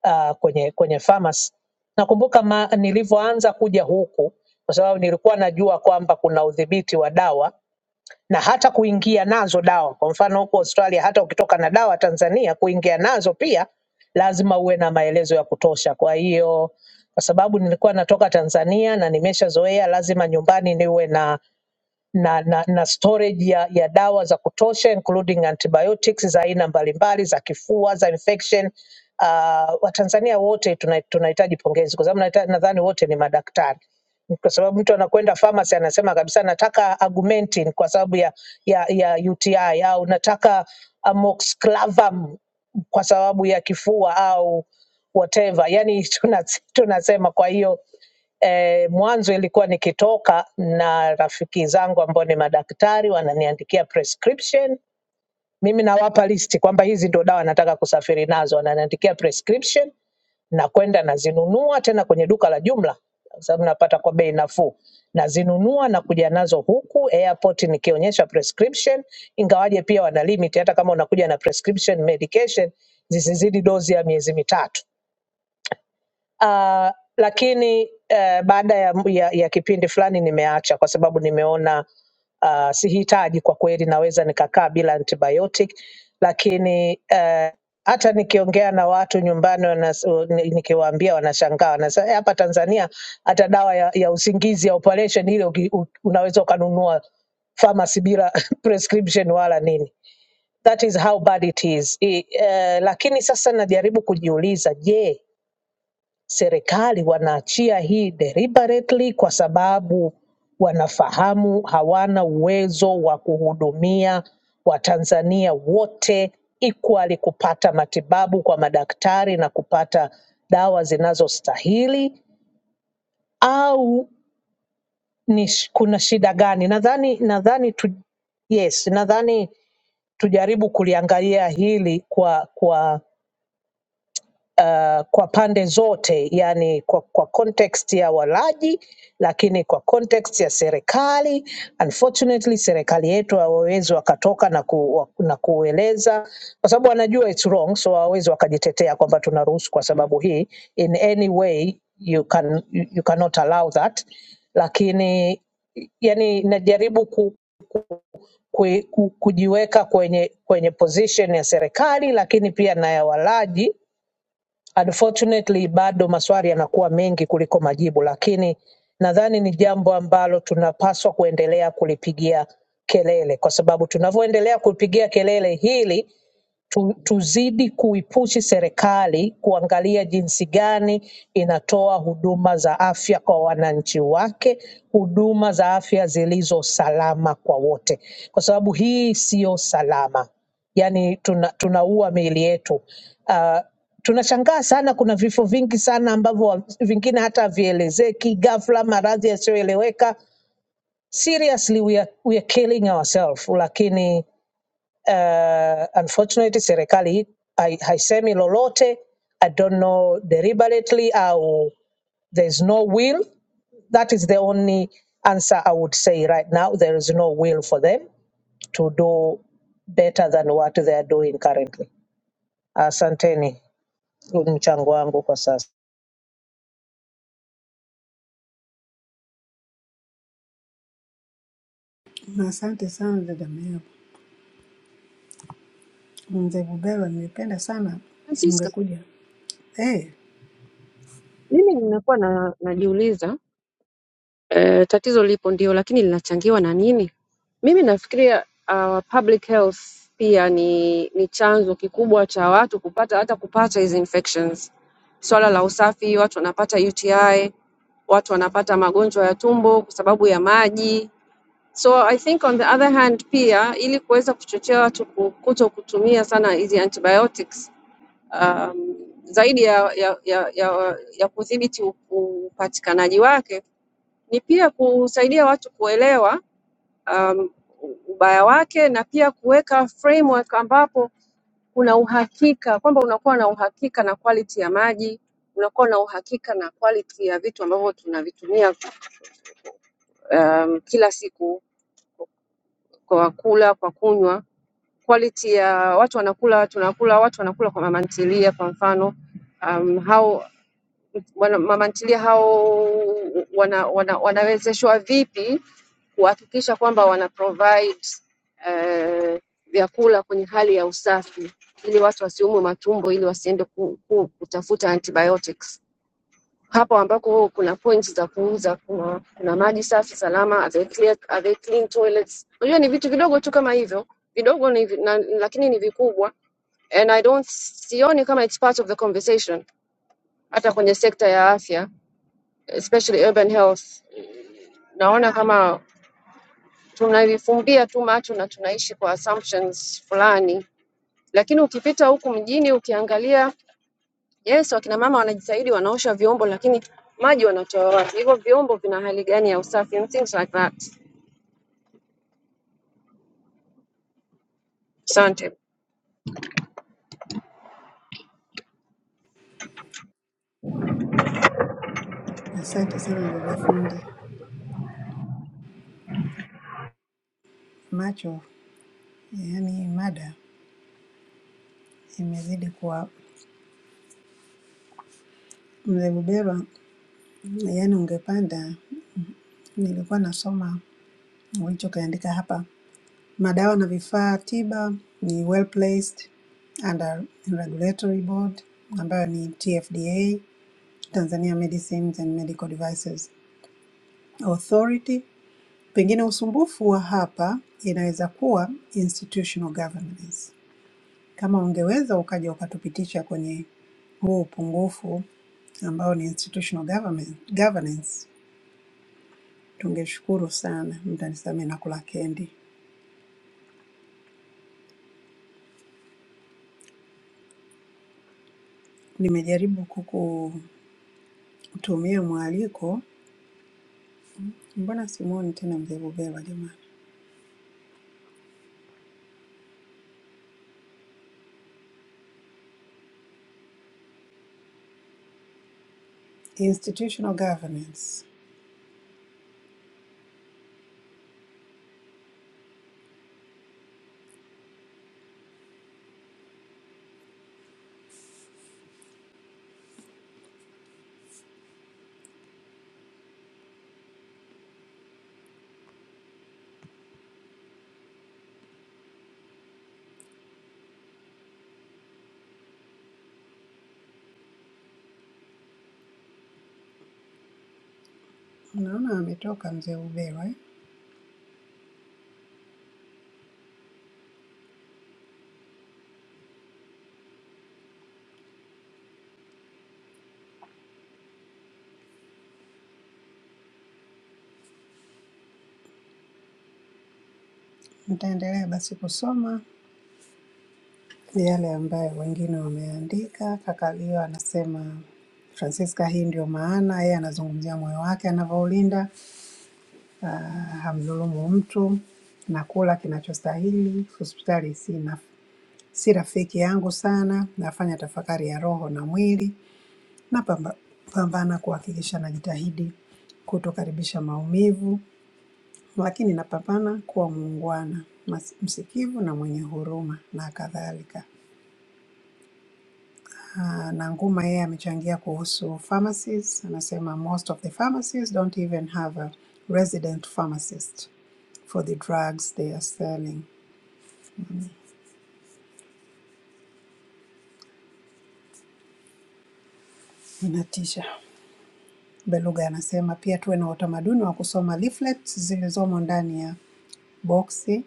[SPEAKER 10] uh, kwenye kwenye pharmacy. Nakumbuka ma, nilivyoanza kuja huku, kwa sababu nilikuwa najua kwamba kuna udhibiti wa dawa na hata kuingia nazo dawa. Kwa mfano huko Australia, hata ukitoka na dawa Tanzania, kuingia nazo pia lazima uwe na maelezo ya kutosha. Kwa hiyo kwa sababu nilikuwa natoka Tanzania na nimeshazoea, lazima nyumbani niwe na na, na, na storage ya, ya dawa za kutosha including antibiotics za aina mbalimbali za kifua za infection. Uh, Watanzania wote tuna- tunahitaji pongezi kwa sababu naita- nadhani wote ni madaktari kwa sababu mtu anakwenda pharmacy anasema kabisa nataka Augmentin kwa sababu ya ya ya UTI au nataka amoxiclavam kwa sababu ya kifua au whatever. Yani tunas- tunasema kwa hiyo eh, mwanzo ilikuwa nikitoka na rafiki zangu ambao ni madaktari wananiandikia prescription mimi nawapa listi kwamba hizi ndo dawa nataka kusafiri nazo, wananiandikia prescription na kwenda nazinunua tena kwenye duka la jumla kwa sababu napata kwa bei nafuu. Nazinunua na kuja nazo huku airport nikionyesha prescription, ingawaje pia wana limit, hata kama unakuja na prescription medication zisizidi dozi ya miezi mitatu. Ah, lakini eh, baada ya, ya, ya kipindi fulani nimeacha kwa sababu nimeona uh, sihitaji kwa kweli, naweza nikakaa bila antibiotic, lakini uh, hata nikiongea na watu nyumbani wanas, ni- nikiwaambia wanashangaa, wanasema "Eh, hapa Tanzania hata dawa ya, ya usingizi ya operation ile uki- u- unaweza ukanunua pharmacy bila <laughs> prescription wala nini. That is how bad it is. I, uh, lakini sasa najaribu kujiuliza, je, serikali wanaachia hii deliberately kwa sababu wanafahamu hawana uwezo wa kuhudumia Watanzania wote equally kupata matibabu kwa madaktari na kupata dawa zinazostahili au ni sh- kuna shida gani? Nadhani nadhani tu, yes, nadhani tujaribu kuliangalia hili kwa kwa uh, kwa pande zote, yani kwa, kwa context ya walaji, lakini kwa context ya serikali. Unfortunately, serikali yetu hawawezi wakatoka na, ku, wa- na kueleza kwa sababu wanajua it's wrong, so hawawezi wakajitetea kwamba tunaruhusu kwa sababu hii. In any way you can, you you cannot allow that, lakini yani najaribu ku, ku, ku, kujiweka kwenye, kwenye position ya serikali lakini pia na ya walaji Unfortunately, bado maswali yanakuwa mengi kuliko majibu, lakini nadhani ni jambo ambalo tunapaswa kuendelea kulipigia kelele, kwa sababu tunavyoendelea kulipigia kelele hili tu, tuzidi kuipushi serikali kuangalia jinsi gani inatoa huduma za afya kwa wananchi wake, huduma za afya zilizo salama kwa wote, kwa sababu hii siyo salama. Yani tuna, tunaua miili yetu. Uh, tunashangaa sana, kuna vifo vingi sana ambavyo wa- vingine hata havielezeki, ghafla maradhi yasiyoeleweka. Seriously, we are, we are killing ourselves, lakini Uh, unfortunately serikali hii hai- haisemi lolote. I don't know deliberately au there's no will. That is the only answer I would say right now. There is no will for them to do better than what they are doing currently. Asanteni, huu ni mchango wangu kwa sasa.
[SPEAKER 6] na asante sana dada Meabu. Mzee Bubelwa, nilipenda sana
[SPEAKER 5] Francisca,
[SPEAKER 6] ungekuja. Eh, hey,
[SPEAKER 5] mimi nimekuwa na, najiuliza Eh, tatizo lipo ndio, lakini linachangiwa na nini? Mimi nafikiria uh, public health pia ni ni chanzo kikubwa cha watu kupata hata kupata hizi infections. Swala la usafi, watu wanapata UTI, watu wanapata magonjwa ya tumbo kwa sababu ya maji. So I think on the other hand pia ili kuweza kuchochea watu ku- kuto kutumia sana hizi antibiotics um, zaidi ya ya ya ya, ya kudhibiti u- upatikanaji wake ni pia kusaidia watu kuelewa um, ubaya wake na pia kuweka framework ambapo kuna uhakika kwamba unakuwa na uhakika na quality ya maji, unakuwa na uhakika na quality ya vitu ambavyo tunavitumia um, kila siku kwa kula, kwa kunywa, quality ya watu wanakula, tunakula, watu wanakula kwa mamantilia kwa mfano um, how wana, mamantilia hao wana, wana, wanawezeshwa vipi kuhakikisha kwamba wana provide eh, vyakula kwenye hali ya usafi ili watu wasiumwe matumbo ili wasiende ku, ku, kutafuta antibiotics. Hapo ambako kuna points za kuuza, kuna, kuna maji safi salama, are they clear, are they clean toilets. Unajua ni vitu vidogo tu kama hivyo vidogo ni, vi- na, lakini ni vikubwa and I don't sioni kama it's part of the conversation hata kwenye sekta ya afya especially urban health. Naona kama tunavifumbia tu macho na tunaishi kwa assumptions fulani, lakini ukipita huku mjini ukiangalia, yes, wakina mama wanajitahidi, wanaosha vyombo, lakini maji wanatoa wapi? Hivyo vyombo vina hali gani ya usafi and things like that. Asante.
[SPEAKER 6] asante sana dada fundi. Macho, yaani mada imezidi kuwa Mzee Bubelwa, yaani ungepanda, nilikuwa nasoma ulichokiandika hapa Madawa na vifaa tiba ni well placed under regulatory board ambayo ni TFDA, Tanzania Medicines and Medical Devices Authority. Pengine usumbufu wa hapa inaweza kuwa institutional governance. Kama ungeweza ukaja ukatupitisha kwenye huu upungufu ambao ni institutional government, governance, tungeshukuru sana. Mtanisamehe na kula kendi. Nimejaribu kukutumia mwaliko Mbona simuoni tena mzee Bubelwa jamani? Institutional governance, unaona ametoka mzee Bubelwa eh? Nitaendelea basi kusoma yale ambayo wengine wameandika. Kaka Leo anasema Francisca, hii ndio maana yeye anazungumzia moyo wake anavyoulinda, ah, hamdhulumu mtu na kula kinachostahili. Hospitali si, na, si rafiki yangu sana, nafanya tafakari ya roho na mwili na pamba, pambana kuhakikisha najitahidi kutokaribisha maumivu. lakini napambana kuwa muungwana, mas- msikivu na mwenye huruma na kadhalika. Ah, na Nguma yeye amechangia kuhusu pharmacies, anasema most of the pharmacies don't even have a resident pharmacist for the drugs they are selling. Inatisha. Beluga anasema pia tuwe na utamaduni wa kusoma leaflets zilizomo ndani ya boksi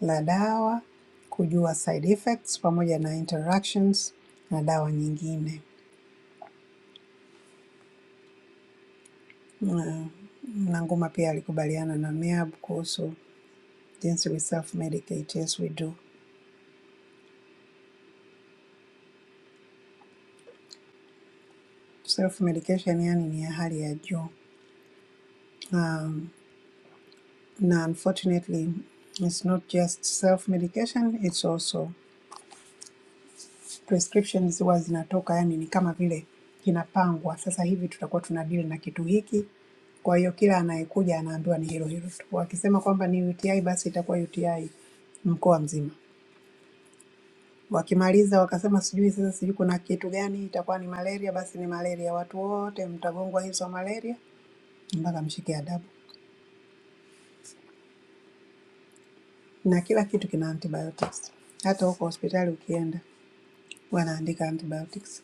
[SPEAKER 6] la dawa, kujua side effects pamoja na interactions na dawa nyingine. Mm. Na Nanguma pia alikubaliana na MEAB kuhusu jinsi we self medicate. Yes, we do. Self medication yani ni ya hali ya juu, na unfortunately it's not just self medication, it's also prescriptions huwa zinatoka, yani ni kama vile kinapangwa, sasa hivi tutakuwa tuna deal na kitu hiki. Kwa hiyo kila anayekuja anaambiwa ni hilo hilo tu, wakisema kwamba ni UTI basi itakuwa UTI mkoa mzima. Wakimaliza wakasema sijui sasa, sijui kuna kitu gani itakuwa ni malaria, basi ni malaria, watu wote mtagongwa hizo malaria mpaka mshike adabu, na kila kitu kina antibiotics. Hata huko hospitali ukienda wanaandika antibiotics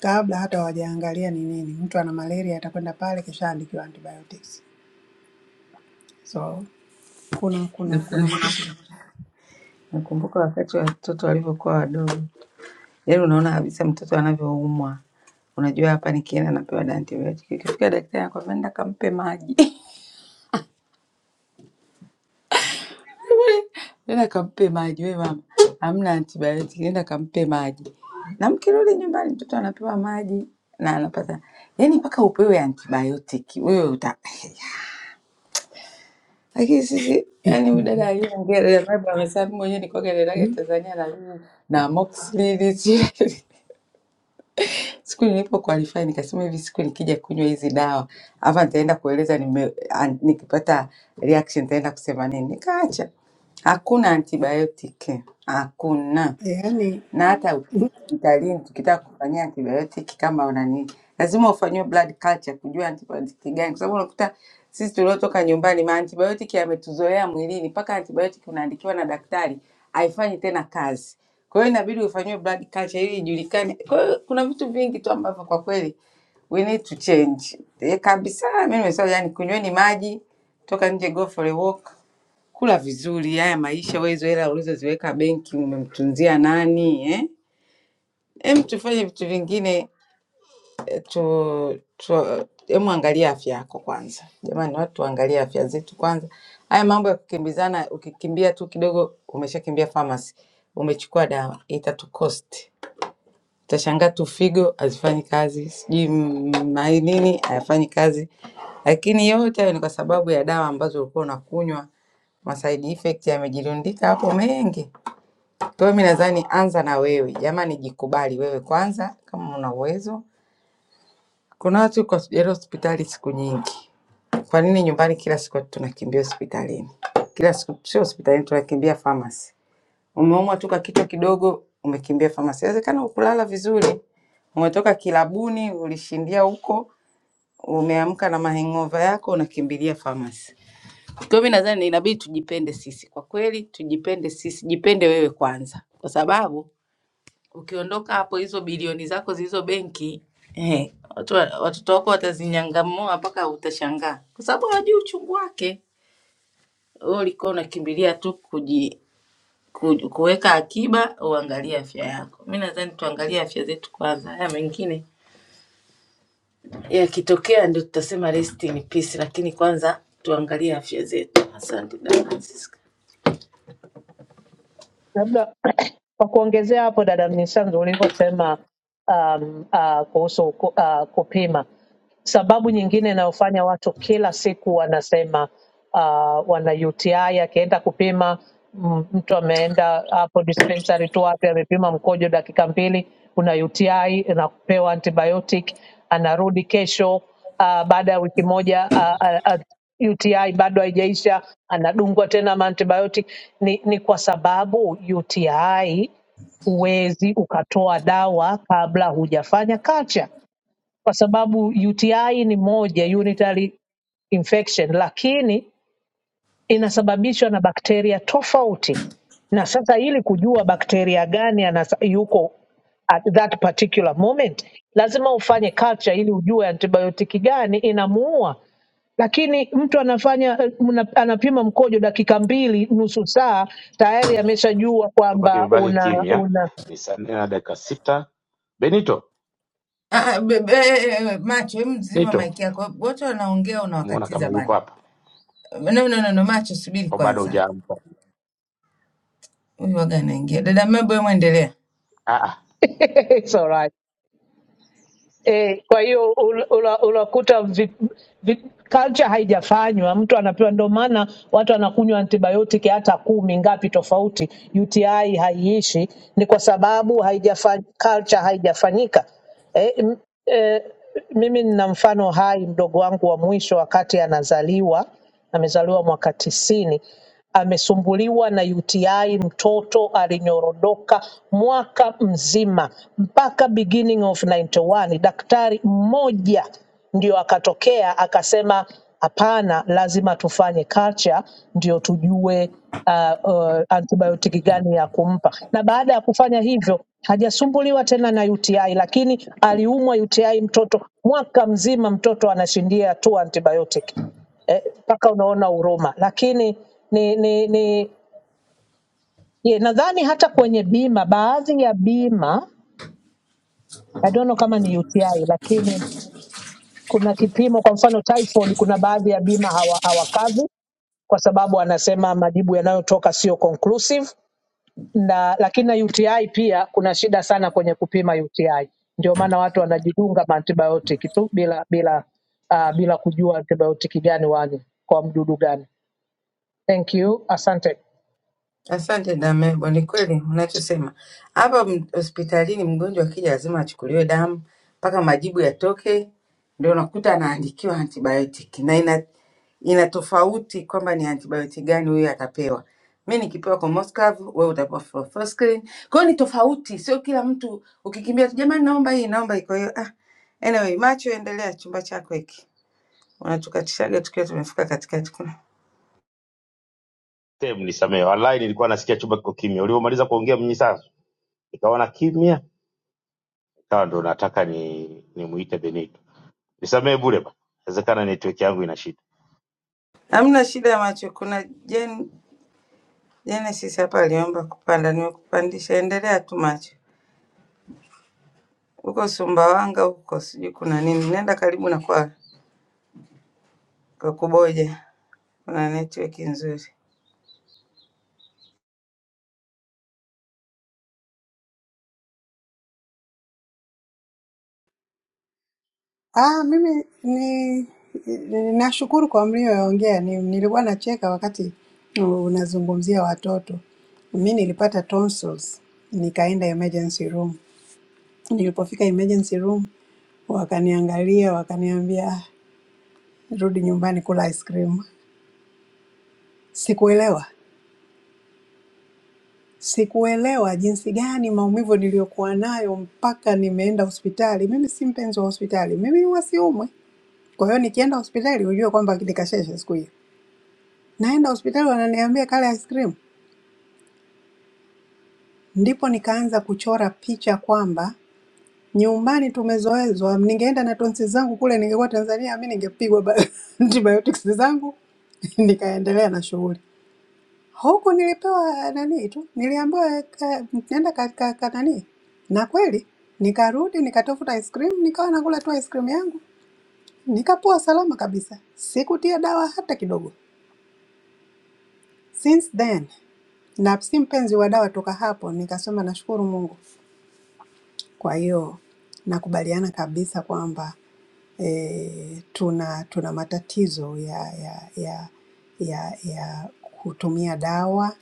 [SPEAKER 6] kabla hata hawajaangalia ni nini. Mtu ana malaria atakwenda pale, kisha andikiwa antibiotics. So kuna kuna kuna matatizo
[SPEAKER 1] Nakumbuka wakati wa watoto walivyokuwa wadogo, yaani unaona kabisa mtoto anavyoumwa, unajua hapa nikienda napewa antibiotic. Ikifika daktari anakwambia nenda kampe maji <laughs> nenda kampe maji we mama, hamna antibiotic, nenda kampe maji. Na mkirudi nyumbani, mtoto anapewa maji na anapata yani, mpaka upewe antibiotic wewe uta <laughs> lakini sisi yani, huyu dada aliyeongea dada Vibe amesema mimi mwenyewe nilikuwa
[SPEAKER 6] <laughs>
[SPEAKER 1] dadaga Tanzania na mimi na amoxicillin sijui. <laughs> siku nilipo qualify nikasema hivi, siku nikija kunywa hizi dawa hapa nitaenda kueleza nime, an, nikipata reaction nitaenda kusema nini, nikaacha. Hakuna antibiotic, hakuna.
[SPEAKER 6] yaani
[SPEAKER 1] na hata hospitalini tukitaka kufanyia antibiotic kama unani lazima ufanyiwe blood culture kujua antibiotic gani, kwa sababu unakuta sisi tuliotoka nyumbani ma antibiotic yametuzoea mwilini, mpaka antibiotic unaandikiwa na daktari haifanyi tena kazi. Kwa hiyo inabidi ufanyiwe blood culture ili ijulikane. Kwa hiyo kuna vitu vingi tu ambavyo kwa kweli we need to change eh, kabisa. Mimi nimesema yani, kunyweni maji, toka nje, go for a walk Kula vizuri, haya maisha, wewe hizo hela ulizoziweka benki umemtunzia nani eh? Em, tufanye vitu vingine eh, tu, tu, em, angalia afya yako kwanza. Jamani, watu tuangalie afya zetu kwanza. Haya mambo ya kukimbizana, ukikimbia tu kidogo umeshakimbia pharmacy, umechukua dawa itatukosti. Utashangaa tu figo hazifanyi kazi, sijui mm, mai nini hayafanyi kazi, lakini yote hayo ni kwa sababu ya dawa ambazo ulikuwa unakunywa. Ma side effect yamejirundika hapo mengi. Kwa hiyo mi nadhani anza na wewe jamani, jikubali wewe kwanza kama una uwezo. Kuna watu yuko hospitali hospitali siku nyingi, kwa nini nyumbani kila siku tunakimbia hospitalini? Kila siku sio hospitalini, tunakimbia pharmacy. Umeumwa tu kwa kichwa kidogo, umekimbia famasi. Inawezekana ukulala vizuri, umetoka kilabuni, ulishindia huko, umeamka na mahengova yako, unakimbilia famasi. Kwa hiyo mimi nadhani inabidi tujipende sisi, kwa kweli tujipende sisi, jipende wewe kwanza, kwa sababu ukiondoka hapo, hizo bilioni zako zilizo benki eh, watu wa- watoto wako watazinyangamua mpaka utashangaa, kwa sababu hawajui uchungu wake. Wewe ulikuwa unakimbilia tu kuji, ku- kuweka akiba, uangalie afya yako. tuangalie afya zetu kwanza. Lakini yakitokea ndio tutasema rest in peace, lakini kwanza tuangalie afya zetu. Asante dada Francisca.
[SPEAKER 10] Labda <clears throat> kwa kuongezea hapo dada Mnyisanzu ulivyosema um, uh, kuhusu uh, kupima, sababu nyingine inayofanya watu kila siku wanasema uh, wana UTI, akienda kupima m- mtu ameenda hapo dispensary tu wapi, amepima mkojo dakika mbili, una UTI, unapewa antibiotic, anarudi kesho uh, baada ya wiki moja uh, uh, uh, UTI bado haijaisha, anadungwa tena maantibiotic. Ni, ni kwa sababu UTI huwezi ukatoa dawa kabla hujafanya culture, kwa sababu UTI ni moja unitary infection, lakini inasababishwa na bakteria tofauti, na sasa ili kujua bakteria gani anasa, yuko at that particular moment, lazima ufanye culture ili ujue antibiotiki gani inamuua. Lakini mtu anafanya mna- anapima mkojo dakika mbili, nusu saa, tayari ameshajua
[SPEAKER 2] Chumba
[SPEAKER 10] kwamba
[SPEAKER 2] kimebaki
[SPEAKER 10] una
[SPEAKER 2] kimya,
[SPEAKER 10] una
[SPEAKER 2] ni saa nne na dakika sita. Benito,
[SPEAKER 1] Ah, be- be- macho hem mzima
[SPEAKER 2] Benito,
[SPEAKER 1] maiki yako wote wanaongea
[SPEAKER 2] namuona kama
[SPEAKER 1] unawakatiza bana
[SPEAKER 2] yuko hapa
[SPEAKER 1] no, no, no, no macho subiri
[SPEAKER 2] au bado
[SPEAKER 1] kwanza
[SPEAKER 2] hujaamka?
[SPEAKER 1] huyu waga anaingia dada mabo hemu endelea
[SPEAKER 2] Ah ah.
[SPEAKER 10] <laughs> it's all right. E, kwa hiyo ul- ula- unakuta vi- vi- culture haijafanywa, mtu anapewa. Ndio maana watu wanakunywa antibiotic hata kumi ngapi tofauti, UTI haiishi, ni kwa sababu haijafa- culture haijafanyika. E, m, e, mimi nina mfano hai, mdogo wangu wa mwisho wakati anazaliwa amezaliwa mwaka tisini, amesumbuliwa na UTI, mtoto alinyorodoka mwaka mzima mpaka beginning of 91. Daktari mmoja ndio akatokea akasema, hapana, lazima tufanye culture ndio tujue uh, uh, antibiotiki gani ya kumpa, na baada ya kufanya hivyo hajasumbuliwa tena na UTI, lakini aliumwa UTI mtoto mwaka mzima, mtoto anashindia tu antibiotic eh, mpaka unaona huruma. Lakini ni, ni, ni ye, nadhani hata kwenye bima, baadhi ya bima I don't know kama ni UTI, lakini kuna kipimo, kwa mfano typhoid, kuna baadhi ya bima hawa hawakavi kwa sababu anasema majibu yanayotoka sio conclusive na lakini na UTI pia kuna shida sana kwenye kupima UTI. Ndio maana watu wanajidunga antibiotic tu bila bila uh, bila kujua antibiotic gani wani kwa mdudu gani. Thank you. Asante.
[SPEAKER 1] Asante dada Mebo, ni kweli unachosema. Hapa m- hospitalini mgonjwa akija lazima achukuliwe damu mpaka majibu yatoke, ndio unakuta anaandikiwa antibiotic na ina, ina tofauti kwamba ni antibiotic gani huyo atapewa. Mi nikipewa Commoscav, wewe utapewa Fluoxetine. Kwa hiyo ni tofauti, sio kila mtu ukikimbia tu, jamani, naomba hii naomba hii. Kwa hiyo ah, anyway, macho endelea, chumba chako hiki unatukatishaga tukiwa tumefika katikati. Kuna
[SPEAKER 2] Tem, nisamehe, wallahi nilikuwa nasikia chumba kiko kimya. Ulivyomaliza kuongea Mnyisanzu, nikaona kimya, nikawa ndo nataka ni nimuite Benito. Nisamehe bure bana, inawezekana network yangu ina shida.
[SPEAKER 1] hamna shida ya macho, kuna Jane Genesis hapa aliomba kupanda, nimekupandisha, endelea tu macho. Huko Sumbawanga huko sijui kuna nini, nenda karibu na kwa Kakuboja, kuna network nzuri.
[SPEAKER 6] Ah, mimi ni ni- nashukuru kwa mlioongea. Ni, nilikuwa nacheka wakati unazungumzia watoto. Mi nilipata tonsils, nikaenda emergency room. Nilipofika emergency room wakaniangalia, wakaniambia "Ah, rudi nyumbani kula ice cream. Sikuelewa, sikuelewa jinsi gani maumivu niliyokuwa nayo mpaka nimeenda hospitali. Mimi si mpenzi wa hospitali, mimi huwa siumwi. Kwa hiyo nikienda hospitali ujue kwamba nikasheshe siku hiyo. Naenda hospitali wananiambia kala ice cream. Ndipo nikaanza kuchora picha kwamba nyumbani tumezoezwa, ningeenda na tonsi zangu kule, ningekuwa Tanzania mi ningepigwa ba- <laughs> antibiotics zangu <laughs> nikaendelea na shughuli huku. Nilipewa eh, nani tu, niliambiwa ka- nenda ka, ka, ka nani, na kweli nikarudi nikatafuta ice cream, nikawa nakula tu ice cream yangu, nikapoa salama kabisa, sikutia dawa hata kidogo. Since then na si mpenzi wa dawa toka hapo, nikasema nashukuru Mungu Kwa hiyo nakubaliana kabisa kwamba eh, tuna tuna matatizo ya ya ya ya ya kutumia dawa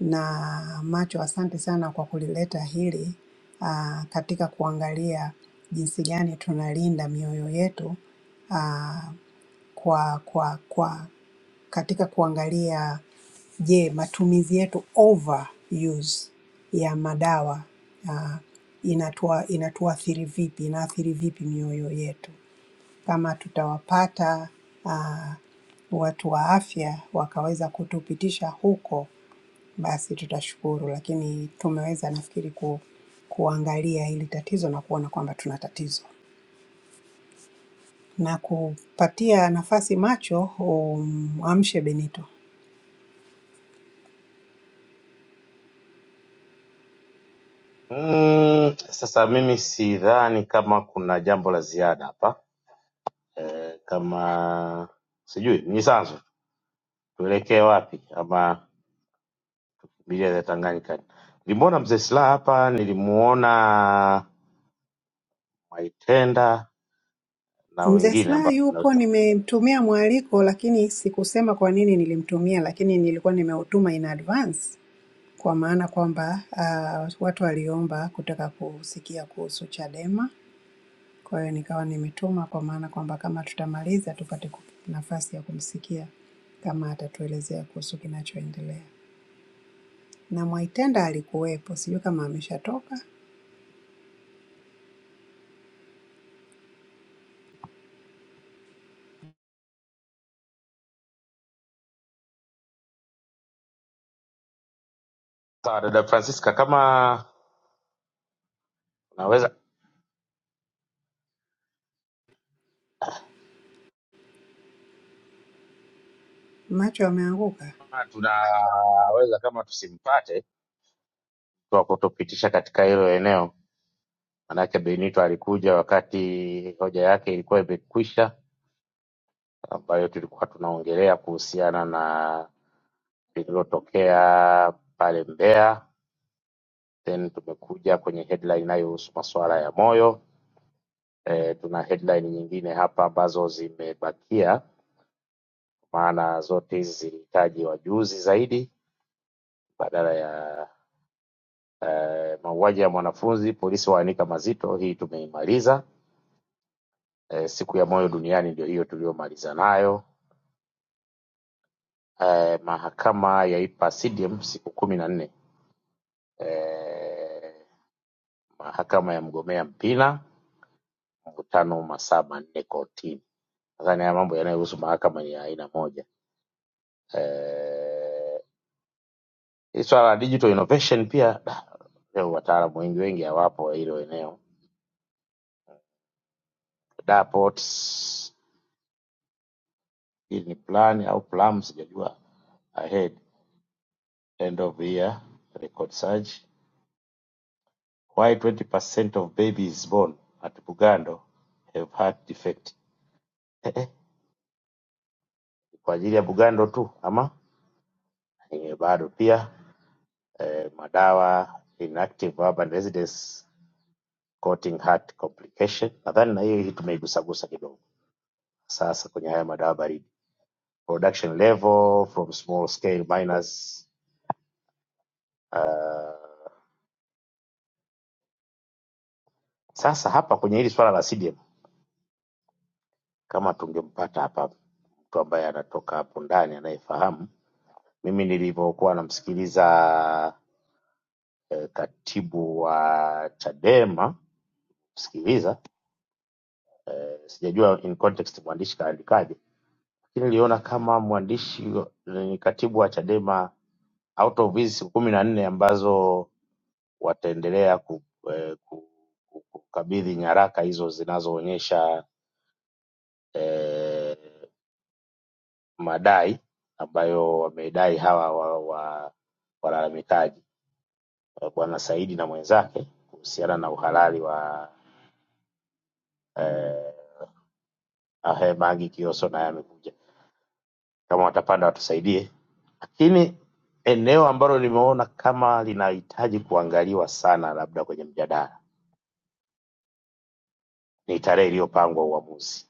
[SPEAKER 6] na macho, asante sana kwa kulileta hili ah, katika kuangalia jinsi gani tunalinda mioyo yetu ah, kwa kwa kwa katika kuangalia je, matumizi yetu overuse ya madawa ah, inatua inatuathiri vipi, inaathiri vipi mioyo yetu. Kama tutawapata ah, watu wa afya wakaweza kutupitisha huko, basi tutashukuru, lakini tumeweza nafikiri ku, kuangalia hili tatizo na kuona kwamba tuna tatizo na kupatia nafasi macho umamshe Benito.
[SPEAKER 2] Mm, sasa mimi sidhani kama kuna jambo la ziada hapa e, kama sijui Mnyisanzu, tuelekee wapi ama Biblia ya Tanganyika? Nilimwona mzee Silaha hapa, nilimuona Mwaitenda na
[SPEAKER 6] Mzee
[SPEAKER 2] wengine
[SPEAKER 6] Slaa
[SPEAKER 2] ambao
[SPEAKER 6] yupo,
[SPEAKER 2] naweza
[SPEAKER 6] nimemtumia mwaliko, lakini sikusema kwa nini nilimtumia, lakini nilikuwa nimeutuma in advance, kwa maana kwamba uh, watu waliomba kutaka kusikia kuhusu Chadema. Kwa hiyo nikawa nimetuma, kwa maana kwamba kama tutamaliza tupate ku- nafasi ya kumsikia kama atatuelezea kuhusu kinachoendelea. Na Mwaitenda alikuwepo, sijui kama ameshatoka,
[SPEAKER 2] sawa. Dada Francisca, kama unaweza
[SPEAKER 6] macho ameanguka.
[SPEAKER 2] kama tunaweza kama tusimpate kwa kutopitisha katika hilo eneo, manake Benito alikuja wakati hoja yake ilikuwa imekwisha, ambayo tulikuwa tunaongelea kuhusiana na lililotokea pale Mbeya, then tumekuja kwenye headline inayohusu masuala ya moyo. E, tuna headline nyingine hapa ambazo zimebakia, maana zote hizi zilihitaji wajuzi zaidi badala ya Mauaji ya mwanafunzi, polisi waanika mazito, hii tumeimaliza. Eh, siku ya moyo duniani ndio hiyo tuliyomaliza nayo. Eh, mahakama yaipa CDM siku kumi na nne. Eh, mahakama ya mgomea Mpina mkutano masaa manne kotini. Nadhani haya mambo yanayohusu mahakama ni ya aina moja. Eh, hii swala la digital innovation pia da, leo wataalamu wengi wengi hawapo hilo eneo. DARPOT, hii ni plan au plum sijajua ahead end of year record surge. Why 20% of babies born at Bugando have heart defect? <laughs> Eh, Kwa ajili ya Bugando tu ama eh, bado pia eh, madawa inactive urban residents causing heart complication. Nadhani na hiyo hii tumeigusagusa kidogo. Sasa kwenye haya madawa baridi, production level from small scale miners. Sasa hapa kwenye hili swala la CDM, kama tungempata hapa mtu ambaye anatoka hapo ndani anayefahamu Mimi nilivyokuwa namsikiliza eh, katibu wa Chadema kusikiliza eh, sijajua in context mwandishi kaandikaje, lakini niliona kama mwandishi eh, ni katibu wa Chadema out of hizi siku kumi na nne ambazo wataendelea ku, eh, ku, ku, kukabidhi nyaraka hizo zinazoonyesha eh, madai ambayo wamedai hawa wa, wa, walalamikaji eh, Bwana Saidi na mwenzake kuhusiana na uhalali wa eh, Ahe Magi Kioso naye amekuja, kama watapanda watusaidie. Lakini eneo ambalo limeona kama linahitaji kuangaliwa sana, labda kwenye mjadala, ni tarehe iliyopangwa uamuzi.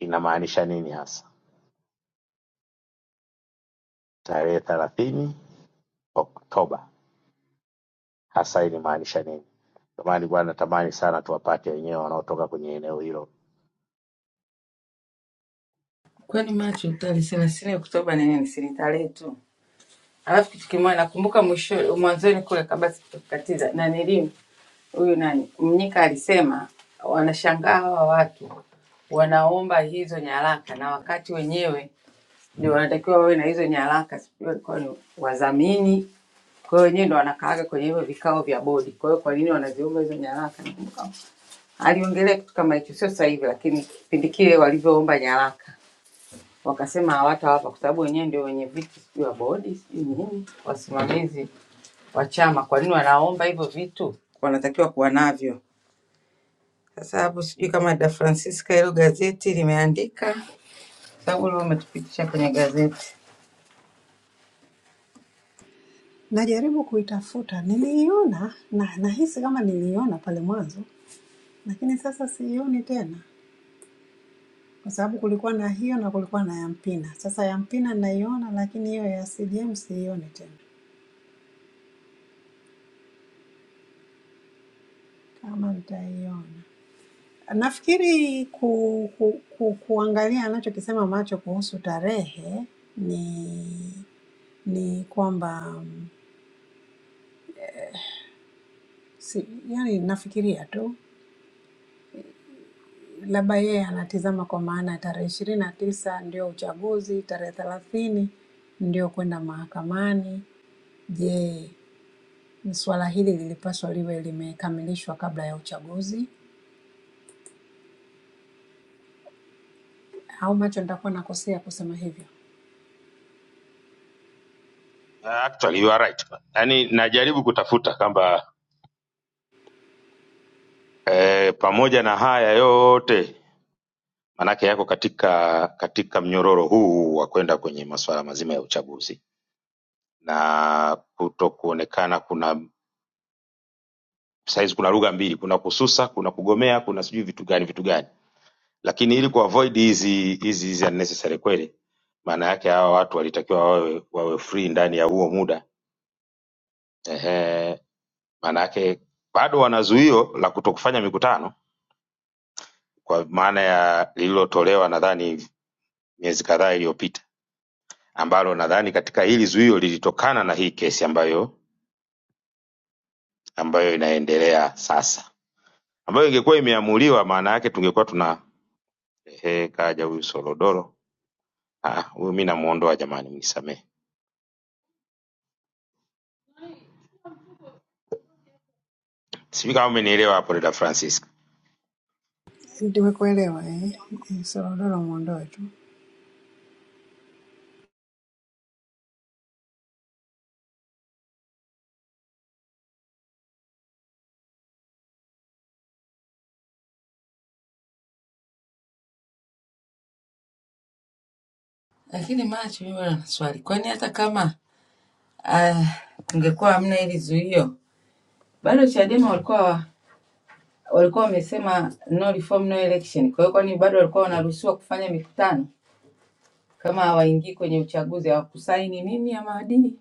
[SPEAKER 2] Inamaanisha nini hasa tarehe thelathini Oktoba hasa inamaanisha nini? Ndio maana nilikuwa natamani sana tuwapate wenyewe wanaotoka kwenye eneo hilo.
[SPEAKER 1] Kwani macho tarehe thelathini Oktoba ni nini? Si ni tarehe tu. Alafu kitu kimoja nakumbuka mwisho mwanzoni kule kabla sijakatiza na nilimu huyu nani Mnyika alisema wanashangaa hawa watu wanaomba hizo nyaraka na wakati wenyewe ndio wanatakiwa wawe na hizo nyaraka, sijui walikuwa ni wadhamini Kwa hiyo wenyewe ndo wanakaaga kwenye hivyo vikao vya bodi. Kwa hiyo kwa nini wanaziomba hizo nyaraka? Nakumbuka aliongelea kitu kama hicho, sio sasa hivi, lakini kipindi kile walivyoomba nyaraka wakasema hawatawapa kwa sababu wenyewe ndio wenye viti sijui wa bodi sijui nini, wasimamizi wa chama. Kwa nini wanaomba hivyo vitu? Wanatakiwa kuwa navyo. Sasa hapo sijui kama Da Francisca hilo gazeti limeandika, sababu leo umetupitisha kwenye gazeti.
[SPEAKER 6] Najaribu kuitafuta, niliiona na nahisi kama niliiona pale mwanzo, lakini sasa siioni tena, kwa sababu kulikuwa na hiyo na kulikuwa na ya Mpina. Sasa ya Mpina naiona, lakini hiyo ya CJM siioni tena, kama nitaiona. Nafikiri ku, ku, ku, kuangalia anachokisema macho kuhusu tarehe ni ni kwamba mm, si, yani nafikiria tu labda yeye anatizama kwa maana ya tarehe ishirini na tisa ndio uchaguzi, tarehe thelathini ndio kwenda mahakamani. Je, swala hili lilipaswa liwe limekamilishwa kabla ya uchaguzi au macho nitakuwa nakosea kusema hivyo?
[SPEAKER 2] Actually, you are right. Yaani najaribu kutafuta kwamba eh, pamoja na haya yote maanake yako katika katika mnyororo huu wa kwenda kwenye masuala mazima ya uchaguzi na kuto kuonekana kuna sahizi kuna lugha mbili kuna kususa kuna kugomea kuna sijui vitu gani vitu gani lakini ili kuavoid hizi hizi hizi unnecessary kweli maana yake hawa watu walitakiwa wawe, wawe free ndani ya huo muda ehe maana yake bado wana zuio la kuto kufanya mikutano kwa maana ya lililotolewa nadhani miezi kadhaa iliyopita ambalo nadhani katika hili zuio lilitokana na hii kesi ambayo ambayo inaendelea sasa, ambayo ingekuwa imeamuliwa, maana yake tungekuwa tuna ehe, kaja huyu Solodoro. Ah, huyu mi namuondoa jamani, mnisamehe. Sijui kama umenielewa hapo, dada Francis.
[SPEAKER 6] Nimekuelewa eh? Eh, Solodolo mwondoe tu.
[SPEAKER 1] Lakini macho mimi bado na swali, kwani hata kama uh, kungekuwa hamna hili zuio bado Chadema walikuwa wa- walikuwa wamesema no reform no election. Kwa hiyo kwani bado walikuwa wanaruhusiwa kufanya mikutano kama hawaingii kwenye uchaguzi, hawakusaini nini ya maadili,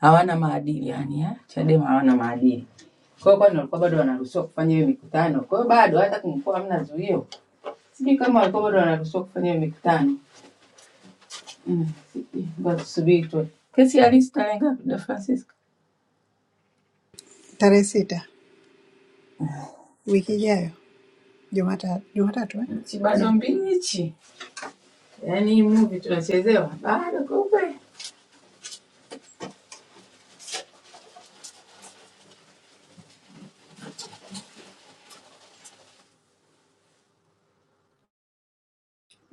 [SPEAKER 1] hawana maadili yani ha? Chadema hawana maadili. Kwa hiyo kwani walikuwa bado wanaruhusiwa kufanya hiyo mikutano? Kwa hiyo bado hata kumekuwa hamna zuio, sijui kama walikuwa bado wanaruhusiwa kufanya hiyo mikutano mm. sijui. Ngoja Tusubiri tu kesi halisi tarehe ngapi, Da Francisca?
[SPEAKER 6] Tarehe sita wiki ijayo Jumata- Jumatatu eh?
[SPEAKER 1] Nchi bado
[SPEAKER 6] yeah.
[SPEAKER 1] mbichi, yaani hii movie tunachezewa bado, kumbe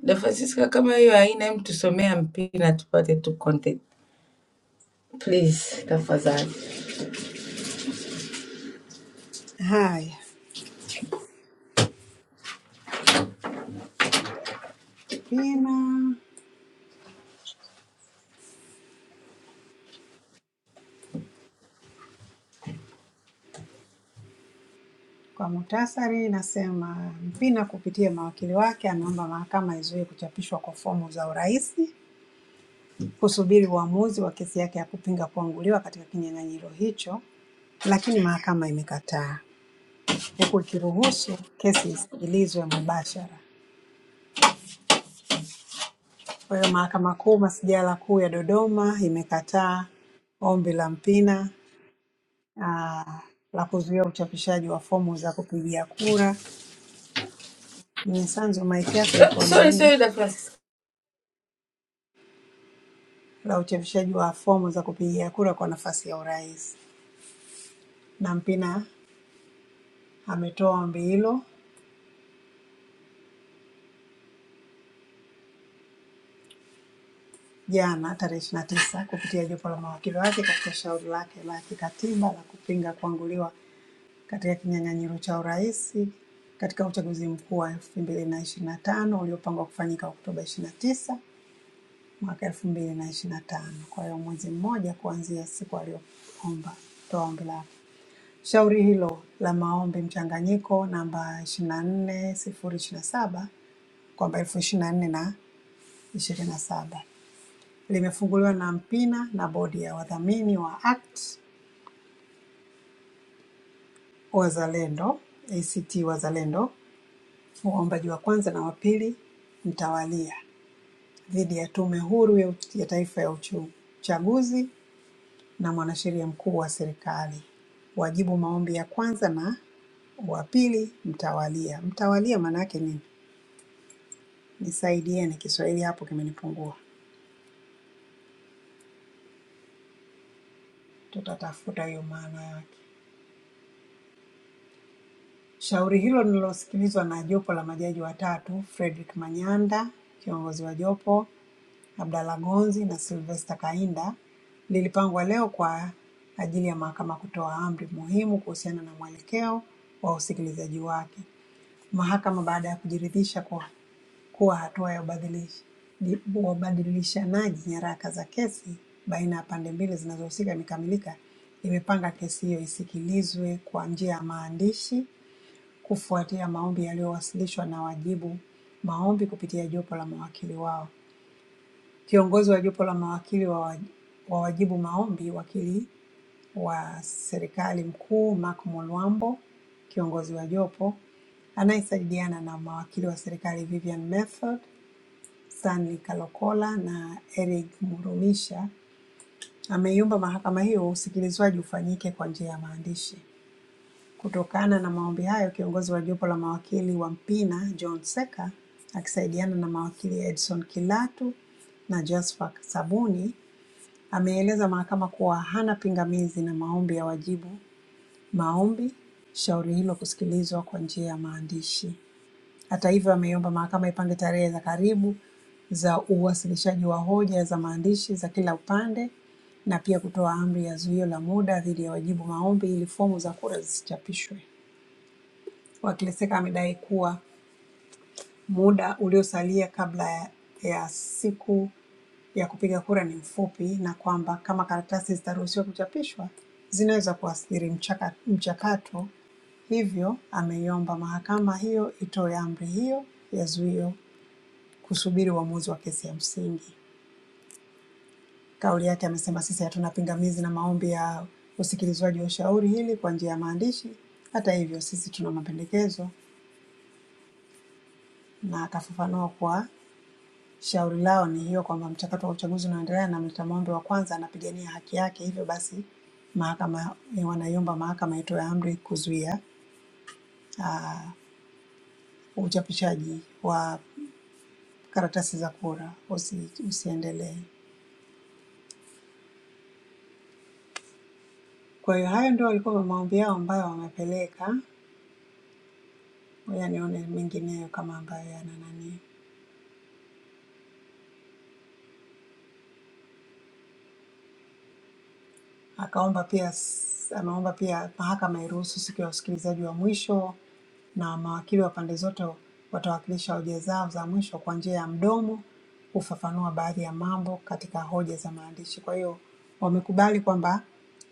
[SPEAKER 1] Dafasisca, kama hiyo haina, hem, tusomea mpira tupate tu content please, tafadhali.
[SPEAKER 6] Haya, Pina Kwa muhtasari nasema Mpina kupitia mawakili wake ameomba mahakama izuie kuchapishwa kwa fomu za urais, kusubiri uamuzi wa kesi yake ya kupinga kuanguliwa katika kinyang'anyiro hicho, lakini mahakama imekataa huku ikiruhusu kesi isikilizwe mubashara. Kwa hiyo Mahakama Kuu Masijara Kuu ya Dodoma imekataa ombi la Mpina ah, la kuzuia uchapishaji wa fomu za kupigia kura. Mnyisanzu, maiki yako
[SPEAKER 1] Ah,
[SPEAKER 6] iko
[SPEAKER 1] Sorry,
[SPEAKER 6] nani?
[SPEAKER 1] sorry, Dafasisca.
[SPEAKER 6] la uchapishaji wa fomu za kupigia kura kwa nafasi ya urais. Nampina ametoa ombi hilo jana tarehe 29 kupitia jopo la mawakili wake katika shauri lake la kikatiba la kupinga kuanguliwa katika kinyang'anyiro cha urais katika uchaguzi mkuu wa 2025 uliopangwa kufanyika Oktoba 29 mwaka 2025. Kwa hiyo mwezi mmoja kuanzia siku aliyoomba toa ombi lake. Shauri hilo la maombi mchanganyiko namba 24027 kwamba 2024 na 27 limefunguliwa na Mpina na bodi ya wadhamini wa ACT Wazalendo, ACT Wazalendo, waombaji wa kwanza na wa pili mtawalia dhidi ya Tume Huru ya Uch- ya Taifa ya Uchu- Uchaguzi na mwanasheria mkuu wa serikali. Wajibu maombi ya kwanza na wa pili mtawalia. Mtawalia maana yake nini? Nisaidie ni Kiswahili hapo kimenipungua. Tutatafuta hiyo maana yake. Shauri hilo lililosikilizwa na jopo la majaji watatu, Frederick Manyanda, kiongozi wa jopo, Abdalla Gonzi na Sylvester Kainda, lilipangwa leo kwa ajili ya mahakama kutoa amri muhimu kuhusiana na mwelekeo wa usikilizaji wake. Mahakama baada ya kujiridhisha kwa kuwa hatua ya ubadilish- di- ubadilishanaji nyaraka za kesi baina ya pande mbili zinazohusika imekamilika, imepanga kesi hiyo isikilizwe kwa njia ya maandishi kufuatia maombi yaliyowasilishwa na wajibu maombi kupitia jopo la mawakili wao. Kiongozi wa jopo la mawakili wa wa- wa wajibu maombi, wakili wa serikali mkuu Mark Mulwambo, kiongozi wa jopo anayesaidiana na mawakili wa serikali Vivian Method, Stanley Kalokola na Eric Murumisha ameiomba mahakama hiyo usikilizwaji ufanyike kwa njia ya maandishi. Kutokana na maombi hayo, kiongozi wa jopo la mawakili wa Mpina John Seka akisaidiana na mawakili Edson Kilatu na Jasper Sabuni ameeleza mahakama kuwa hana pingamizi na maombi ya wajibu maombi, shauri hilo kusikilizwa kwa njia ya maandishi. Hata hivyo, ameiomba mahakama ipange tarehe za karibu za uwasilishaji wa hoja za maandishi za kila upande na pia kutoa amri ya zuio la muda dhidi ya wajibu maombi ili fomu za kura zisichapishwe. Wakileseka amedai kuwa Muda uliosalia kabla ya ya siku ya kupiga kura ni mfupi na kwamba kama karatasi zitaruhusiwa kuchapishwa, zinaweza kuathiri mchaka, mchakato. Hivyo ameiomba mahakama hiyo itoe amri hiyo ya zuio kusubiri uamuzi wa kesi ya msingi. Kauli yake amesema, sisi hatuna pingamizi na maombi ya usikilizwaji wa shauri hili kwa njia ya maandishi. Hata hivyo, sisi tuna mapendekezo, na akafafanua kwa Shauri lao ni hiyo kwamba mchakato wa uchaguzi unaendelea na mleta maombi wa kwanza anapigania haki yake, hivyo basi mahakama eh, wanaiomba mahakama itoe amri kuzuia uchapishaji wa karatasi za kura usi, usiendelee. Kwa hiyo hayo ndio walikuwa maombi yao ambayo wamepeleka, ngoja nione mengineyo kama ambayo yana nani Akaomba pia s- ameomba pia mahakama iruhusu siku ya usikilizaji wa mwisho na mawakili wa pande zote watawakilisha hoja zao za mwisho kwa njia ya mdomo kufafanua baadhi ya mambo katika hoja za maandishi. Kwa hiyo wamekubali kwamba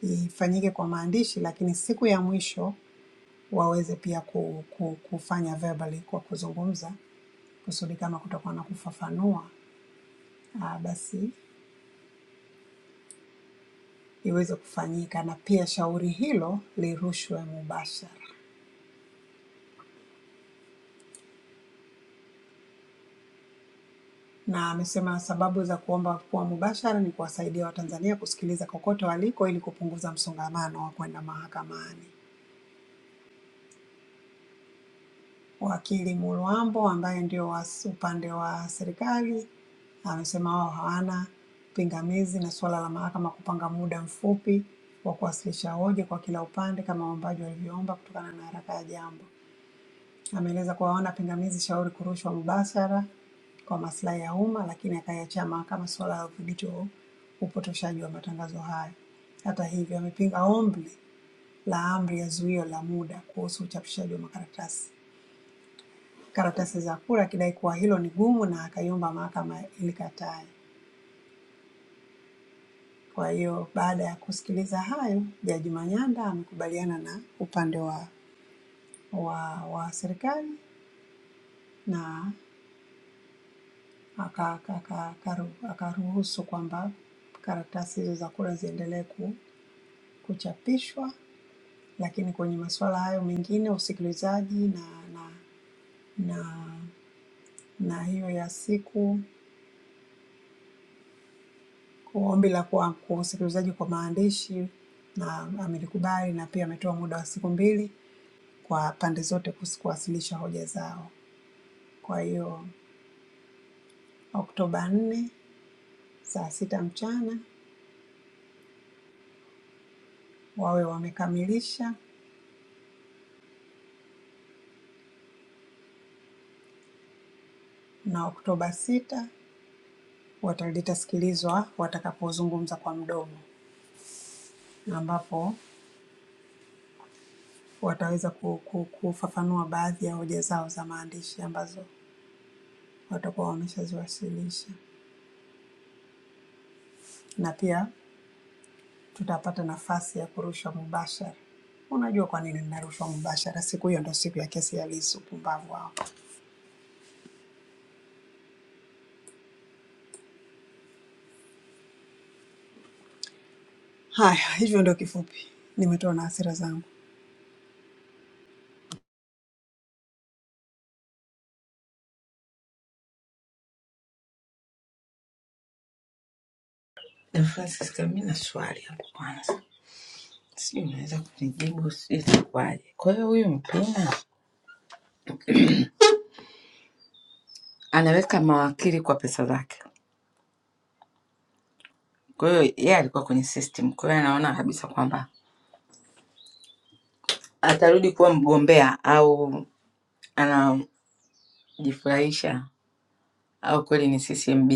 [SPEAKER 6] ifanyike kwa maandishi, lakini siku ya mwisho waweze pia ku, ku, kufanya verbally kwa kuzungumza, kusudi kama kutakuwa na kufafanua ah, basi iweze kufanyika, na pia shauri hilo lirushwe mubashara. na amesema sababu za kuomba kuwa mubashara ni kuwasaidia Watanzania kusikiliza kokote waliko ili kupunguza msongamano wa kwenda mahakamani. Wakili Mulwambo ambaye ndio wa upande wa serikali amesema wao hawana pingamizi na suala la mahakama kupanga muda mfupi wa kuwasilisha hoja kwa kila upande kama waombaji walivyoomba kutokana na haraka ya jambo. Ameeleza kuwa hawana pingamizi shauri kurushwa mubashara kwa maslahi ya umma, lakini akaiachia mahakama suala la udhibiti wa upotoshaji wa matangazo hayo. Hata hivyo, amepinga ombi la amri ya zuio la muda kuhusu uchapishaji wa makaratasi karatasi za kura, akidai kuwa hilo ni gumu na akaiomba mahakama ilikatae. Kwa hiyo baada ya kusikiliza hayo, Jaji Manyanda amekubaliana na upande wa, wa, wa serikali na aka- aka- akaru- akaruhusu kwamba karatasi hizo za kura ziendelee ku- kuchapishwa, lakini kwenye masuala hayo mengine usikilizaji na na na, na hiyo ya siku ombi la kuwa kwa usikilizaji kwa maandishi na amelikubali, na pia ametoa muda wa siku mbili kwa pande zote kus- kuwasilisha hoja zao. Kwa hiyo Oktoba nne saa sita mchana wawe wamekamilisha na Oktoba sita wata- litasikilizwa watakapozungumza kwa mdomo, ambapo wataweza ku- ku- kufafanua baadhi ya hoja zao za maandishi ambazo watakuwa wameshaziwasilisha, na pia tutapata nafasi ya kurushwa mubashara. Unajua kwa nini ninarushwa mubashara? Siku hiyo ndo siku ya kesi ya Lissu, pumbavu hao. Haya, hivyo ndio kifupi, nimetoa na hasira zangu.
[SPEAKER 1] Dafasisca, mi na swali hapo kwanza, sijui unaweza kunijibu, sijui itakuwaje. Kwa hiyo huyu mpina anaweka mawakili kwa pesa zake, kwa hiyo yeye alikuwa kwenye system, kwa hiyo anaona kabisa kwamba atarudi kuwa mgombea au anajifurahisha au kweli ni CCMB,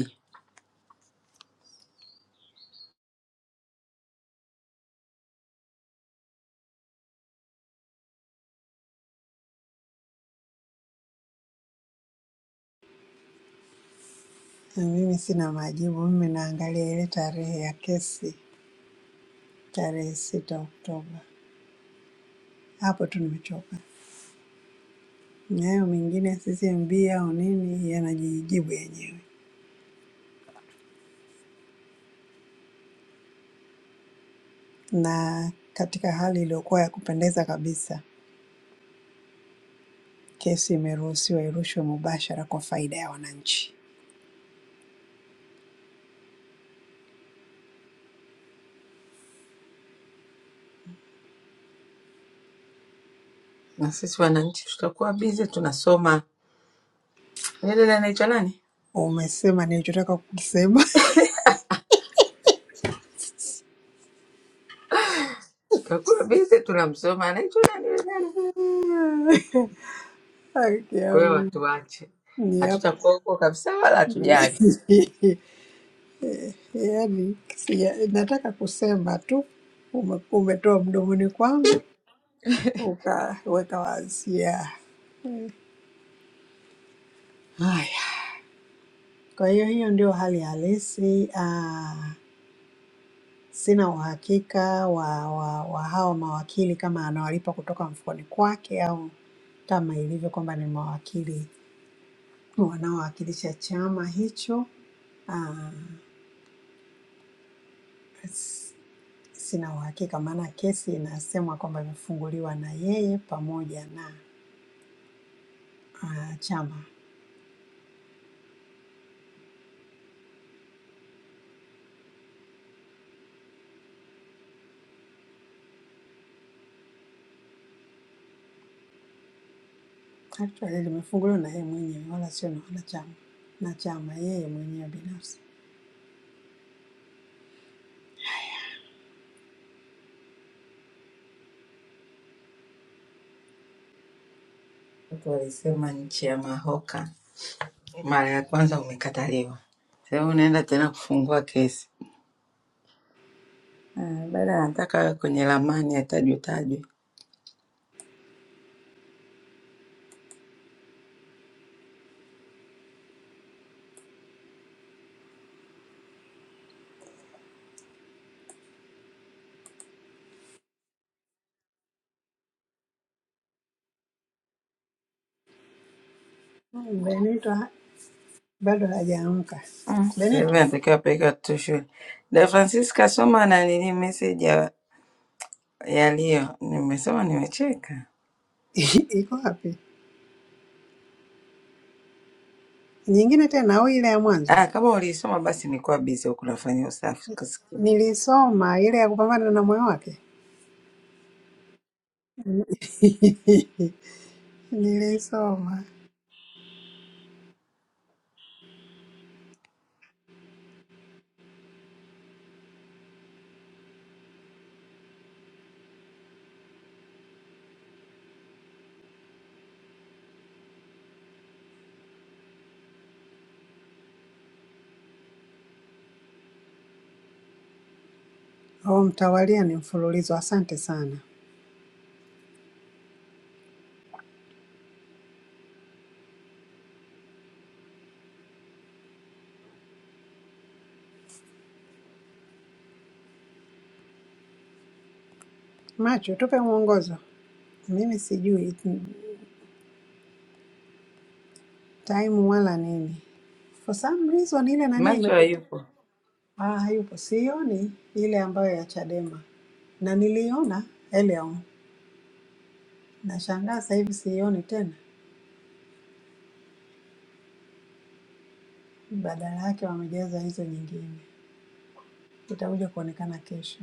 [SPEAKER 6] Na Mimi sina majibu, mimi naangalia ile tarehe ya kesi, tarehe sita Oktoba. Hapo tu nimechoka. nayo mengine ya CCMB au nini yanajijibu yenyewe. Na katika hali iliyokuwa ya kupendeza kabisa, kesi imeruhusiwa irushwe mubashara kwa faida ya wananchi.
[SPEAKER 1] na sisi wananchi tutakuwa busy tunasoma. Ile dada anaitwa nani?
[SPEAKER 6] Umesema nilichotaka kukisema.
[SPEAKER 1] Kakuru bize tunamsoma anaitwa nani yule dada?
[SPEAKER 6] <laughs> Haki
[SPEAKER 1] Kwa hiyo
[SPEAKER 6] yangu
[SPEAKER 1] watuache,
[SPEAKER 6] ni hapa.
[SPEAKER 1] hatutakuwa huko kabisa, wala hatujali.
[SPEAKER 6] <laughs> Yaani sija- nataka kusema tu ume- umetoa mdomoni kwangu ukaweka wazi. Yeah. Haya, kwa hiyo hiyo ndio hali halisi. Ah, Sina uhakika wa wa wa hao mawakili kama anawalipa kutoka mfukoni kwake au kama ilivyo kwamba ni mawakili wanaowakilisha chama hicho. Ah, s- Sina uhakika maana kesi inasemwa kwamba imefunguliwa na yeye pamoja na ah, chama. Actually limefunguliwa na yeye mwenyewe wala sio na wanachama, na chama yeye mwenyewe binafsi.
[SPEAKER 1] Watu walisema nchi ya mahoka, mara ya kwanza umekataliwa, sasa unaenda tena kufungua kesi Ah, dada anataka awe kwenye ramani atajwe tajwe.
[SPEAKER 6] Hmm, Benito ha- bado hajaamka.
[SPEAKER 1] Mm. Kwa hivyo
[SPEAKER 6] Benito
[SPEAKER 1] anatakiwa apeleke watoto shule. Da Francisca soma na nini message ya ya Leo. Nimesoma nimecheka.
[SPEAKER 6] <laughs> iko wapi? Nyingine tena au ile ya mwanzo
[SPEAKER 1] Ah, kama uliisoma basi nilikuwa busy huku nafanya usafi kusikia.
[SPEAKER 6] nilisoma, ile ya kupambana na moyo wake <laughs> nilisoma. Oh, mtawalia ni mfululizo. Asante sana Macho, tupe mwongozo. Mimi sijui time wala nini, for some reason ile nani
[SPEAKER 1] Macho
[SPEAKER 6] imepotea.
[SPEAKER 1] hayupo.
[SPEAKER 6] Ah, hayupo, sioni ile ambayo ya Chadema na niliiona Eleo, nashangaa sasa hivi siioni tena, badala yake wamejaza hizo nyingine. Itakuja kuonekana kesho.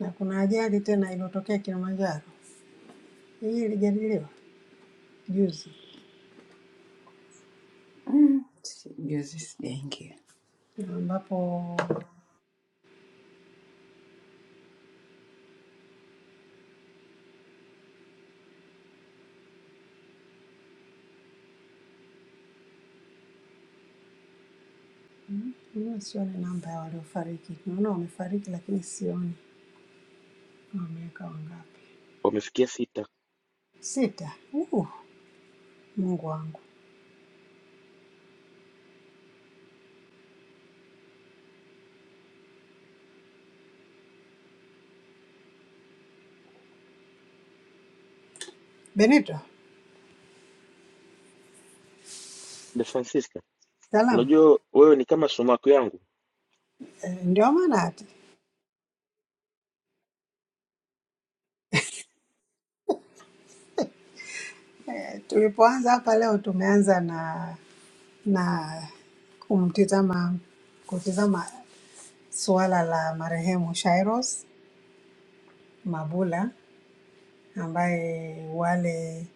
[SPEAKER 6] Na kuna ajali tena iliyotokea Kilimanjaro, hii ilijadiliwa juzi,
[SPEAKER 1] Mm, Juzi sijaingia.
[SPEAKER 6] ambapo mm, mimi sioni namba ya waliofariki. Naona wamefariki, lakini sioni wameweka wangapi.
[SPEAKER 11] wamefikia sita.
[SPEAKER 6] Sita. Uh, Mungu wangu. Benito,
[SPEAKER 11] De Francisca,
[SPEAKER 6] salamu.
[SPEAKER 11] unajua wewe ni kama sumaku yangu.
[SPEAKER 6] E, ndio maana hata e, tulipoanza hapa leo tumeanza na na kumtizama kutizama suala la marehemu Shairos Mabula ambaye wale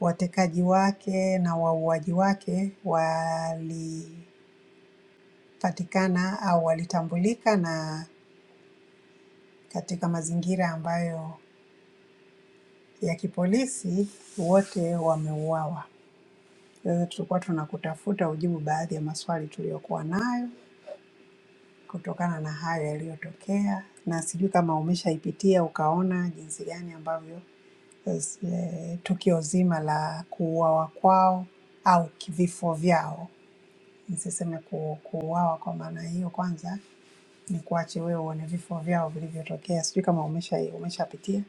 [SPEAKER 6] Watekaji wake na wauaji wake walipatikana au walitambulika, na katika mazingira ambayo ya kipolisi, wote wameuawa. Sasa tulikuwa tunakutafuta ujibu baadhi ya maswali tuliyokuwa nayo kutokana na hayo yaliyotokea, na sijui kama umeshaipitia ukaona jinsi gani ambavyo eh, tukio zima la kuuawa kwao au vifo vyao nisiseme ku, kuuawa kwa maana hiyo, kwanza ni kuache wewe uone vifo vyao vilivyotokea. Sijui kama umesha umeshapitia.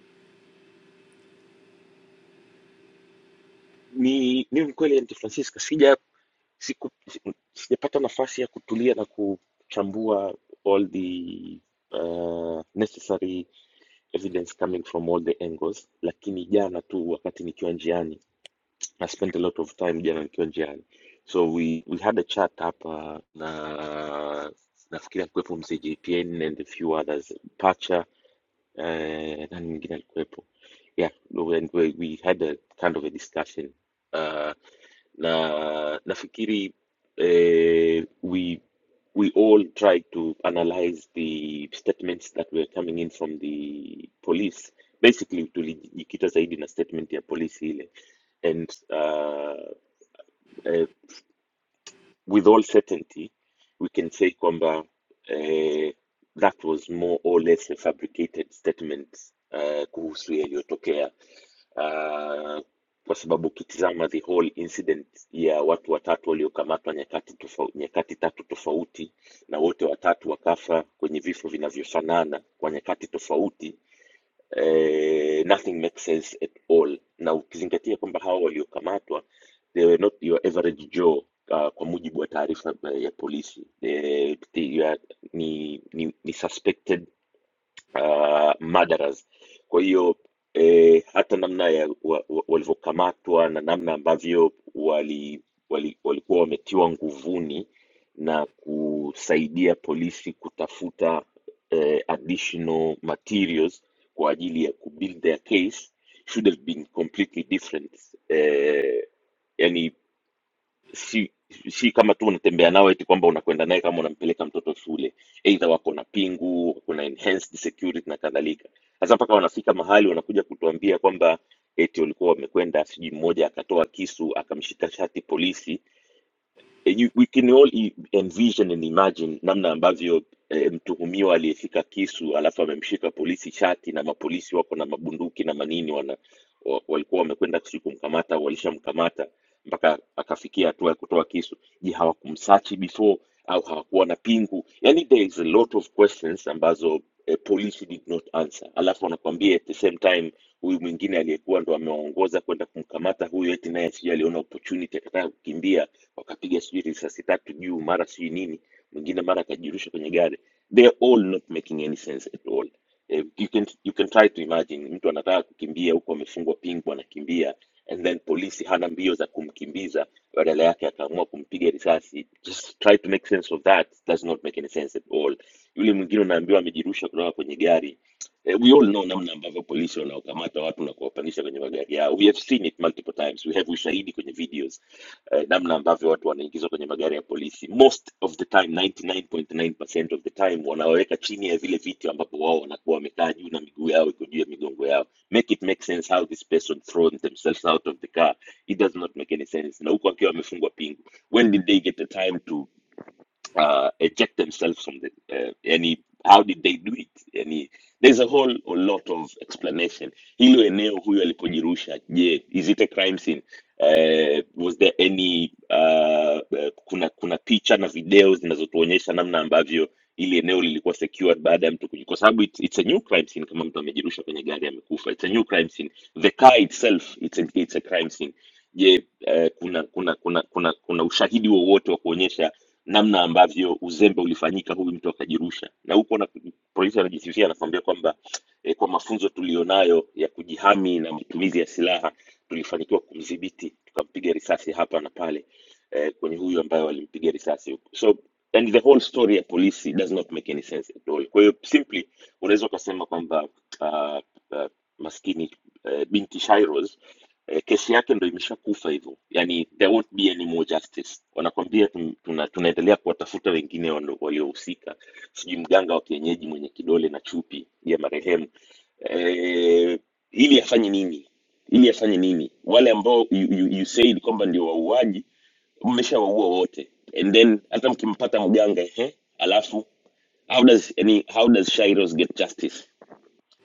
[SPEAKER 11] Ni mimi kweli, De Francisca, sija siku, si- sijapata nafasi ya kutulia na kuchambua all the uh, necessary evidence coming from all the angles, lakini jana tu wakati nikiwa njiani, I spent a lot of time jana nikiwa njiani, so we, we had a chat hapa na nafikiria kuwepo mzee JPN and a few others pacha eh, nani mwingine alikuwepo yeah, we, we, we had a kind of a discussion uh, na nafikiri eh, we we all tried to analyze the statements that were coming in from the police basically tulijikita zaidi na statement ya polisi ile and uh, uh, with all certainty we can say kwamba eh, that was more or less a fabricated statement uh, kuhusu yaliyotokea uh, kwa sababu ukitizama the whole incident ya watu watatu waliokamatwa nyakati tofauti, nyakati tatu tofauti na wote watatu wakafa kwenye vifo vinavyofanana kwa nyakati tofauti eh, nothing makes sense at all na ukizingatia kwamba hawa waliokamatwa they were not your average joe uh, kwa mujibu wa taarifa eh, ya polisi Eh, they are- ni, ni, ni suspected uh, murderers. Kwa hiyo eh, hata namna ya wa, wa, walivyokamatwa na namna ambavyo wali, wali, walikuwa wametiwa nguvuni na kusaidia polisi kutafuta eh, additional materials kwa ajili ya kubuild their case should have been completely different eh, yani si si kama tu unatembea nao eti kwamba unakwenda naye kama unampeleka mtoto shule eidha wako na pingu kuna enhanced security na kadhalika sasa mpaka wanafika mahali wanakuja kutuambia kwamba eti walikuwa wamekwenda sijui mmoja akatoa kisu akamshika shati polisi Eh, you, we can all i- envision and imagine namna ambavyo eh, mtuhumiwa aliyeshika kisu alafu amemshika polisi shati na mapolisi wako na mabunduki na manini wana, wa, walikuwa wamekwenda sijui kumkamata walishamkamata mpaka akafikia hatua ya kutoa kisu je hawakumsachi before au hawakuwa na pingu yani there is a lot of questions ambazo eh, polisi did not answer alafu wanakwambia at the same time huyu mwingine aliyekuwa ndo amewaongoza kwenda kumkamata huyu eti naye sijui aliona opportunity akataka kukimbia wakapiga sijui risasi tatu juu mara sijui nini mwingine mara akajirusha kwenye gari they are all not making any sense at all Eh, you can, you can try to imagine mtu anataka kukimbia huku amefungwa pingu anakimbia and then polisi hana mbio za kumkimbiza badala yake akaamua kumpiga risasi just try to make sense of that does not make any sense at all yule mwingine unaambiwa amejirusha kutoka kwenye gari Eh, we all know namna ambavyo polisi wanaokamata watu na kuwapandisha kwenye magari yao we have seen it multiple times we have ushahidi kwenye videos eh, namna ambavyo watu wanaingizwa kwenye magari ya polisi most of the time 99.9% of the time wanaweka chini ya vile viti ambapo wao wanakuwa wamekaa juu na miguu yao iko juu ya migongo yao make it make sense how this person thrown themselves out of the car it does not make any sense na huku akiwa amefungwa pingu when did they get the time to uh, eject themselves from the uh, any how did they do it yani there's a whole a lot of explanation hilo eneo huyo alipojirusha je is it a crime scene uh, was there any uh, uh, kuna kuna picha na video zinazotuonyesha namna ambavyo ili eneo lilikuwa secured baada ya mtu kuji- kwa sababu it's, it's a new crime scene kama mtu amejirusha kwenye gari amekufa it's a new crime scene the car itself it's a, it's a crime scene je uh, kuna kuna kuna kuna kuna ushahidi wowote wa kuonyesha namna ambavyo uzembe ulifanyika, huyu mtu akajirusha. Na huko na polisi anajisifia, anakuambia kwamba eh, kwa mafunzo tulionayo ya kujihami na matumizi ya silaha tulifanikiwa kumdhibiti, tukampiga risasi hapa na pale eh, kwenye huyu ambaye walimpiga risasi. So and the whole story ya polisi does not make any sense at all. Kwa hiyo simply unaweza ukasema kwamba uh, uh, maskini uh, binti Shairoz eh, kesi yake ndo imeshakufa hivyo yani there won't be any more justice wanakwambia tun- tuna, tunaendelea kuwatafuta wengine wano- waliohusika sijui mganga wa kienyeji mwenye kidole na chupi ya marehemu eh, ili afanye nini ili afanye nini wale ambao you, you, you said kwamba ndio wauaji mmeshawaua wote and then hata mkimpata mganga ehe alafu how does, yani, how does Shiros get justice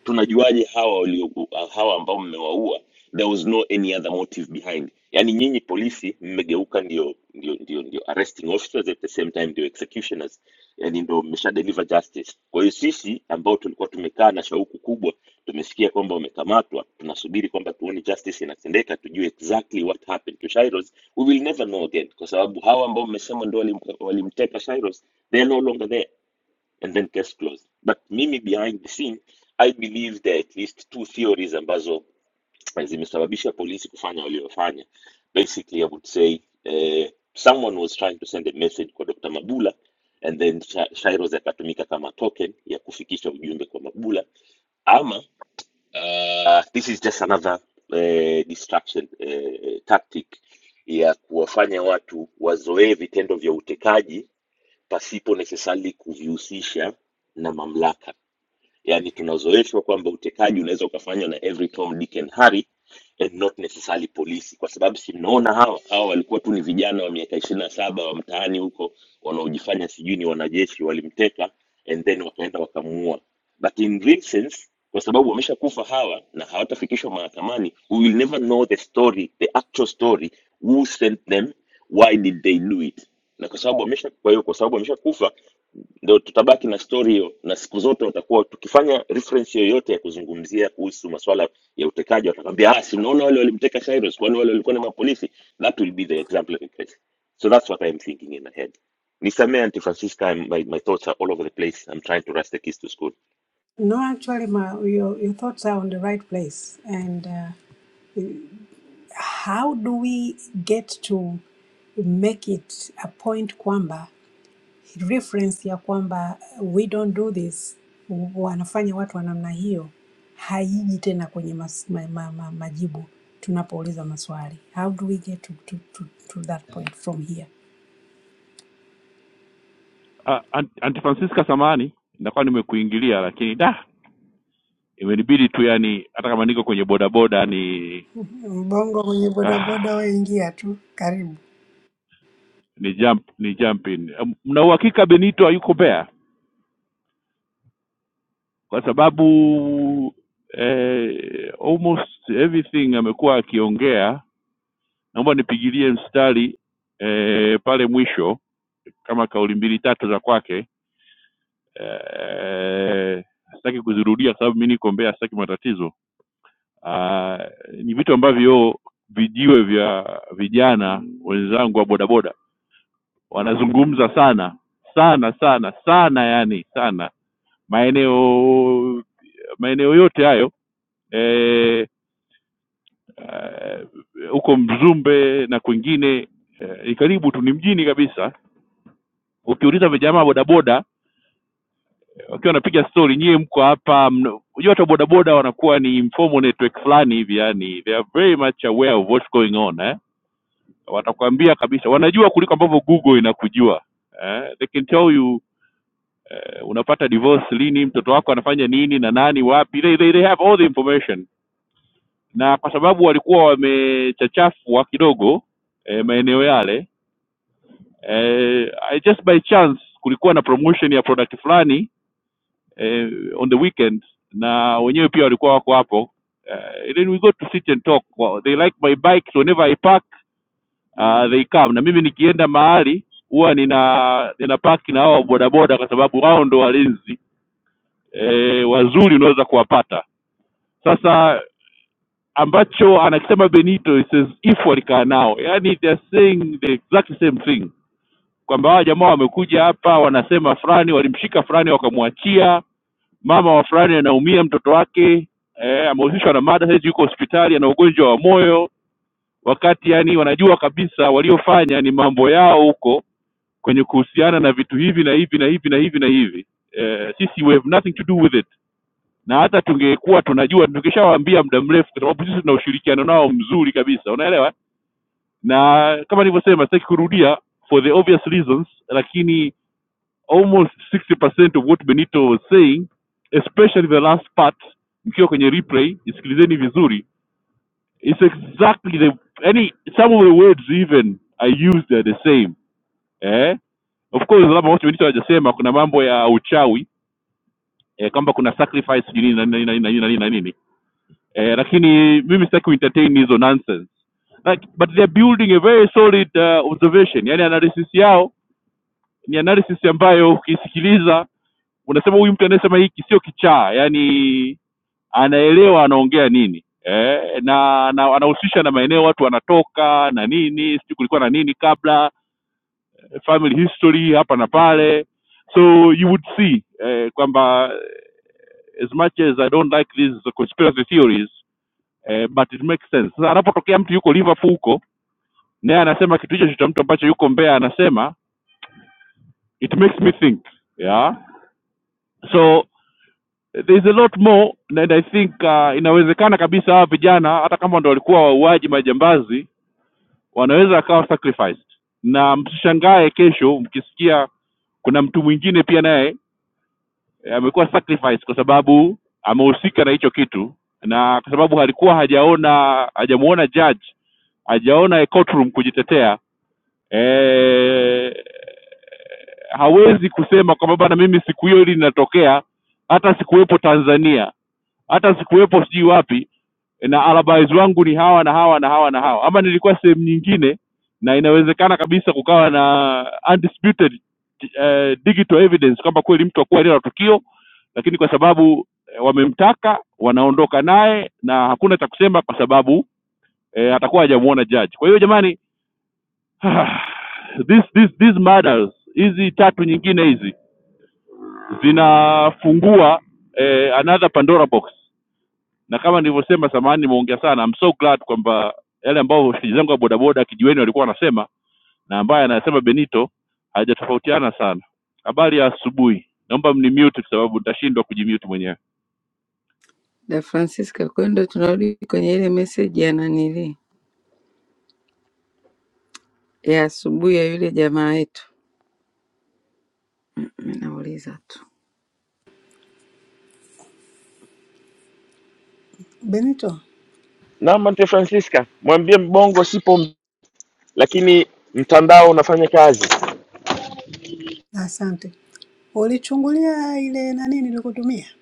[SPEAKER 11] tunajuaje hawa walio hawa ambao mmewaua there was no any other motive behind yani nyinyi polisi mmegeuka ndio ndio ndio ndio arresting officers at the same time ndio executioners yani ndio mmesha deliver justice kwa hiyo sisi ambao tulikuwa tumekaa na shauku kubwa tumesikia kwamba wamekamatwa tunasubiri kwamba tuone justice inatendeka tujue exactly what happened to Shairos we will never know again kwa sababu hawa ambao mmesema ndio walim- walimteka Shairos they are no longer there and then case closed. But mimi behind the scene I believe there are at least two theories ambazo zimesababisha polisi kufanya waliofanya. Basically, I would say uh, someone was trying to send a message kwa Dr. Mabula and then Sha- Shairoz akatumika kama token ya kufikisha ujumbe kwa Mabula ama uh, this is just another uh, distraction uh, tactic ya kuwafanya watu wazoee vitendo vya utekaji pasipo necessarily kuvihusisha na mamlaka yani tunazoeshwa kwamba utekaji unaweza ukafanywa na every Tom, Dick and Harry and not necessarily polisi, kwa sababu si mnaona hawa hawa walikuwa tu ni vijana wa miaka ishirini na saba wa mtaani huko wanaojifanya sijui ni wanajeshi, walimteka and then wakaenda wakamuua, but in real sense kwa sababu wameshakufa hawa na hawatafikishwa mahakamani, we will never know the story, the actual story, who sent them, why did they do it, na kwa sababu wamesha kwa hiyo kwa sababu wameshakufa ndio tutabaki na stori hiyo na siku zote watakuwa tukifanya reference yoyote ya kuzungumzia kuhusu masuala ya utekaji watakwambia ah si unaona wale walimteka Cyrus kwani wale walikuwa ni mapolisi that will be the example in case so that's what i'm thinking in my head nisamee anti francisca I'm- my, my thoughts are all over the place i'm trying to rush the kids to school
[SPEAKER 6] No, actually, my, your, your thoughts are on the right place. And uh, how do we get to make it a point kwamba reference ya kwamba uh, we don't do this, wanafanya watu wa namna hiyo, haiji tena kwenye mas, ma, ma, ma, majibu tunapouliza maswali. How do we get to, to, to, to that point from here? Mbongo mwenye bodaboda waingia tu, karibu.
[SPEAKER 12] kwa sababu eh, almost everything amekuwa akiongea. Naomba nipigilie mstari eh, pale mwisho kama kauli mbili tatu za kwake eh, sitaki kuzirudia kwa sababu mi niko Mbeya, sitaki matatizo. Ah, ni vitu ambavyo vijiwe vya vijana wenzangu wa bodaboda wanazungumza sana sana sana sana, yani sana maeneo maeneo yote hayo eh, eh, huko uh, Mzumbe na kwingine eh, ni uh, karibu tu, ni mjini kabisa. Ukiuliza vijamaa bodaboda eh, wakiwa wanapiga stori, nyie mko hapa. mna- Unajua hata bodaboda wanakuwa ni informal network fulani hivi, yani they are very much aware of what's going on eh? Watakwambia kabisa, wanajua kuliko ambavyo Google inakujua eh? They can tell you eh, unapata divorce lini, mtoto wako anafanya nini na nani wapi. They, they, they have all the information, na kwa sababu walikuwa wamechachafua kidogo eh, maeneo yale eh, I just by chance kulikuwa na promotion ya product fulani eh, on the weekend na wenyewe pia walikuwa wako hapo eh, and then we go to sit and talk well, they like my bike so whenever I park uh, they come na mimi nikienda mahali huwa nina nina park na hao bodaboda kwa sababu wao ndo walinzi eh, wazuri unaweza kuwapata sasa ambacho anakisema Benito he says if walikaa nao yani they are saying the exact same thing kwamba hawa jamaa wamekuja hapa wanasema fulani walimshika fulani wakamwachia mama wa fulani anaumia mtoto wake eh, amehusishwa na mada saizi yuko hospitali ana ugonjwa wa moyo wakati yani wanajua kabisa waliofanya ni mambo yao huko kwenye kuhusiana na vitu hivi na hivi na hivi na hivi na hivi eh, sisi we have nothing to do with it na hata tungekuwa tunajua tungeshawaambia muda mrefu kwa sababu sisi tuna ushirikiano nao mzuri kabisa unaelewa na kama nilivyosema sitaki kurudia for the obvious reasons lakini almost 60% of what benito was saying especially the last part mkiwa kwenye replay isikilizeni vizuri it's exactly the any some of the words even are used are the same eh of course labda wote benito hajasema kuna mambo ya uchawi eh, kwamba kuna sacrifice sijui nini na nini na nini na nini na nini eh, lakini mimi sitaki kuentertain hizo nonsense like but they're building a very solid uh, observation yani analysis yao ni analysis ambayo ukisikiliza unasema huyu mtu anayesema hiki sio kichaa yani anaelewa anaongea nini eh, na, na anahusisha na maeneo watu wanatoka na nini sijui kulikuwa na nini kabla eh, family history hapa na pale so you would see eh, kwamba as much as i don't like these conspiracy theories eh, but it makes sense sasa anapotokea mtu yuko liverpool huko naye anasema kitu hicho cha mtu ambacho yuko mbea anasema it makes me think yeah so there's a lot more and I think uh, inawezekana kabisa hawa vijana hata kama ndo walikuwa wauaji majambazi wanaweza akawa sacrificed, na msishangae kesho mkisikia kuna mtu mwingine pia naye eh, amekuwa sacrificed kwa sababu amehusika na hicho kitu, na kwa sababu alikuwa hajaona hajamuona judge, hajaona a courtroom kujitetea eh, hawezi kusema kwamba bana, mimi siku hiyo hili linatokea, hata sikuwepo Tanzania hata sikuwepo sijui wapi na alabais wangu ni hawa na hawa na hawa na hawa ama nilikuwa sehemu nyingine na inawezekana kabisa kukawa na undisputed eh, digital evidence kwamba kweli mtu akuwa eneo la tukio lakini kwa sababu eh, wamemtaka wanaondoka naye na hakuna cha kusema kwa sababu eh, atakuwa hajamuona judge kwa hiyo jamani <sighs> this, this, these matters hizi tatu nyingine hizi zinafungua eh, another pandora box na kama nilivyosema samahani nimeongea sana I'm so glad kwamba yale ambayo <laughs> wasikilizaji zangu wa bodaboda kijiweni walikuwa wanasema na ambaye anasema benito hajatofautiana sana habari ya asubuhi naomba mnimute kwa sababu nitashindwa kujimute mwenyewe
[SPEAKER 1] Da Francisca, kwa hiyo ndo tunarudi kwenye ile meseji ya nanili ya asubuhi ya yule jamaa yetu. Mimi nauliza tu
[SPEAKER 6] Benito,
[SPEAKER 11] naam anti francisca mwambie mbongo sipo m- lakini mtandao unafanya kazi
[SPEAKER 6] asante. Ulichungulia ile nani nilikutumia,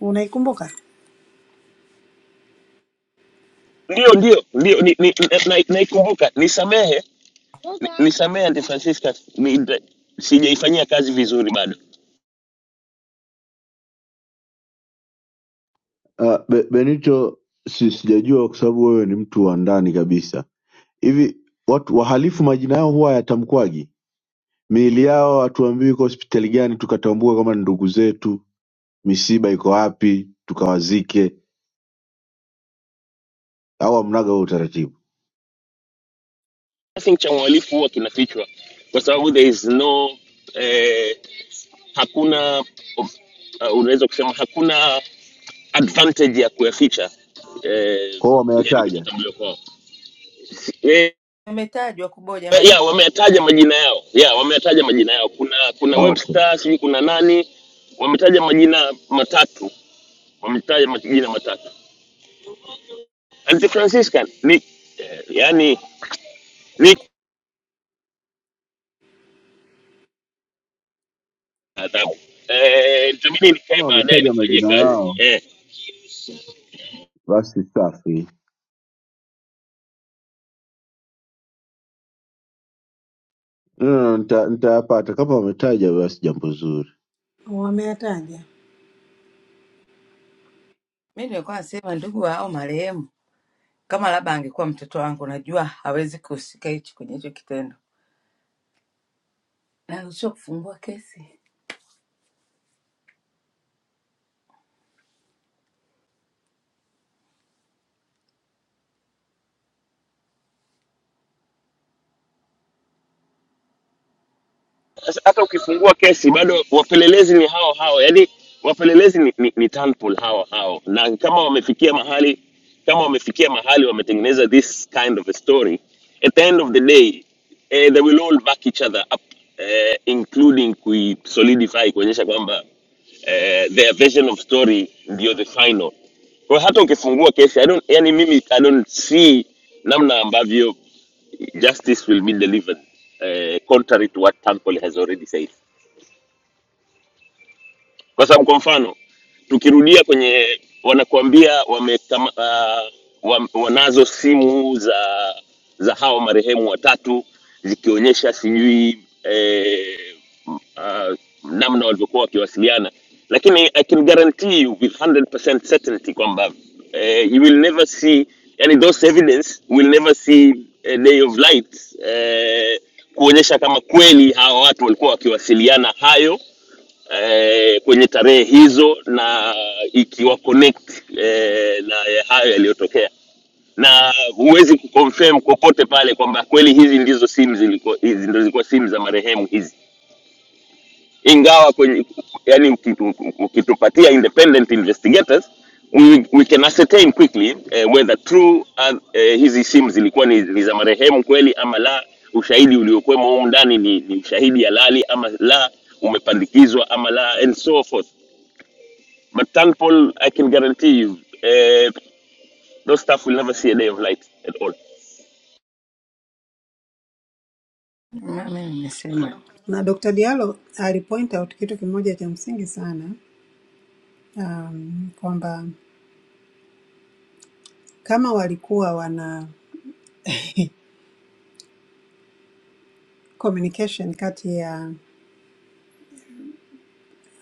[SPEAKER 6] unaikumbuka?
[SPEAKER 11] ndio ndio ndio naikumbuka ni, ni, na- na- naikumbuka. nisamehe Ni- Nisamehe Aunty Francisca, ni- nda- sijaifanyia kazi vizuri bado.
[SPEAKER 13] Uh, Be- Benito, si sijajua kwa sababu wewe ni mtu wa ndani kabisa. Hivi watu wahalifu majina yao huwa yatamkwaji? Miili yao hatuambiwi iko hospitali gani, tukatambue kama ni ndugu zetu, misiba iko wapi, tukawazike, au hamnaga huo utaratibu?
[SPEAKER 11] I think cha uhalifu huwa kinafichwa kwa sababu there is no eh, hakuna uh, unaweza kusema hakuna advantage ya kuyaficha eh,
[SPEAKER 13] Kwa hiyo
[SPEAKER 11] yani
[SPEAKER 13] wameyataja.
[SPEAKER 11] kutotambuliwa kwao eh,
[SPEAKER 1] Ametajwa kuboja majina.
[SPEAKER 11] yeah, wameyataja majina yao yeah, wameyataja majina yao kuna kuna
[SPEAKER 13] Ah, okay.
[SPEAKER 11] Webster sijui kuna nani wametaja majina matatu wametaja majina matatu Auntie Francisca ni eh, yani ni adhabu. Eh, itabidi nikae
[SPEAKER 13] Kama
[SPEAKER 11] baadaye
[SPEAKER 13] wametaja
[SPEAKER 11] nifanyie
[SPEAKER 13] majina
[SPEAKER 11] kazi
[SPEAKER 13] yao
[SPEAKER 11] eh.
[SPEAKER 13] basi safi, Mm, nita- nitayapata. Kama wametaja basi jambo zuri.
[SPEAKER 6] Wameataja
[SPEAKER 1] Mimi nilikuwa nasema ndugu wa hao marehemu, kama labda angekuwa mtoto wangu, najua hawezi kuhusika hichi kwenye hicho kitendo. Naruhusiwa kufungua kesi?
[SPEAKER 11] Sasa hata ukifungua kesi bado wapelelezi ni hao hao, yaani wapelelezi ni, ni, ni Turnbull hao hao, na kama wamefikia mahali kama wamefikia mahali wametengeneza this kind of a story at the end of the day eh, they will all back each other up eh, including kui solidify kuonyesha kwamba eh, their version of story ndio the final kwa hiyo hata ukifungua kesi I don't, yani mimi I don't see namna ambavyo justice will be delivered, uh, contrary to what Tankoli has already said. kwa sababu kwa mfano tukirudia kwenye wanakuambia wame, wa, wanazo simu za za hawa marehemu watatu zikionyesha sijui eh, m- ah, namna walivyokuwa wakiwasiliana lakini i can guarantee you with 100% certainty kwamba eh, you will never see yani those evidence will never see a day of light eh, kuonyesha kama kweli hawa watu walikuwa wakiwasiliana hayo eh, kwenye tarehe hizo na ikiwa connect eh, na ya hayo yaliyotokea na huwezi kuconfirm kokote pale kwamba kweli hizi ndizo simu zilikuwa hizi ndo zilikuwa simu za marehemu hizi ingawa kwenye yani ukitu- ukitupatia independent investigators we, we can ascertain quickly eh, whether true uh, eh, hizi simu zilikuwa ni, ni za marehemu kweli ama la ushahidi uliokuwemo humu ndani ni, ni ushahidi halali ama la umepandikizwa ama la and so forth But thankful, I can guarantee you, uh, those staff will never see a day of light at all.
[SPEAKER 1] mama, nimesema
[SPEAKER 6] na Dr. Diallo alipoint out kitu kimoja cha msingi sana um, kwamba kama walikuwa wana <laughs> communication kati ya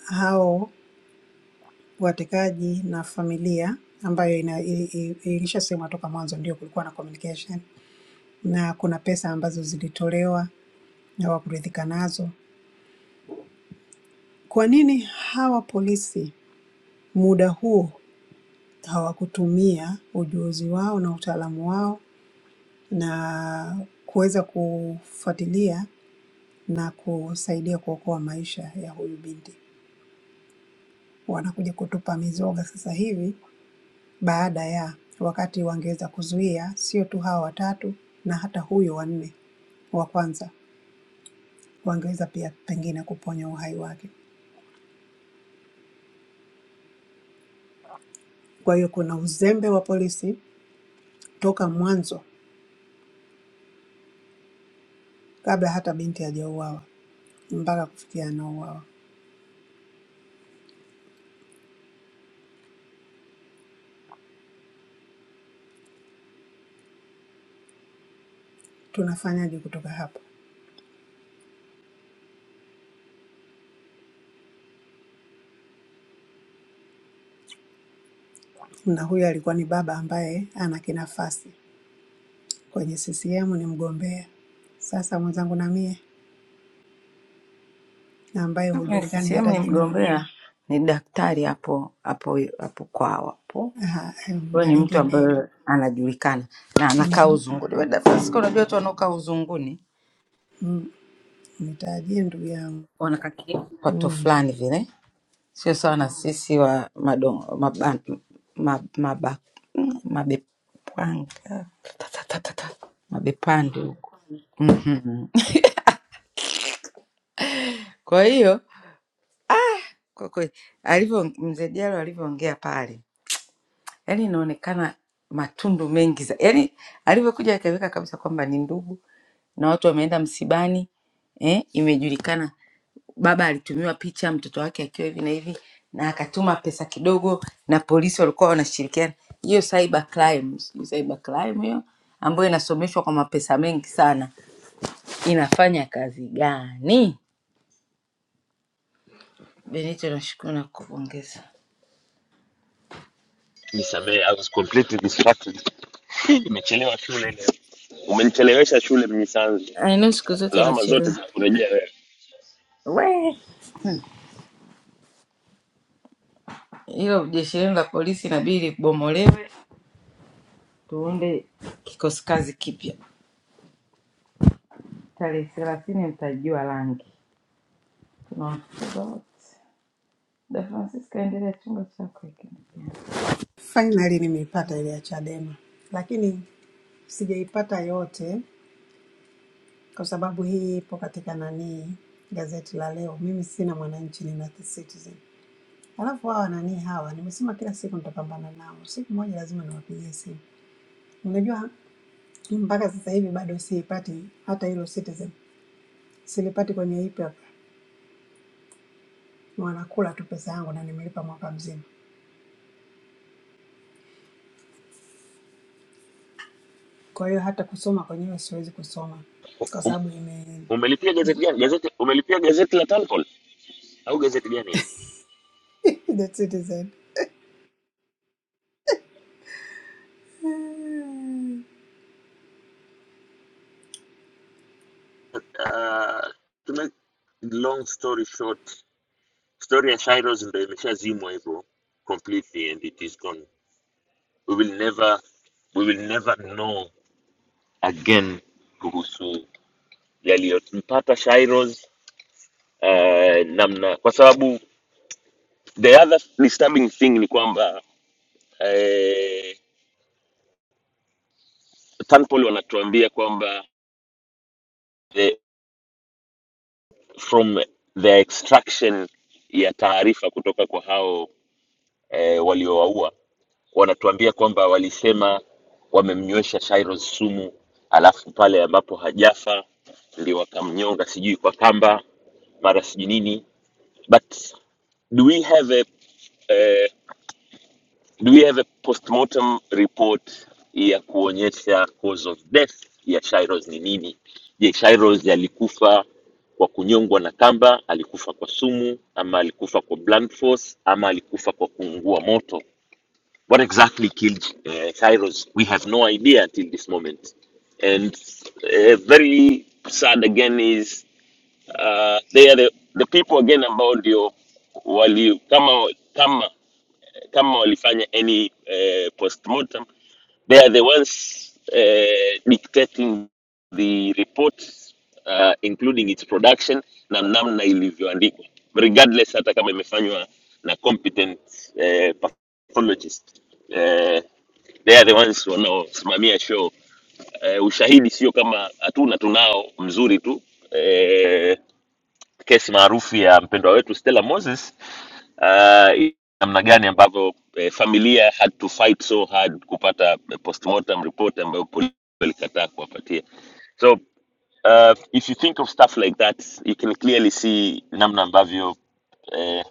[SPEAKER 6] hao watekaji na familia ambayo ina- i- i- ilishasemwa toka mwanzo, ndio kulikuwa na communication na kuna pesa ambazo zilitolewa hawakuridhika nazo. Kwa nini hawa polisi muda huo hawakutumia ujuzi wao na utaalamu wao na kuweza kufuatilia na kusaidia kuokoa maisha ya huyu binti? Wanakuja kutupa mizoga sasa hivi baada ya wakati wangeweza kuzuia, sio tu hawa watatu na hata huyo wa nne wa kwanza wangeweza pia pengine kuponya uhai wake. Kwa hiyo kuna uzembe wa polisi toka mwanzo kabla hata binti hajauawa mpaka kufikia anauawa. Tunafanyaje kutoka hapa? Na huyu alikuwa ni baba ambaye ana kinafasi kwenye CCM, ni mgombea. Sasa mwenzangu na mie na ambaye
[SPEAKER 1] Mimi
[SPEAKER 6] hujulikani
[SPEAKER 1] CCM
[SPEAKER 6] hata
[SPEAKER 1] ni
[SPEAKER 6] jina
[SPEAKER 1] mgombea, ni daktari hapo hapo hapo kwao hapo.
[SPEAKER 6] Aha, em,
[SPEAKER 1] Huyo
[SPEAKER 6] na
[SPEAKER 1] ni mtu
[SPEAKER 6] lingine hilo
[SPEAKER 1] ambaye anajulikana na anakaa
[SPEAKER 6] Mhm.
[SPEAKER 1] uzunguni. Wenda Francisco, unajua watu wanaokaa uzunguni
[SPEAKER 6] Mm, nitajie ndugu yangu
[SPEAKER 1] wanakaa kipato
[SPEAKER 6] mm.
[SPEAKER 1] fulani vile, sio sawa na sisi wa madon, maba, ma- maba, mabepanga ta- ta- ta- ta- ta, mabepande. Mhm. Kwa hiyo kwa kweli alivyo mzee Diallo alivyoongea pale, yani inaonekana matundu mengi za, yani alivyokuja akaweka kabisa kwamba ni ndugu na watu wameenda msibani eh, imejulikana baba alitumiwa picha mtoto wake akiwa hivi na hivi na akatuma pesa kidogo na polisi walikuwa wanashirikiana hiyo cyber crime sijui cyber crime hiyo ambayo inasomeshwa kwa mapesa mengi sana inafanya kazi gani benito nashukuru na kupongeza
[SPEAKER 11] Nisamehe, I was completely distracted. <laughs> Nimechelewa shule leo. Umenichelewesha shule nisanze.
[SPEAKER 1] I know siku zote
[SPEAKER 11] Lawama zote
[SPEAKER 1] unachelewa
[SPEAKER 11] zinakurejea wewe.
[SPEAKER 1] we hilo jeshi lenu la polisi inabidi libomolewe tuunde kikosi kazi kipya tarehe thelathini mtajua rangi tunawafukuza wote da francisca endelea chumba chako hiki
[SPEAKER 6] Finally nimeipata ile ya Chadema, lakini sijaipata yote kwa sababu hii ipo katika nani, gazeti la leo. Mimi sina Mwananchi, nina The Citizen. Alafu hawa nani hawa, nimesema kila siku nitapambana nao, siku moja lazima niwapigie simu. Unajua mpaka sasa hivi bado siipati hata hilo Citizen, silipati kwenye e-paper, wanakula tu pesa yangu na nimelipa mwaka mzima. Kwa hiyo hata kusoma kwenyewe siwezi kusoma kwa
[SPEAKER 11] Um,
[SPEAKER 6] sababu ime
[SPEAKER 11] umelipia gazeti gani? Gazeti umelipia gazeti la Tanpol au gazeti gani hilo?
[SPEAKER 6] <laughs> the Citizen. <sighs>
[SPEAKER 11] Uh, to make long story short, story ya Shiros ndio imeshazimwa hivyo completely and it is gone. We will never we will never know again kuhusu yaliyompata Shairos uh, namna, kwa sababu the other disturbing thing ni kwamba uh, Tanpol wanatuambia kwamba the, from the extraction ya taarifa kutoka kwa hao eh, waliowaua wanatuambia kwamba walisema wamemnywesha Shairos sumu, alafu pale ambapo hajafa ndio wakamnyonga sijui kwa kamba mara sijui nini but do we have a, a do we have a postmortem report ya kuonyesha cause of death ya Shairoz ni nini? Je, Shairoz alikufa kwa kunyongwa na kamba, alikufa kwa sumu, ama alikufa kwa blunt force, ama alikufa kwa kuungua moto? What exactly killed uh, Shairoz? We have no idea until this moment. And uh, very sad again is uh, they are the, the people again ambao ndio wali kama kama kama walifanya any eh, postmortem they are the ones eh, dictating the report uh, including its production na namna ilivyoandikwa regardless hata kama imefanywa na competent eh, pathologist eh, they are the ones wanaosimamia show eh, ushahidi sio kama hatuna tunao mzuri tu eh, kesi maarufu ya mpendwa wetu Stella Moses uh, namna gani ambavyo eh, familia had to fight so hard kupata eh, postmortem report ambayo polisi walikataa kuwapatia so uh, if you think of stuff like that you can clearly see namna ambavyo eh,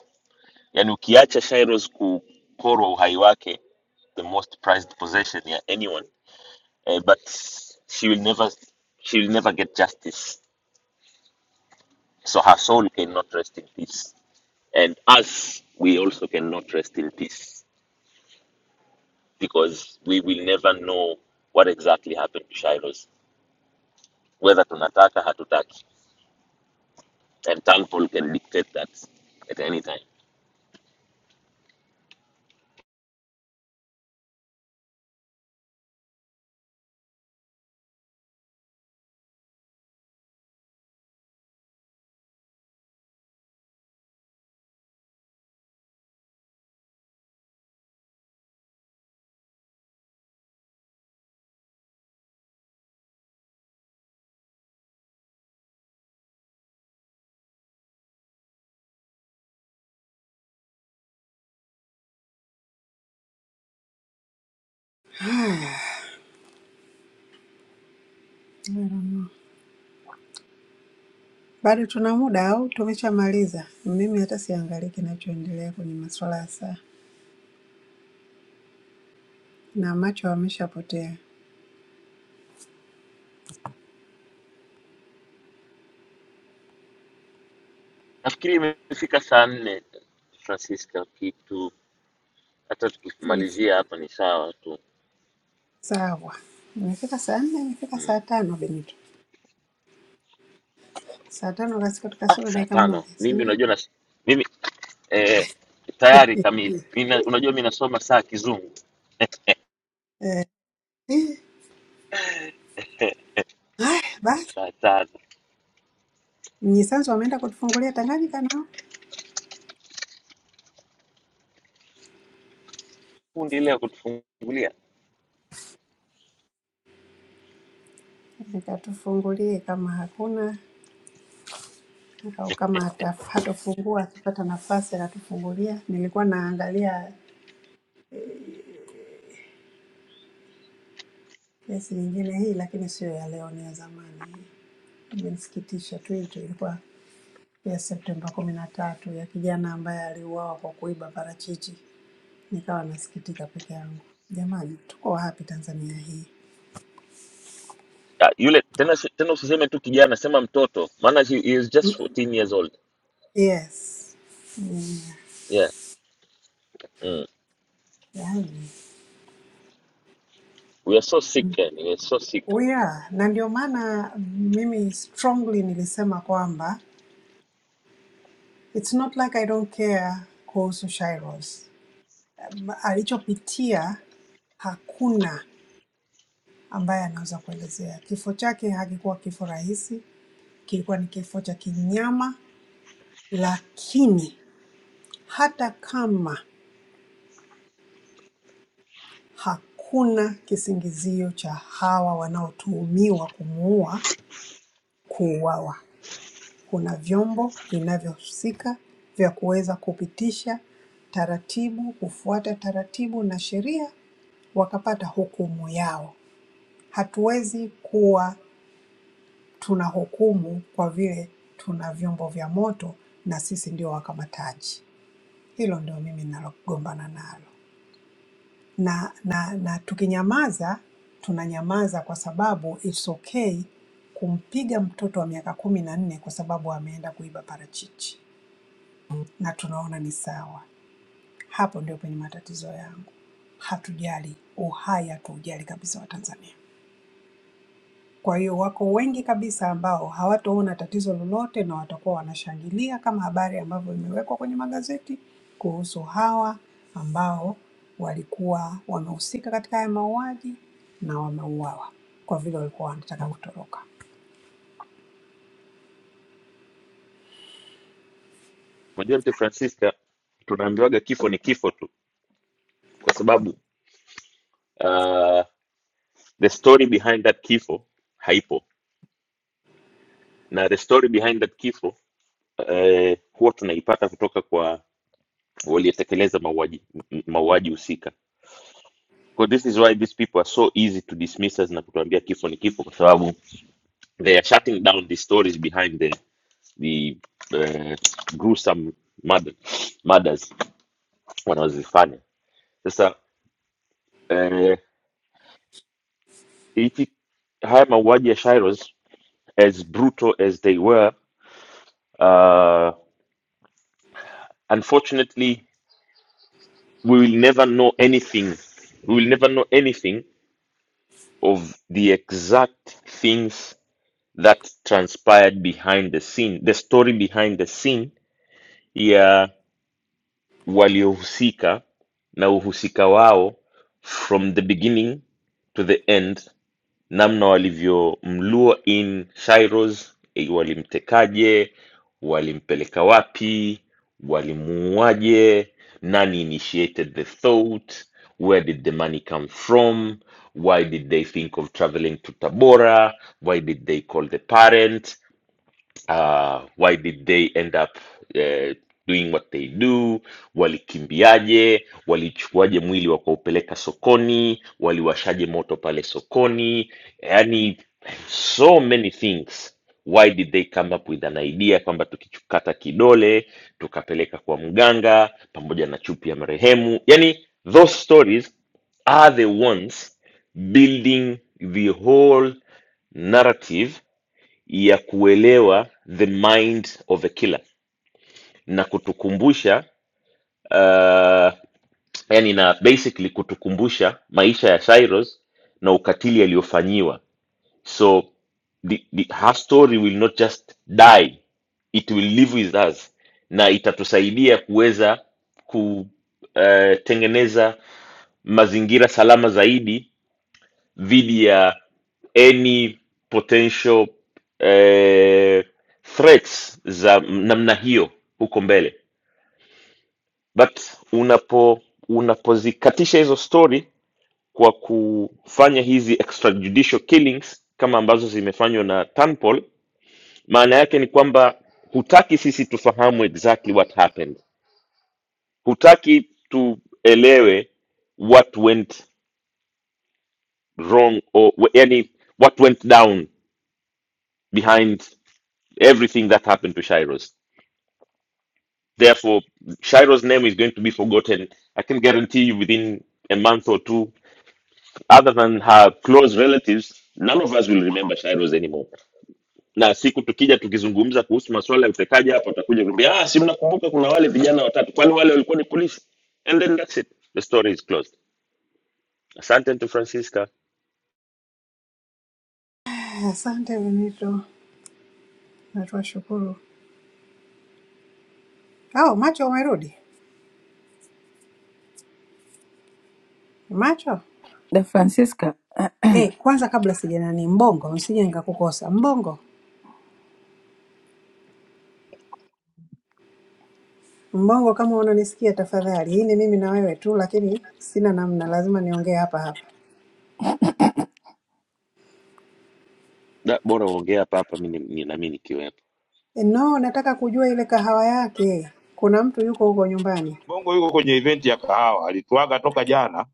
[SPEAKER 11] yani ukiacha Shairos kukorwa uhai wake the most prized possession ya anyone eh, but she will never she will never get justice so her soul cannot rest in peace And us, we also cannot rest in peace because we will never know what exactly happened to Shiloh, whether tunataka hatutaki, and Paul can dictate that at any time.
[SPEAKER 6] Mm. Bado tuna muda au tumeshamaliza? Mimi hata siangalii kinachoendelea kwenye masuala ya saa na macho yameshapotea.
[SPEAKER 11] Nafikiri imefika saa nne Francisca, kitu hata tukimalizia hapa ni sawa tu
[SPEAKER 6] Sawa, imefika saa nne, imefika
[SPEAKER 11] mm.
[SPEAKER 6] saa tano Benito. Saa tano kasika
[SPEAKER 11] ah,
[SPEAKER 6] kasoro
[SPEAKER 11] saa
[SPEAKER 6] dakika
[SPEAKER 11] tano
[SPEAKER 6] moja, si
[SPEAKER 11] mimi
[SPEAKER 6] ndio?
[SPEAKER 11] unajua nas, mimi eh, tayari kamili Mina, unajua mi nasoma saa kizungu
[SPEAKER 6] Eh, eh, haya basi,
[SPEAKER 11] saa tano
[SPEAKER 6] mnyisanzu wameenda kutufungulia Tanganyika nao,
[SPEAKER 11] fundi leo kutufungulia
[SPEAKER 6] nikatufungulie kama hakuna au kama hata- hatofungua akipata nafasi akatufungulia. Nilikuwa naangalia kesi nyingine hii, lakini sio ya leo, ni ya zamani hii. Imenisikitisha tu, hii tu ilikuwa ya Septemba kumi na tatu ya kijana ambaye aliuawa kwa kuiba parachichi. Nikawa nasikitika peke yangu, jamani, tuko wapi Tanzania hii?
[SPEAKER 11] Ah, yule tena si- tena usiseme tu kijana sema mtoto maana he, he is just 14 years old
[SPEAKER 6] Yes. Mm,
[SPEAKER 11] yeah mm.
[SPEAKER 6] yani,
[SPEAKER 11] we are so sick yani. we are so sick
[SPEAKER 6] we are na ndio maana mimi strongly nilisema kwamba it's not like I don't care kuhusu Shairos. Alichopitia hakuna ambaye anaweza kuelezea. Kifo chake hakikuwa kifo rahisi, kilikuwa ni kifo cha kinyama, lakini hata kama Hakuna kisingizio cha hawa wanaotuhumiwa kumuua kuuawa. Kuna vyombo vinavyohusika vya kuweza kupitisha taratibu, kufuata taratibu na sheria, wakapata hukumu yao. Hatuwezi kuwa tunahukumu kwa vile tuna vyombo vya moto na sisi ndio wakamataji. Hilo ndio mimi ninalogombana nalo. na na na tukinyamaza tunanyamaza kwa sababu it's okay kumpiga mtoto wa miaka kumi na nne kwa sababu ameenda kuiba parachichi na tunaona ni sawa. Hapo ndio penye matatizo yangu. Hatujali uhai, hatuujali kabisa wa Tanzania. Kwa hiyo wako wengi kabisa ambao hawataona tatizo lolote na watakuwa wanashangilia kama habari ambavyo imewekwa kwenye magazeti kuhusu hawa ambao walikuwa wamehusika katika haya mauaji na wameuawa kwa vile walikuwa wanataka kutoroka.
[SPEAKER 11] unajua mte francisca tunaambiwaga kifo ni kifo tu kwa sababu uh, the story behind that kifo haipo na the story behind that kifo uh, huwa tunaipata kutoka kwa waliotekeleza mauaji m- mauaji husika Kwa this is why these people are so easy to dismiss us na kutuambia kifo ni kifo kwa sababu they are shutting down the stories behind them the uh, gruesome murder, murders wanazifanya. Sasa uh, hiki haya mauaji ya Shiros, as brutal as they were, uh, unfortunately we will never know anything. We will never know anything of the exact things that transpired behind the scene, the story behind the scene ya waliohusika na uhusika wao from the beginning to the end, namna walivyomlua in Cyrus, eh, walimtekaje, walimpeleka wapi, walimuuaje, nani initiated the thought, where did the money come from, why did they think of traveling to Tabora, why did they call the parent, uh, why did they end up uh, doing what they do, walikimbiaje, walichukuaje mwili wakaupeleka sokoni, waliwashaje moto pale sokoni, yani so many things. Why did they come up with an idea kwamba tukikata kidole tukapeleka kwa mganga pamoja na chupi ya marehemu? Yani those stories are the ones building the whole narrative ya kuelewa the mind of a killer na kutukumbusha uh, yani na basically kutukumbusha maisha ya Cyrus na ukatili aliyofanyiwa so the, the, her story will not just die it will live with us na itatusaidia kuweza kutengeneza uh, mazingira salama zaidi dhidi ya any potential eh, threats za namna hiyo huko mbele but unapo unapozikatisha hizo story kwa kufanya hizi extrajudicial killings kama ambazo zimefanywa na Tanpol, maana yake ni kwamba hutaki sisi tufahamu exactly what happened, hutaki tuelewe what went wrong or yani what went down behind everything that happened to Shiro's. Therefore, Shiro's name is going to be forgotten. I can guarantee you within a month or two, other than her close relatives, none of us will remember Shiro's anymore. Na siku tukija tukizungumza kuhusu masuala ya utekaji hapa, watakuja kuambia ah, si mnakumbuka kuna wale vijana watatu, kwani wale walikuwa ni polisi? And then that's it, the story is closed. Asante to Francisca,
[SPEAKER 6] Eh, Asante Benito, na tuwashukuru. Oh, macho umerudi macho.
[SPEAKER 14] Da Francisca <clears throat>
[SPEAKER 6] Eh, kwanza kabla sija nani, Mbongo, msije nikakukosa. Mbongo, Mbongo, kama unanisikia tafadhali, hii ni mimi na wewe tu, lakini sina namna, lazima niongee hapa hapa.
[SPEAKER 11] Da, bora uongea hapa hapa, mi ni- ni- nami nikiwepo.
[SPEAKER 6] No, nataka kujua ile kahawa yake. Kuna mtu yuko huko nyumbani.
[SPEAKER 2] Mbongo yuko kwenye event ya kahawa, alituaga toka jana,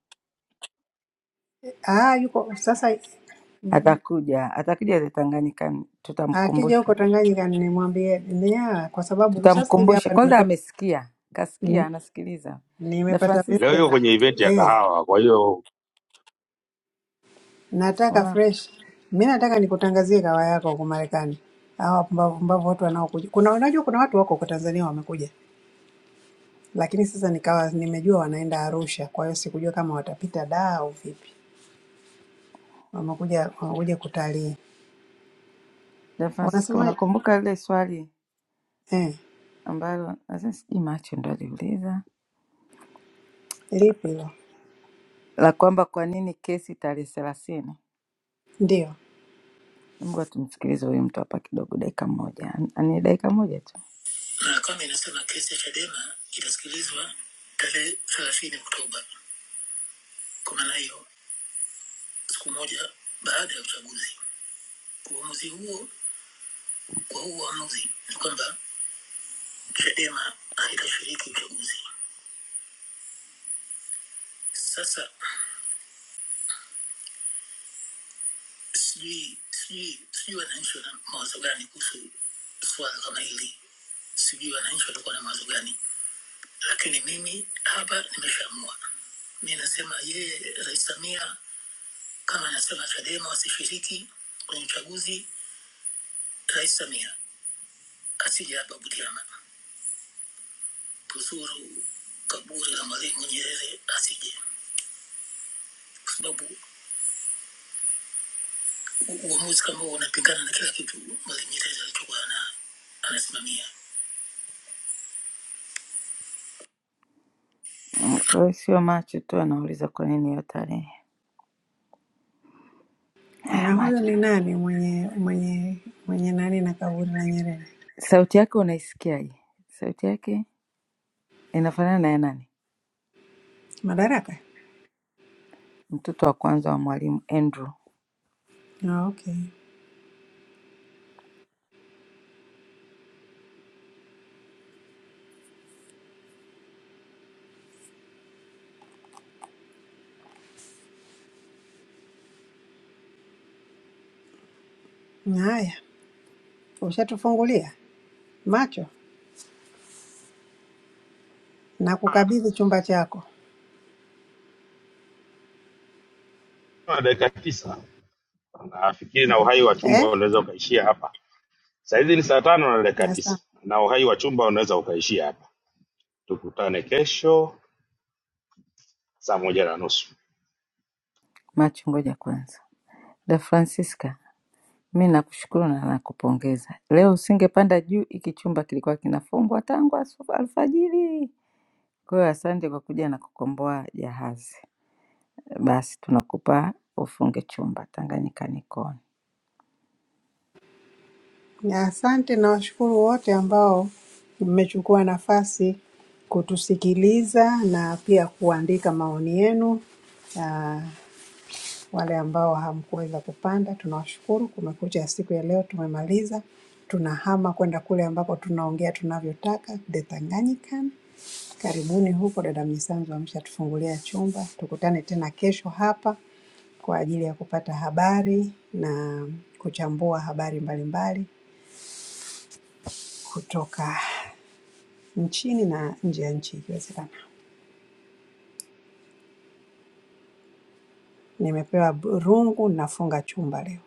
[SPEAKER 6] Ah, yuko sasa mm,
[SPEAKER 14] atakuja, atakuja the Tanganyikani,
[SPEAKER 6] akija
[SPEAKER 14] tutamkumbusha,
[SPEAKER 6] huko Tanganyika nimwambie nia, kwa sababu sasa hivi
[SPEAKER 14] tutamkumbusha.
[SPEAKER 6] hapa
[SPEAKER 14] Kwanza
[SPEAKER 6] nimepata
[SPEAKER 14] amesikia,
[SPEAKER 6] mm,
[SPEAKER 14] kasikia, anasikiliza. Da
[SPEAKER 6] nimepata
[SPEAKER 2] leo
[SPEAKER 14] Francisca,
[SPEAKER 2] yuko
[SPEAKER 6] message
[SPEAKER 2] kwenye event ya
[SPEAKER 6] eh,
[SPEAKER 2] kahawa. Kwa hiyo
[SPEAKER 6] nataka
[SPEAKER 14] una
[SPEAKER 6] fresh. Mi nataka nikutangazie kahawa yako huko Marekani. Hawa wapumbavu pumbavu watu wanaokuja. Kuna unajua kuna watu wako huko Tanzania wamekuja. Lakini sasa nikawa nimejua wanaenda Arusha, kwa hiyo sikujua kama watapita daa au vipi. Wamekuja wamekuja kutalii.
[SPEAKER 14] Da Francisca,
[SPEAKER 6] Unasema
[SPEAKER 14] unakumbuka lile swali
[SPEAKER 6] Eh,
[SPEAKER 14] ambalo sasa sijui macho ndo aliuliza
[SPEAKER 6] lipi hilo?
[SPEAKER 14] la kwamba kwa nini kesi tarehe thelathini?
[SPEAKER 6] Ndio.
[SPEAKER 14] Mungu tumsikilize huyu mtu hapa kidogo, dakika moja, ni dakika moja tu. Mahakama inasema kesi ya Chadema itasikilizwa tarehe thelathini Oktoba. Kwa maana hiyo siku moja baada ya uchaguzi. Uamuzi huo kwa huu uamuzi ni kwamba Chadema haitashiriki uchaguzi. Sasa sijui sijui sijui wananchi wana mawazo gani kuhusu suala kama hili, sijui wananchi watakuwa na mawazo gani, lakini mimi hapa nimeshaamua. Mi nasema yeye, Rais Samia kama anasema Chadema wasishiriki kwenye uchaguzi, Rais Samia asije hapa Butiama kuzuru kaburi la Mwalimu Nyerere asije, kwa sababu u- uamuzi kama huo unapingana na kila kitu Mwalimu Nyerere alichokuwa ana- anasimamia. Mm, Kwa hiyo sio macho tu anauliza kwa nini hiyo tarehe. Haya,
[SPEAKER 6] Na huyo
[SPEAKER 14] macho.
[SPEAKER 6] ni nani mwenye mwenye mwenye nani na kaburi la Nyerere?
[SPEAKER 14] Sauti yake unaisikiaje? Sauti yake inafanana na ya nani?
[SPEAKER 6] Madaraka.
[SPEAKER 14] Mtoto wa kwanza wa Mwalimu Andrew.
[SPEAKER 6] Ah, okay. Haya, ushatufungulia macho na
[SPEAKER 2] ah,
[SPEAKER 6] kukabidhi chumba chako
[SPEAKER 2] na dakika tisa nafikiri, na uhai wa chumba
[SPEAKER 6] eh?
[SPEAKER 2] unaweza ukaishia hapa. Saa hizi ni saa tano na dakika tisa
[SPEAKER 6] Asante,
[SPEAKER 2] na uhai wa chumba unaweza ukaishia hapa. Tukutane kesho számoljanak
[SPEAKER 14] Macho, ngoja kwanza. Da Francisca, mi nakushukuru na nakupongeza. Leo usingepanda juu, hiki chumba kilikuwa kinafungwa tangu asu- alfajiri. Kwa hiyo asante kwa kuja na kukomboa jahazi. Basi tunakupa ufunge chumba. Tanganyika niko on.
[SPEAKER 6] asante na washukuru wote ambao mmechukua nafasi kutusikiliza na pia kuandika maoni yenu. Ah, Wale ambao hamkuweza kupanda tunawashukuru, kumekucha siku ya leo tumemaliza. Tunahama kwenda kule ambapo tunaongea tunavyotaka, the Tanganyikan. Karibuni huko, dada Misanzu ameshatufungulia chumba. Tukutane tena kesho hapa kwa ajili ya kupata habari na kuchambua habari mbalimbali mbali kutoka nchini na nje ya nchi ikiwezekana. Nimepewa bu- rungu, nafunga chumba leo.